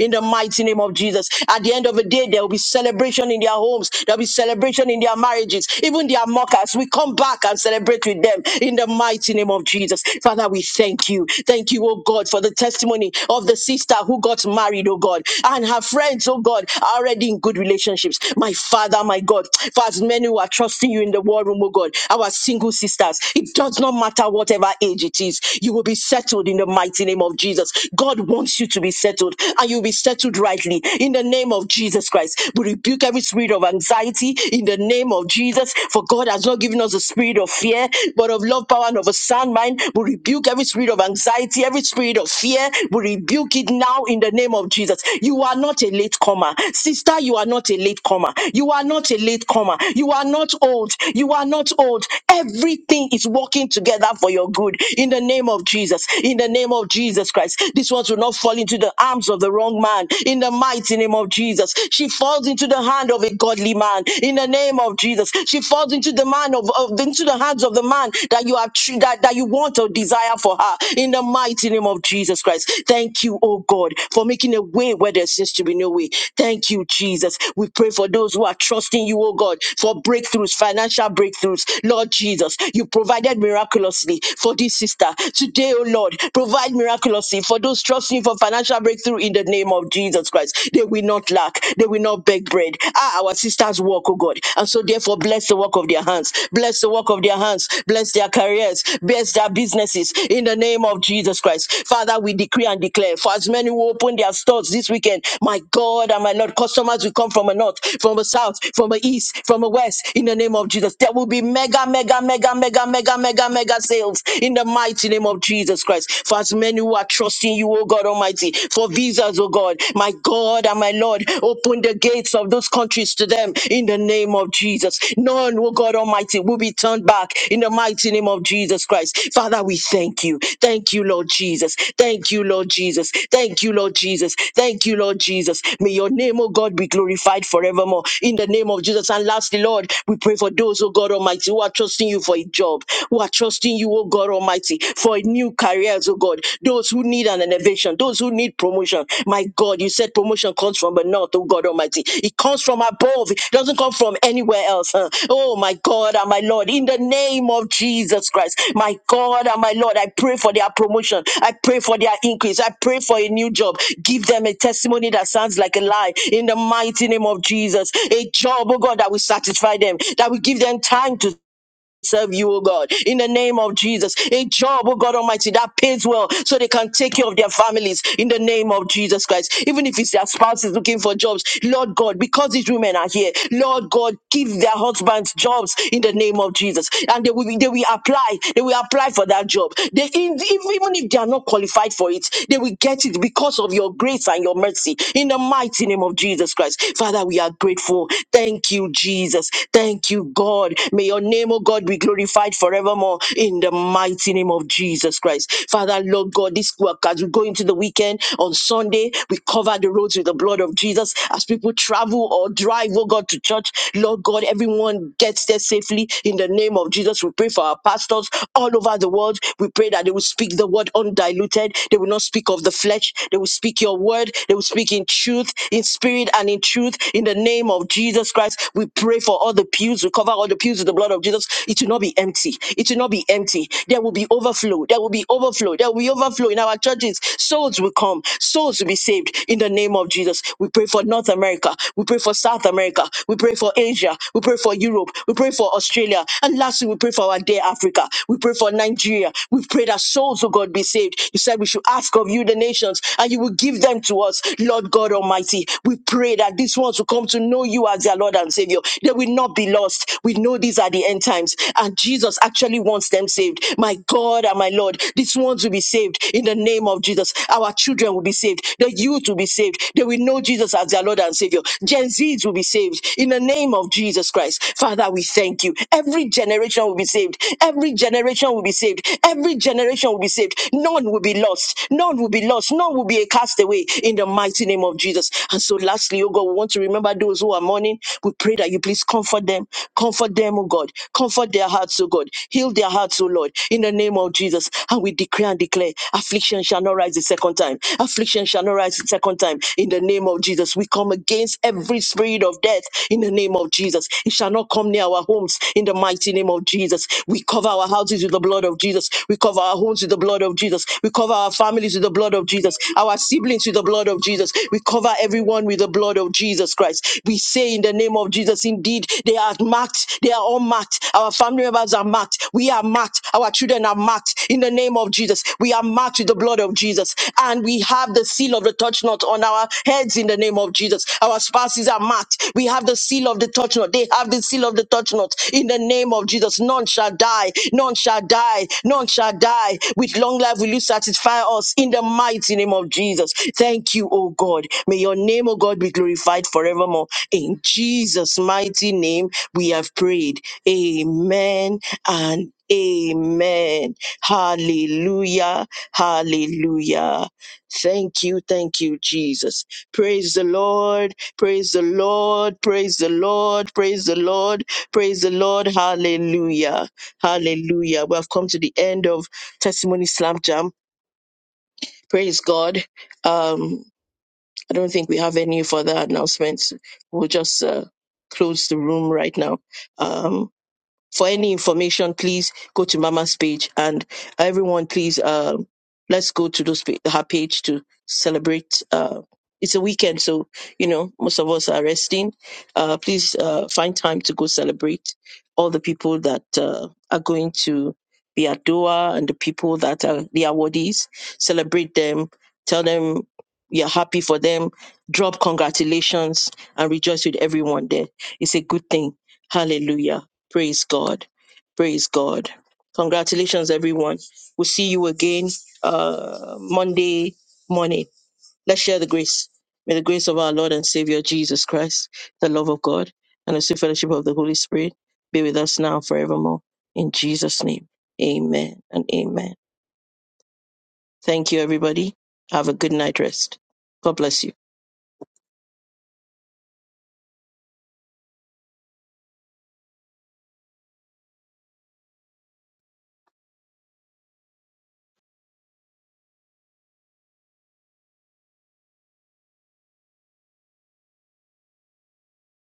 in the mighty name of Jesus. At the end of the day, there will be celebration in their homes, there will be celebration in their marriages, even their mockers. We come back and celebrate with them in the mighty name of Jesus. Father, we thank you. Thank you, oh God, for the testimony of the sister who got married, oh God, and her friends, oh God, are already in good relationships. My Father, my God, for as many who are trusting you in the war room, oh God, our single sisters, it does not matter whatever age it is it is. You will be settled in the mighty name of Jesus. God wants you to be settled and you'll be settled rightly in the name of Jesus Christ. We rebuke every spirit of anxiety in the name of Jesus. For God has not given us a spirit of fear, but of love, power, and of a sound mind. We rebuke every spirit of anxiety, every spirit of fear. We rebuke it now in the name of Jesus. You are not a latecomer. Sister, you are not a latecomer. You are not a latecomer. You are not old. You are not old. Everything is working together for your your good in the name of Jesus, in the name of Jesus Christ. This one will not fall into the arms of the wrong man in the mighty name of Jesus. She falls into the hand of a godly man in the name of Jesus. She falls into the man of, of into the hands of the man that you have tr- that, that you want or desire for her in the mighty name of Jesus Christ. Thank you, oh God, for making a way where there seems to be no way. Thank you, Jesus. We pray for those who are trusting you, oh God, for breakthroughs, financial breakthroughs. Lord Jesus, you provided miracles miraculously for this sister. Today, oh Lord, provide miraculously for those trusting you for financial breakthrough in the name of Jesus Christ. They will not lack, they will not beg bread. Ah, our sisters work, oh God. And so therefore, bless the work of their hands, bless the work of their hands, bless their careers, bless their businesses in the name of Jesus Christ. Father, we decree and declare for as many who open their stores this weekend, my God and my Lord, customers will come from a north, from a south, from a east, from a west in the name of Jesus. There will be mega, mega, mega, mega, mega, mega, mega sales in the mighty name of Jesus Christ. For as many who are trusting you, oh God Almighty, for visas, oh God, my God and my Lord, open the gates of those countries to them in the name of Jesus. None, oh God Almighty, will be turned back in the mighty name of Jesus Christ. Father, we thank you. Thank you, Lord Jesus. Thank you, Lord Jesus. Thank you, Lord Jesus. Thank you, Lord Jesus. May your name, oh God, be glorified forevermore in the name of Jesus. And lastly, Lord, we pray for those, oh God Almighty, who are trusting you trusting you for a job, who are trusting you, oh God Almighty, for a new careers, oh God. Those who need an elevation, those who need promotion. My God, you said promotion comes from the north, oh God Almighty. It comes from above, it doesn't come from anywhere else. huh. Oh my God and my Lord, in the name of Jesus Christ, my God and my Lord, I pray for their promotion. I pray for their increase. I pray for a new job. Give them a testimony that sounds like a lie in the mighty name of Jesus. A job, oh God, that will satisfy them, that will give them time to serve you, oh God, in the name of Jesus. A job, oh God Almighty, that pays well so they can take care of their families in the name of Jesus Christ. Even if it's their spouses looking for jobs, Lord God, because these women are here, Lord God, give their husbands jobs in the name of Jesus. And they will be, they will apply, they will apply for that job. They in, if, even if they are not qualified for it, they will get it because of your grace and your mercy in the mighty name of Jesus Christ. Father, we are grateful. Thank. Thank you, Jesus. Thank you, God. May your name, oh God, be glorified forevermore in the mighty name of Jesus Christ. Father, Lord God, this work as we go into the weekend on Sunday, we cover the roads with the blood of Jesus. As people travel or drive, oh God, to church, Lord God, everyone gets there safely in the name of Jesus. We pray for our pastors all over the world. We pray that they will speak the word undiluted. They will not speak of the flesh. They will speak your word. They will speak in speak in truth, in spirit and in truth, in the name of Jesus Christ. We pray for all the pews. We cover all the pews with the blood of Jesus. It will not be empty. It will not be empty. There will be overflow. There will be overflow. There will be overflow in our churches. Souls will come. Souls will be saved in the name of Jesus. We pray for North America. We pray for South America. We pray for Asia. We pray for Europe. We pray for Australia. And lastly, we pray for our dear Africa. We pray for Nigeria. We pray that souls, oh God, be saved. You said we should ask of you the nations and you will give them to us, Lord God Almighty. We pray that these ones will come to know you as their Lord and Savior. They will not be lost. We know these are the end times and Jesus actually wants them saved. My God and my Lord, these ones will be saved in the name of Jesus. Our children will be saved. The youth will be saved. They will know Jesus as their Lord and Savior. Gen Zs will be saved in the name of Jesus Christ. Father, we thank you. Every generation will be saved. Every Every generation will be saved. Every generation will be saved. None will be lost. None will be lost. None will be a castaway in the mighty name of Jesus. And so, lastly, oh God, we want to remember those who are mourning. We pray that you please comfort them. Comfort them, oh God. Comfort their hearts, oh God. Heal their hearts, oh Lord, in the name of Jesus. And we declare and declare affliction shall not rise the second time. Affliction shall not rise the second time in the name of Jesus. We come against every spirit of death in the name of Jesus. It it shall not come near our homes in the mighty name of Jesus. We cover our houses with the blood of Jesus. We cover our homes with the blood of Jesus. We cover our families with the blood of Jesus. Our siblings with the blood of Jesus. We cover everyone with the blood of Jesus Christ. We say in the name of Jesus, indeed, they are marked. They are all marked. Our family members are marked. We are marked. Our children are marked in the name of Jesus. We are marked with the blood of Jesus. And we have the seal of the touch not on our heads in the name of Jesus. Jesus. Our spouses are marked. We have the seal of the touch not. They have the seal of the touch not. In the name of Jesus, none shall die. None shall die. None shall die. With long life will you satisfy us in the mighty name of Jesus. Thank you, O God. May your name, O God, be glorified forevermore. In Jesus' mighty name, we have prayed. Amen and amen. Hallelujah. Hallelujah. Thank you. Thank you, Jesus. Praise the Lord, praise the Lord, praise the Lord, praise the Lord, praise the Lord. Hallelujah, hallelujah. We have come to the end of Testimony Slam Jam. Praise God. Um, I don't think we have any further announcements. We'll just uh, close the room right now. Um, for any information, please go to Mama's page and everyone, please, um, let's go to those pa- her page to celebrate. Uh, it's a weekend, so you know most of us are resting. Uh, please uh, find time to go celebrate all the people that uh, are going to be at Doha and the people that are the awardees. Celebrate them. Tell them you're happy for them. Drop congratulations and rejoice with everyone there. It's a good thing. Hallelujah. Praise God. Praise God. Congratulations, everyone. We'll see you again uh, Monday morning. Let's share the grace. May the grace of our Lord and Savior Jesus Christ, the love of God, and the sweet fellowship of the Holy Spirit be with us now and forevermore. In Jesus' name, amen and amen. Thank you, everybody. Have a good night rest. God bless you.